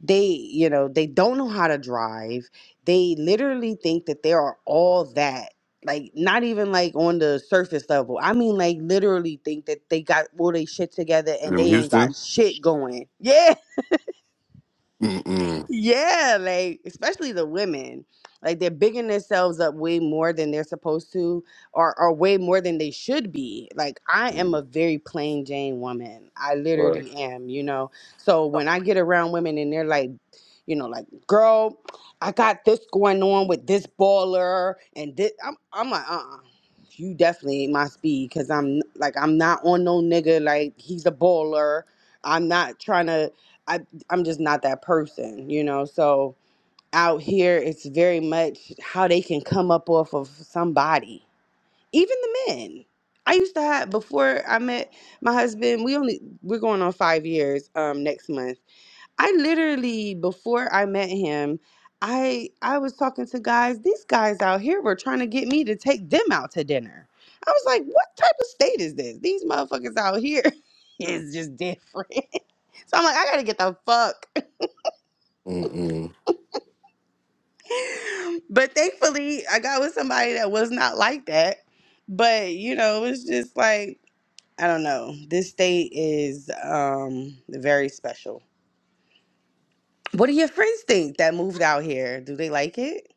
D: they you know they don't know how to drive they literally think that they are all that like not even like on the surface level i mean like literally think that they got all they shit together and
A: in
D: they ain't
A: Houston?
D: got shit going Yeah.
A: Mm-mm.
D: Yeah, like especially the women, like they're bigging themselves up way more than they're supposed to, or or way more than they should be. Like I am
A: Mm.
D: a very plain Jane woman. I
A: Right.
D: literally am, you know. So when I get around women and they're like, you know, like, girl, I got this going on with this baller and this, I'm I'm like, uh, uh you definitely ain't my speed because I'm like I'm not on no nigga like he's a baller. I'm not trying to. I'm just not that person, you know. So out here, it's very much how they can come up off of somebody, even the men. I used to have before I met my husband. We only we're going on five years um, next month. I literally before I met him, I I was talking to guys. These guys out here were trying to get me to take them out to dinner. I was like, what type of state is this? These motherfuckers out here is just different. So I'm like, I gotta get the fuck
A: Mm-mm.
D: but thankfully I got with somebody that was not like that. But you know, it was just like I don't know. This state is um very special. What do your friends think that moved out here? Do they like it?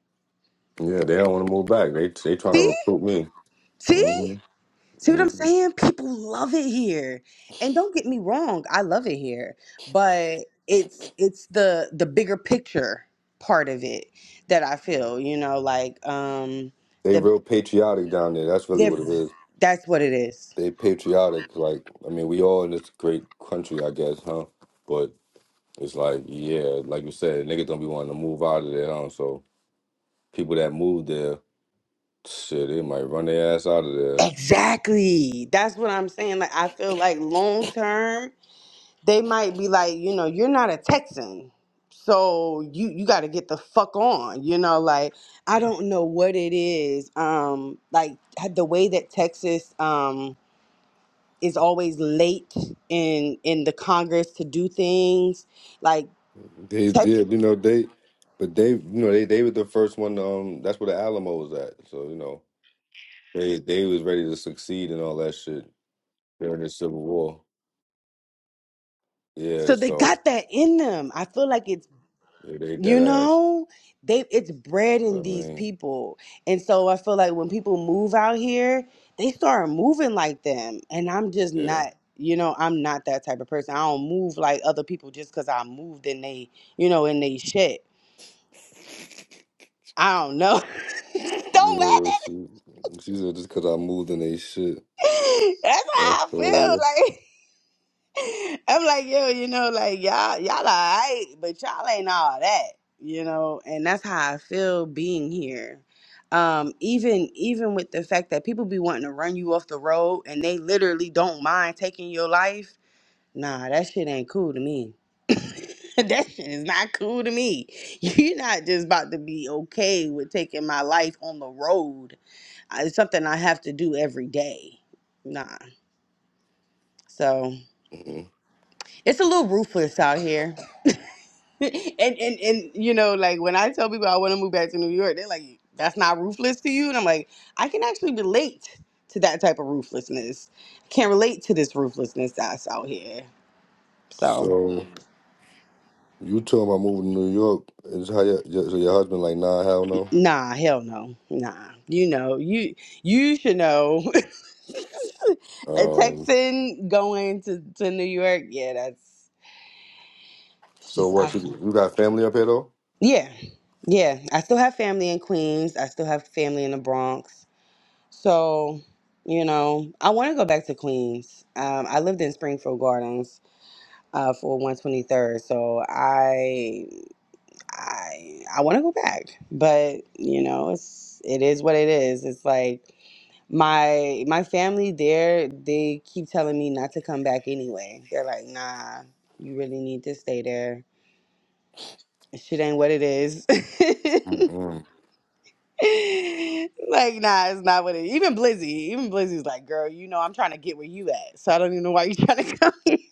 A: Yeah, they don't want to move back. They they trying to
D: See?
A: recruit me.
D: See?
A: Mm-hmm.
D: See what I'm
A: Mm-hmm.
D: saying? People love it here. And don't get me wrong, I love it here. But it's it's the the bigger picture part of it that I feel, you know, like um
A: They
D: the
A: real patriotic down there. That's really
D: they're
A: what it is.
D: that's what it is
A: they patriotic. Like, I mean, we all in this great country, I guess, huh? But it's like, yeah, like you said, niggas don't be wanting to move out of there, huh? So people that move there, shit, they might run their ass out of there.
D: Exactly. That's what I'm saying. Like I feel like long term, they might be like, you know, you're not a Texan. So you you got to get the fuck on, you know, like I don't know what it is. Um like the way that Texas um is always late in in the Congress to do things, like
A: They
D: Tex-
A: did, you know, they, but they, you know, they they were the first one. Um, that's where the Alamo was at. So you know, they they was ready to succeed and all that shit during the Civil War. Yeah,
D: so they
A: so
D: got that in them. I feel like it's
A: yeah, they dead
D: You
A: ass.
D: know, they it's bred
A: But I
D: in these
A: mean,
D: people. And so I feel like when people move out here, they start moving like them. And I'm just
A: yeah.
D: not, you know, I'm not that type of person. I don't move like other people just cuz I moved and they, you know, in they shit. I don't know. don't laugh
A: Yeah,
D: at
A: she, she said just because I moved in they shit.
D: me. That's
A: I
D: how I
A: feel you.
D: feel. like, I'm like, yo, you know, like y'all, y'all all right, but y'all ain't all that, you know, and that's how I feel being here. Um, even even with the fact that people be wanting to run you off the road and they literally don't mind taking your life, nah, that shit ain't cool to me. that shit is not cool to me. You're not just about to be okay with taking my life on the road. I- It's something I have to do every day. Nah. So
A: Mhm.
D: it's a little ruthless out here. and and and you know, like when I tell people I want to move back to New York, they're like, "That's not ruthless to you," and I'm like, I can actually relate to that type of ruthlessness. I can't relate to this ruthlessness that's out here. So,
A: So you told him I moved to New York. Is how your, your- so your husband like nah hell no.
D: nah, hell no, nah. You know, you you should know a
A: Um.
D: Texan going to to New York. Yeah, that's it's
A: So
D: just I
A: what you
D: don't know.
A: you got family up here though?
D: Yeah, yeah. I still have family in Queens. I still have family in the Bronx So, you know, I want to go back to Queens. Um, I lived in Springfield Gardens uh, for 123rd, so I I I want to go back. But you know, it's it is what it is. It's like my my family there. They keep telling me not to come back anyway. They're like, nah, you really need to stay there. Shit ain't what it is.
A: Mm-mm,
D: like, nah, it's not what it. is. Even Blizzy, even Blizzy's like, girl, you know, I'm trying to get where you at, so I don't even know why you're trying to come here.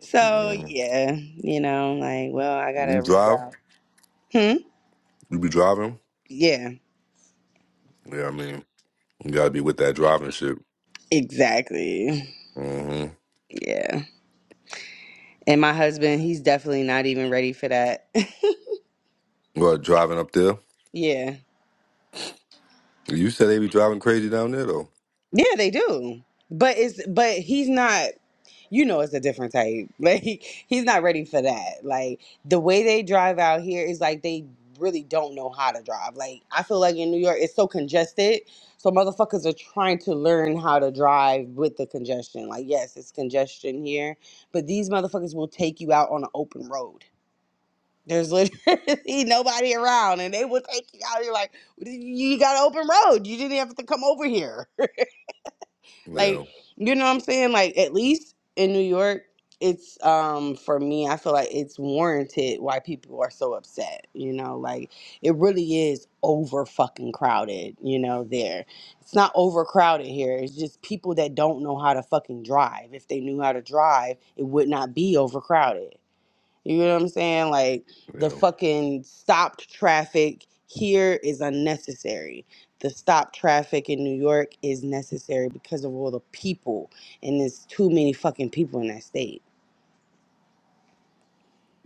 D: So
A: mm-mm.
D: yeah, you know, like, well, I
A: You
D: gotta
A: drive?
D: reroute. Hmm.
A: You be driving?
D: Yeah.
A: Yeah, I mean you gotta be with that driving shit.
D: Exactly.
A: hmm
D: Yeah. And my husband, he's definitely not even ready for that.
A: What driving up there?
D: yeah.
A: You said they be driving crazy down there though.
D: Yeah, they do. But it's but he's not. you know it's a different type. Like he's not ready for that. Like the way they drive out here is like they really don't know how to drive. Like I feel like in New York it's so congested. So motherfuckers are trying to learn how to drive with the congestion. Like yes, it's congestion here, but these motherfuckers will take you out on an open road. There's literally nobody around and they will take you out. You're like, you got an open road. You didn't have to come over here. Like,
A: Yeah,
D: you know what I'm saying? Like, at least in New York, it's um for me, I feel like it's warranted why people are so upset, you know, like it really is over fucking crowded, you know, there. It's not overcrowded here. It's just people that don't know how to fucking drive. If they knew how to drive, it would not be overcrowded. You know what I'm saying? Like the
A: yeah,
D: fucking stopped traffic here is unnecessary. The stopped traffic in New York is necessary because of all the people, and there's too many fucking people in that state.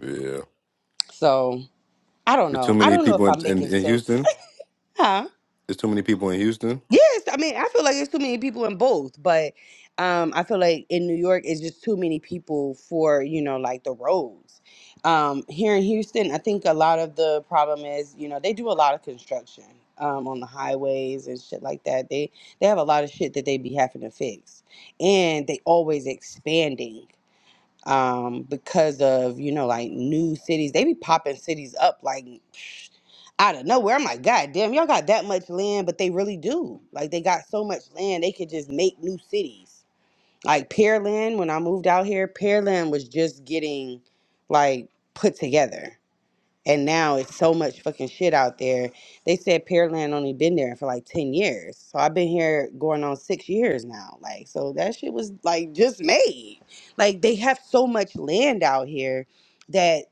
A: yeah.
D: So I don't
A: There's too
D: know. I
A: many
D: don't know if
A: people in
D: I'm
A: in,
D: making
A: in
D: sense.
A: Houston.
D: huh?
A: There's too many people in Houston.
D: Yes, I mean, I feel like there's too many people in both, but um, I feel like in New York, it's just too many people for, you know, like the roads. Um, here in Houston, I think a lot of the problem is, you know, they do a lot of construction um, on the highways and shit like that. They they have a lot of shit that they be having to fix, and they always expanding um, because of you know like new cities. They be popping cities up like psh, out of nowhere. I'm like, God damn, y'all got that much land, but they really do. Like they got so much land, they could just make new cities. Like Pearland, when I moved out here, Pearland was just getting like put together. And now it's so much fucking shit out there. They said Pearland only been there for like 10 years. So I've been here going on six years now. Like, so that shit was like just made. Like, they have so much land out here that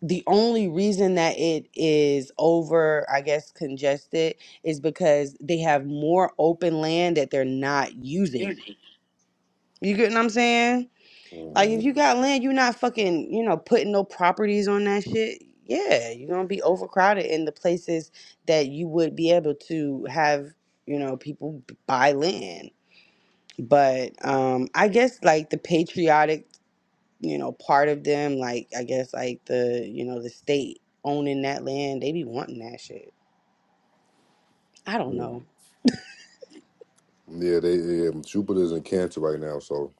D: the only reason that it is over, I guess, congested is because they have more open land that they're not using. You get what I'm saying? Like if you
A: hmm
D: got land, you're not fucking, you know, putting no properties on that shit. Yeah, you're gonna be overcrowded in the places that you would be able to have, you know, people b- buy land. But um I guess like the patriotic, you know, part of them, like I guess like the, you know, the state owning that land, they be wanting that shit. I don't know.
A: Yeah, they yeah, Jupiter's in Cancer right now, so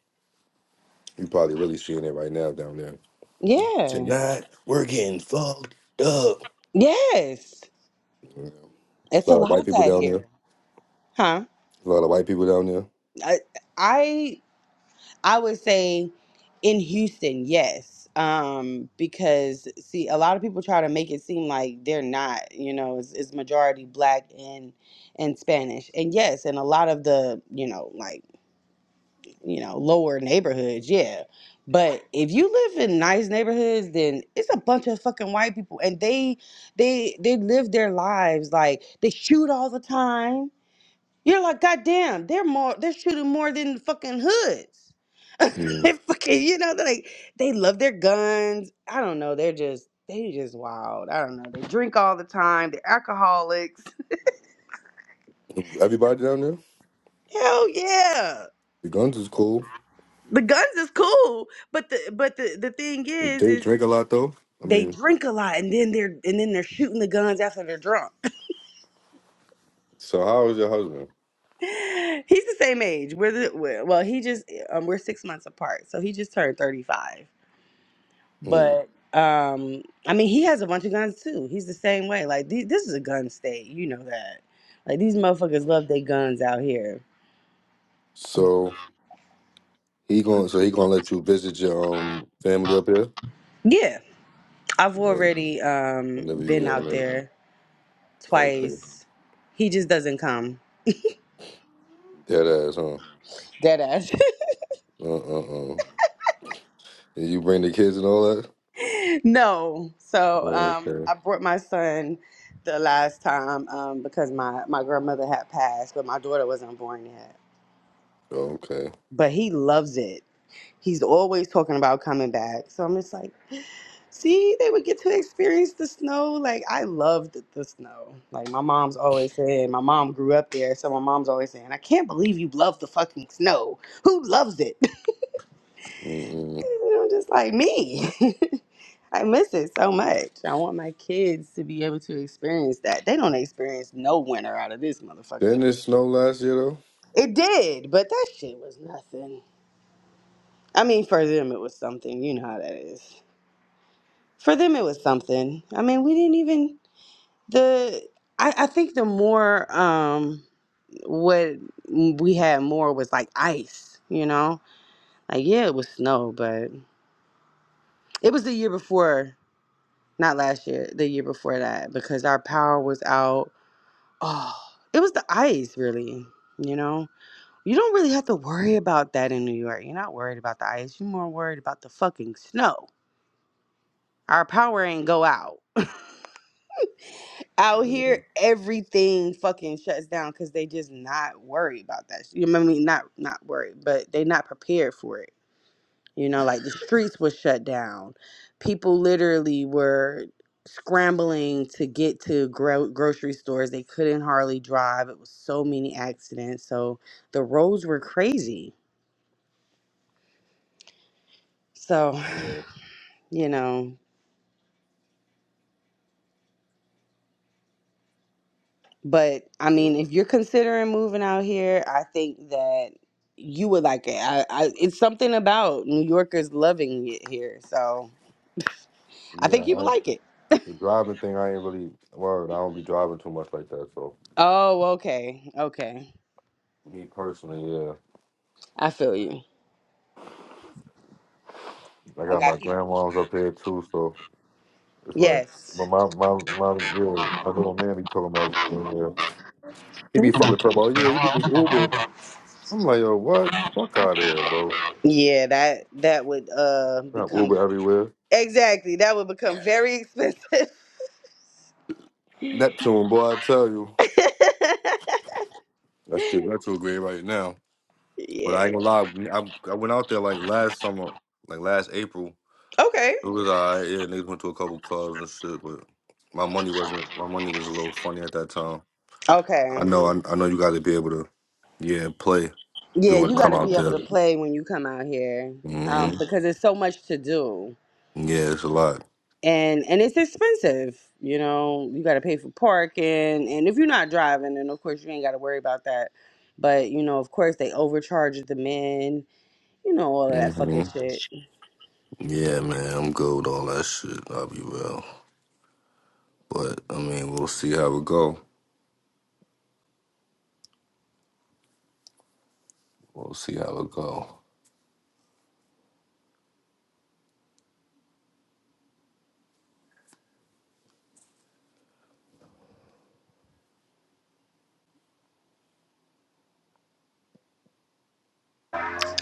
A: you probably really seeing it right now down there.
D: Yeah.
A: Tonight we're getting fucked up.
D: Yes.
A: Yeah. It's a
D: It's a
A: lot of
D: lot
A: white
D: of
A: people
D: that
A: down there.
D: here. Huh?
A: A lot of white people down there.
D: I, I would say in Houston, yes. Um, because see, a lot of people try to make it seem like they're not, you know, it's, it's majority black and and Spanish. And yes, in a lot of the, you know, like, you know, lower neighborhoods, yeah. But if you live in nice neighborhoods, then it's a bunch of fucking white people and they they they live their lives like they shoot all the time. You're like, goddamn, they're more they're shooting more than fucking hoods. They
A: Mm.
D: fucking, you know, they're like they love their guns. I don't know. They're just they just wild. I don't know. They drink all the time. They're alcoholics.
A: Everybody down there.
D: Hell yeah.
A: The guns is cool.
D: The guns is cool, but the but the the thing
A: If
D: is
A: they
D: is
A: drink a lot though, I
D: they
A: mean.
D: drink a lot and then they're and then they're shooting the guns after they're drunk.
A: So how is your husband?
D: He's the same age. We're the we're- well, he just um, we're six months apart, so he just turned thirty five.
A: Mm.
D: But um, I mean, he has a bunch of guns too. He's the same way. Like th- this is a gun state, you know that. Like these motherfuckers love their guns out here.
A: So he going. So he gonna let you visit your um family up here,
D: Yeah, I've
A: like
D: already um
A: whenever you
D: been
A: yeah,
D: out
A: whenever.
D: there
A: Okay,
D: twice. He just doesn't come.
A: dead ass, huh?
D: Dead ass.
A: Uh uh uh. And you bring the kids and all that.
D: no. So um,
A: Okay.
D: I brought my son the last time um because my my grandmother had passed, but my daughter wasn't born yet.
A: Okay.
D: But he loves it. He's always talking about coming back. So I'm just like. See, they would get to experience the snow. Like I loved the snow. Like my mom's always saying, my mom grew up there, so my mom's always saying, I can't believe you love the fucking snow. Who loves it?
A: Mm-mm.
D: And I'm just like me. I miss it so much. I want my kids to be able to experience that. They don't experience no winter out of this motherfucker.
A: Didn't it snow last year
D: It did, but that shit was nothing. I mean, for them it was something. You know how that is. For them it was something. I mean, we didn't even. the I, I think the more um what we had more was like ice, you know? Like yeah, it was snow, but it was the year before, not last year, the year before that because our power was out. Oh, it was the ice really, you know? You don't really have to worry about that in New York. You're not worried about the ice. You're more worried about the fucking snow. Our power ain't go out. out here
A: though?
D: everything fucking shuts down because they just not worried about that you know what i mean not not worried but they not prepared for it you know like the streets were shut down people literally were scrambling to get to gro- grocery stores they couldn't hardly drive it was so many accidents so the roads were crazy so
A: Yeah, yeah,
D: you know But I
A: yeah.
D: mean, if you're considering moving out here, I think that you would like it. I, I it's something about New Yorkers loving it here, so I
A: Yeah,
D: think you would
A: I,
D: like it.
A: the driving thing, I ain't really worried. I don't be driving too much like that. So
D: Oh, okay, okay,
A: me personally, yeah,
D: I feel you.
A: I
D: I
A: got my
D: got people.
A: grandma's up here too. So it's like, but
D: Yes,
A: my my my, yo, my little man be talking about, uh, he be fucking talking about, yeah, you could just Uber. I'm like, yo, what? Fuck out of here, bro.
D: yeah that that would uh
A: I got
D: become
A: Uber everywhere.
D: exactly that would become very expensive.
A: Neptune, boy, I tell you, that shit, that's too great right now. But I
D: yeah.
A: ain't gonna lie, we- I, I went out there like last summer, like last April.
D: Okay.
A: It was alright. Yeah, niggas went to a couple clubs and shit, but my money wasn't. My money was a little funny at that time. I
D: Okay.
A: know. I, I know you got to be able to, yeah, play if
D: Yeah,
A: you want
D: you
A: to
D: got
A: come
D: to
A: out
D: be able
A: there.
D: to play when you come out here,
A: hmm
D: um, because there's so much to do.
A: Yeah, it's a lot.
D: and and it's expensive you know you got to pay for parking and if you're not driving then of course you ain't got to worry about that but you know of course they overcharge the men you know all of that
A: hmm
D: fucking shit
A: Yeah, man, I'm good with all that shit. I'll be real, but I mean, we'll see how it go. We'll see how it go.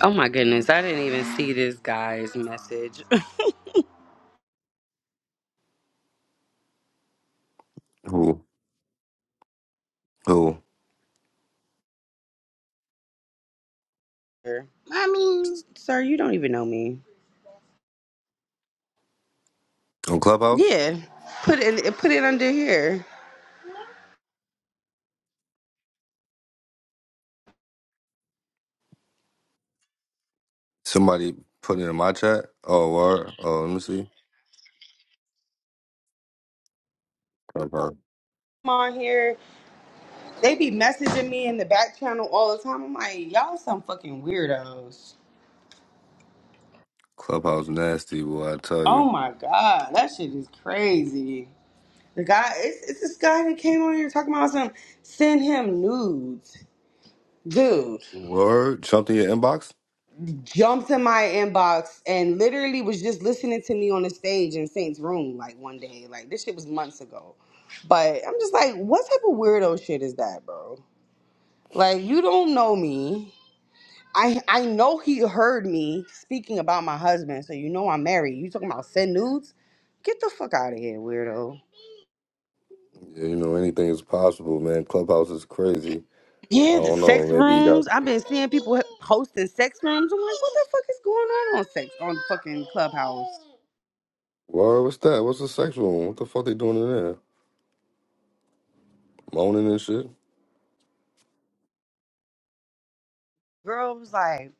D: oh my goodness i didn't even see this guy's message
A: Who? Who?
D: mommy sir you don't even know me
A: On Clubhouse?
D: yeah put it put it under here
A: Somebody put it in my chat. Oh, word. Oh, let me see. Clubhouse,
D: come on here They be messaging me in the back channel all the time. I'm like, y'all some fucking weirdos.
A: Clubhouse nasty, boy. I tell you.
D: Oh my god, that shit is crazy. The guy, it's, it's this guy that came on here talking about some send him nudes. Dude
A: Word, something in your inbox?
D: jumped in my inbox and literally was just listening to me on the stage in Saint's room like one day. Like this shit was months ago. But I'm just like, what type of weirdo shit is that, bro? Like you don't know me. I I know he heard me speaking about my husband, so you know I'm married. You talking about send nudes? Get the fuck out of here, weirdo.
A: Yeah, You know, anything is possible, man. Clubhouse is crazy. I
D: Yeah, the
A: don't know.
D: sex
A: Maybe you got.
D: rooms. I've been seeing people hosting sex rooms. I'm like, what the fuck is going on on sex on fucking Clubhouse?
A: Word, what's that? What's the sexual one? What the fuck they doing in there? Moaning and shit?
D: Girl was like,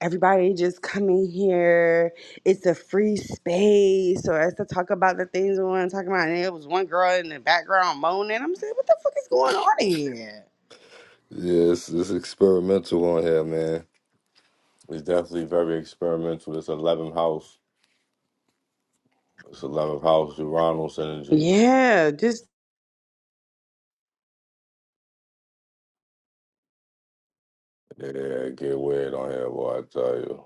D: everybody just come in here. It's a free space, or it's to talk about the things we want to talk about. And there was one girl in the background moaning. I'm saying, what the fuck is going on here?
A: Yeah, it's, it's experimental on here, man. It's definitely very experimental. It's 11th house. It's 11th house, Uranus energy.
D: Yeah, just.
A: Yeah, get weird on here, boy, I tell you.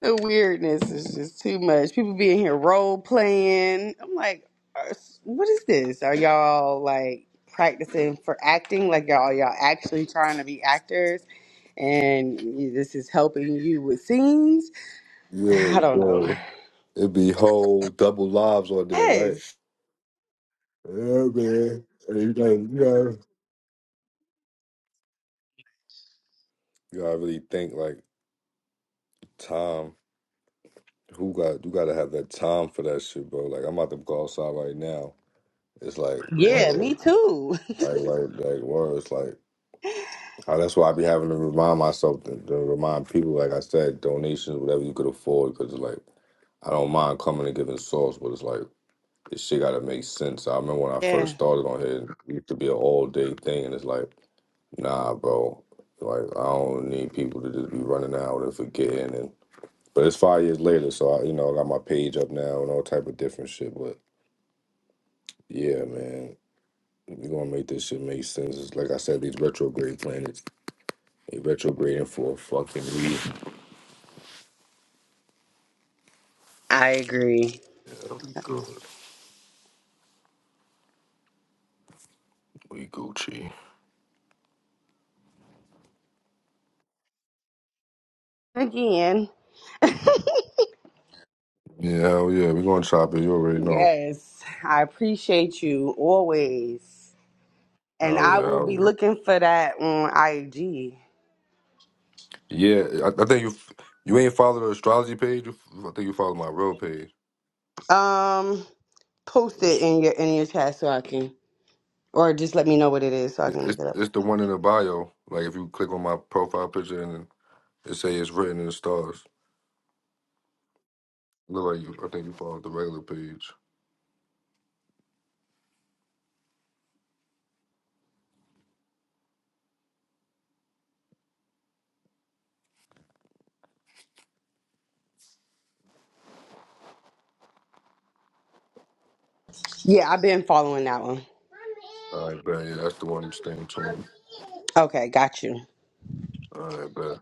D: The weirdness is just too much. People being here role playing. I'm like, are- what is this? Are y'all like practicing for acting? Like y'all y'all actually trying to be actors, and y- this is helping you with scenes? I
A: Yeah,
D: don't know.
A: bro. It be whole double lives on there, right?
D: Yes.
A: Yeah, man. And you gotta, you gotta, you gotta really think like time. Who got? You gotta have that time for that shit, bro. Like I'm about to go outside right now. It's like
D: Yeah,
A: word,
D: me too.
A: like like like word. It's like oh, that's why I be having to remind myself to, to remind people. Like I said, donations, whatever you could afford, because it's like I don't mind coming and giving sauce, but it's like this shit gotta make sense. I remember when I first
D: Yeah,
A: started on here, it used to be an all day thing, and it's like. Nah, bro. Like I don't need people to just be running out and forgetting. And but it's five years later, so I, you know, I got my page up now and all type of different shit. But yeah, man, we gonna make this shit make sense. It's like I said, these retrograde planets, they retrograding for a fucking reason.
D: I agree.
A: Yeah, we good. We Gucci.
D: Again,
A: Yeah, hell yeah, we gonna chop it. You already know.
D: yes, I appreciate you always, and
A: Hell yeah,
D: I will
A: hell
D: be
A: yeah.
D: looking for that on IG.
A: Yeah, I, I think you you ain't follow the astrology page. You, I think you follow my real page.
D: Um. post it in your in your chat so I can, or just let me know what it is so I can
A: It's
D: look it up.
A: it's the one in the bio. Like if you click on my profile picture and it say it's written in the stars. Look like you. I think you follow the regular page.
D: Yeah, I've been following that one.
A: All right, but yeah, that's the one. Staying tuned.
D: Okay, got you.
A: All right, but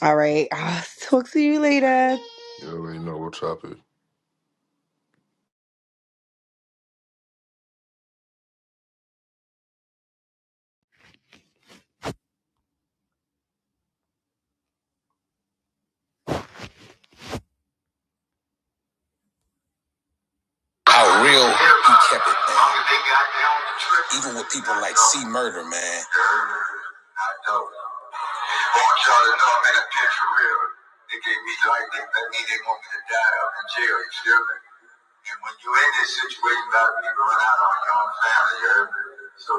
D: All right, I'll talk to you later.
A: you already know what topic. How real he kept it, man. Even with people like C Murder, man. I want y'all to know I'm in a picture real. They gave me life. They, that mean they want me to die up in jail. You feel me? And when you're in this situation, a lot of people run out on your own family, you heard? So,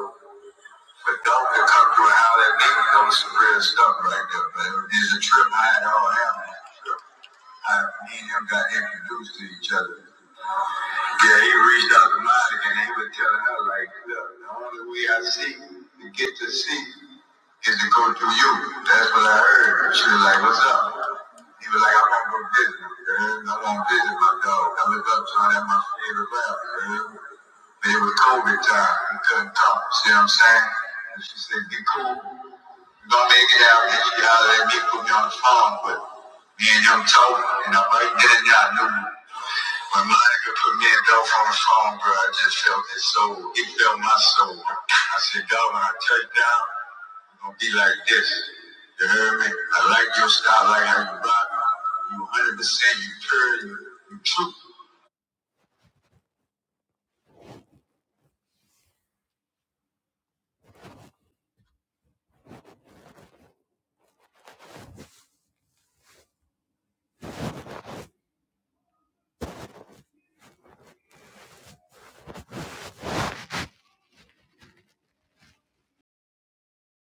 A: but don't come through and holler at me, that was some real stuff right there, man. It's a trip I had all happening. Uh, me and him got introduced to each other. Yeah, he reached out to Monica and he was telling her, like, look, the only way I see to get to see is to go through you. That's what I heard. She was like, what's up? He was like, I want to go visit him, girl. I want to visit my dog. I look up to him at my favorite rapper, girl. But it was COVID time. He couldn't come. See what I'm saying? And she said, get cool. Don't make it out if y'all let me put me on the phone, but me and him talking, and I'm right there, and you knew when Monica put me and Dolph on the phone, bro, I just felt his soul. He felt my soul. I said, God, when I touch down, I'm gonna be like this. You heard me? I like your style, I like how you rock. You 100%, you pure, you, you true.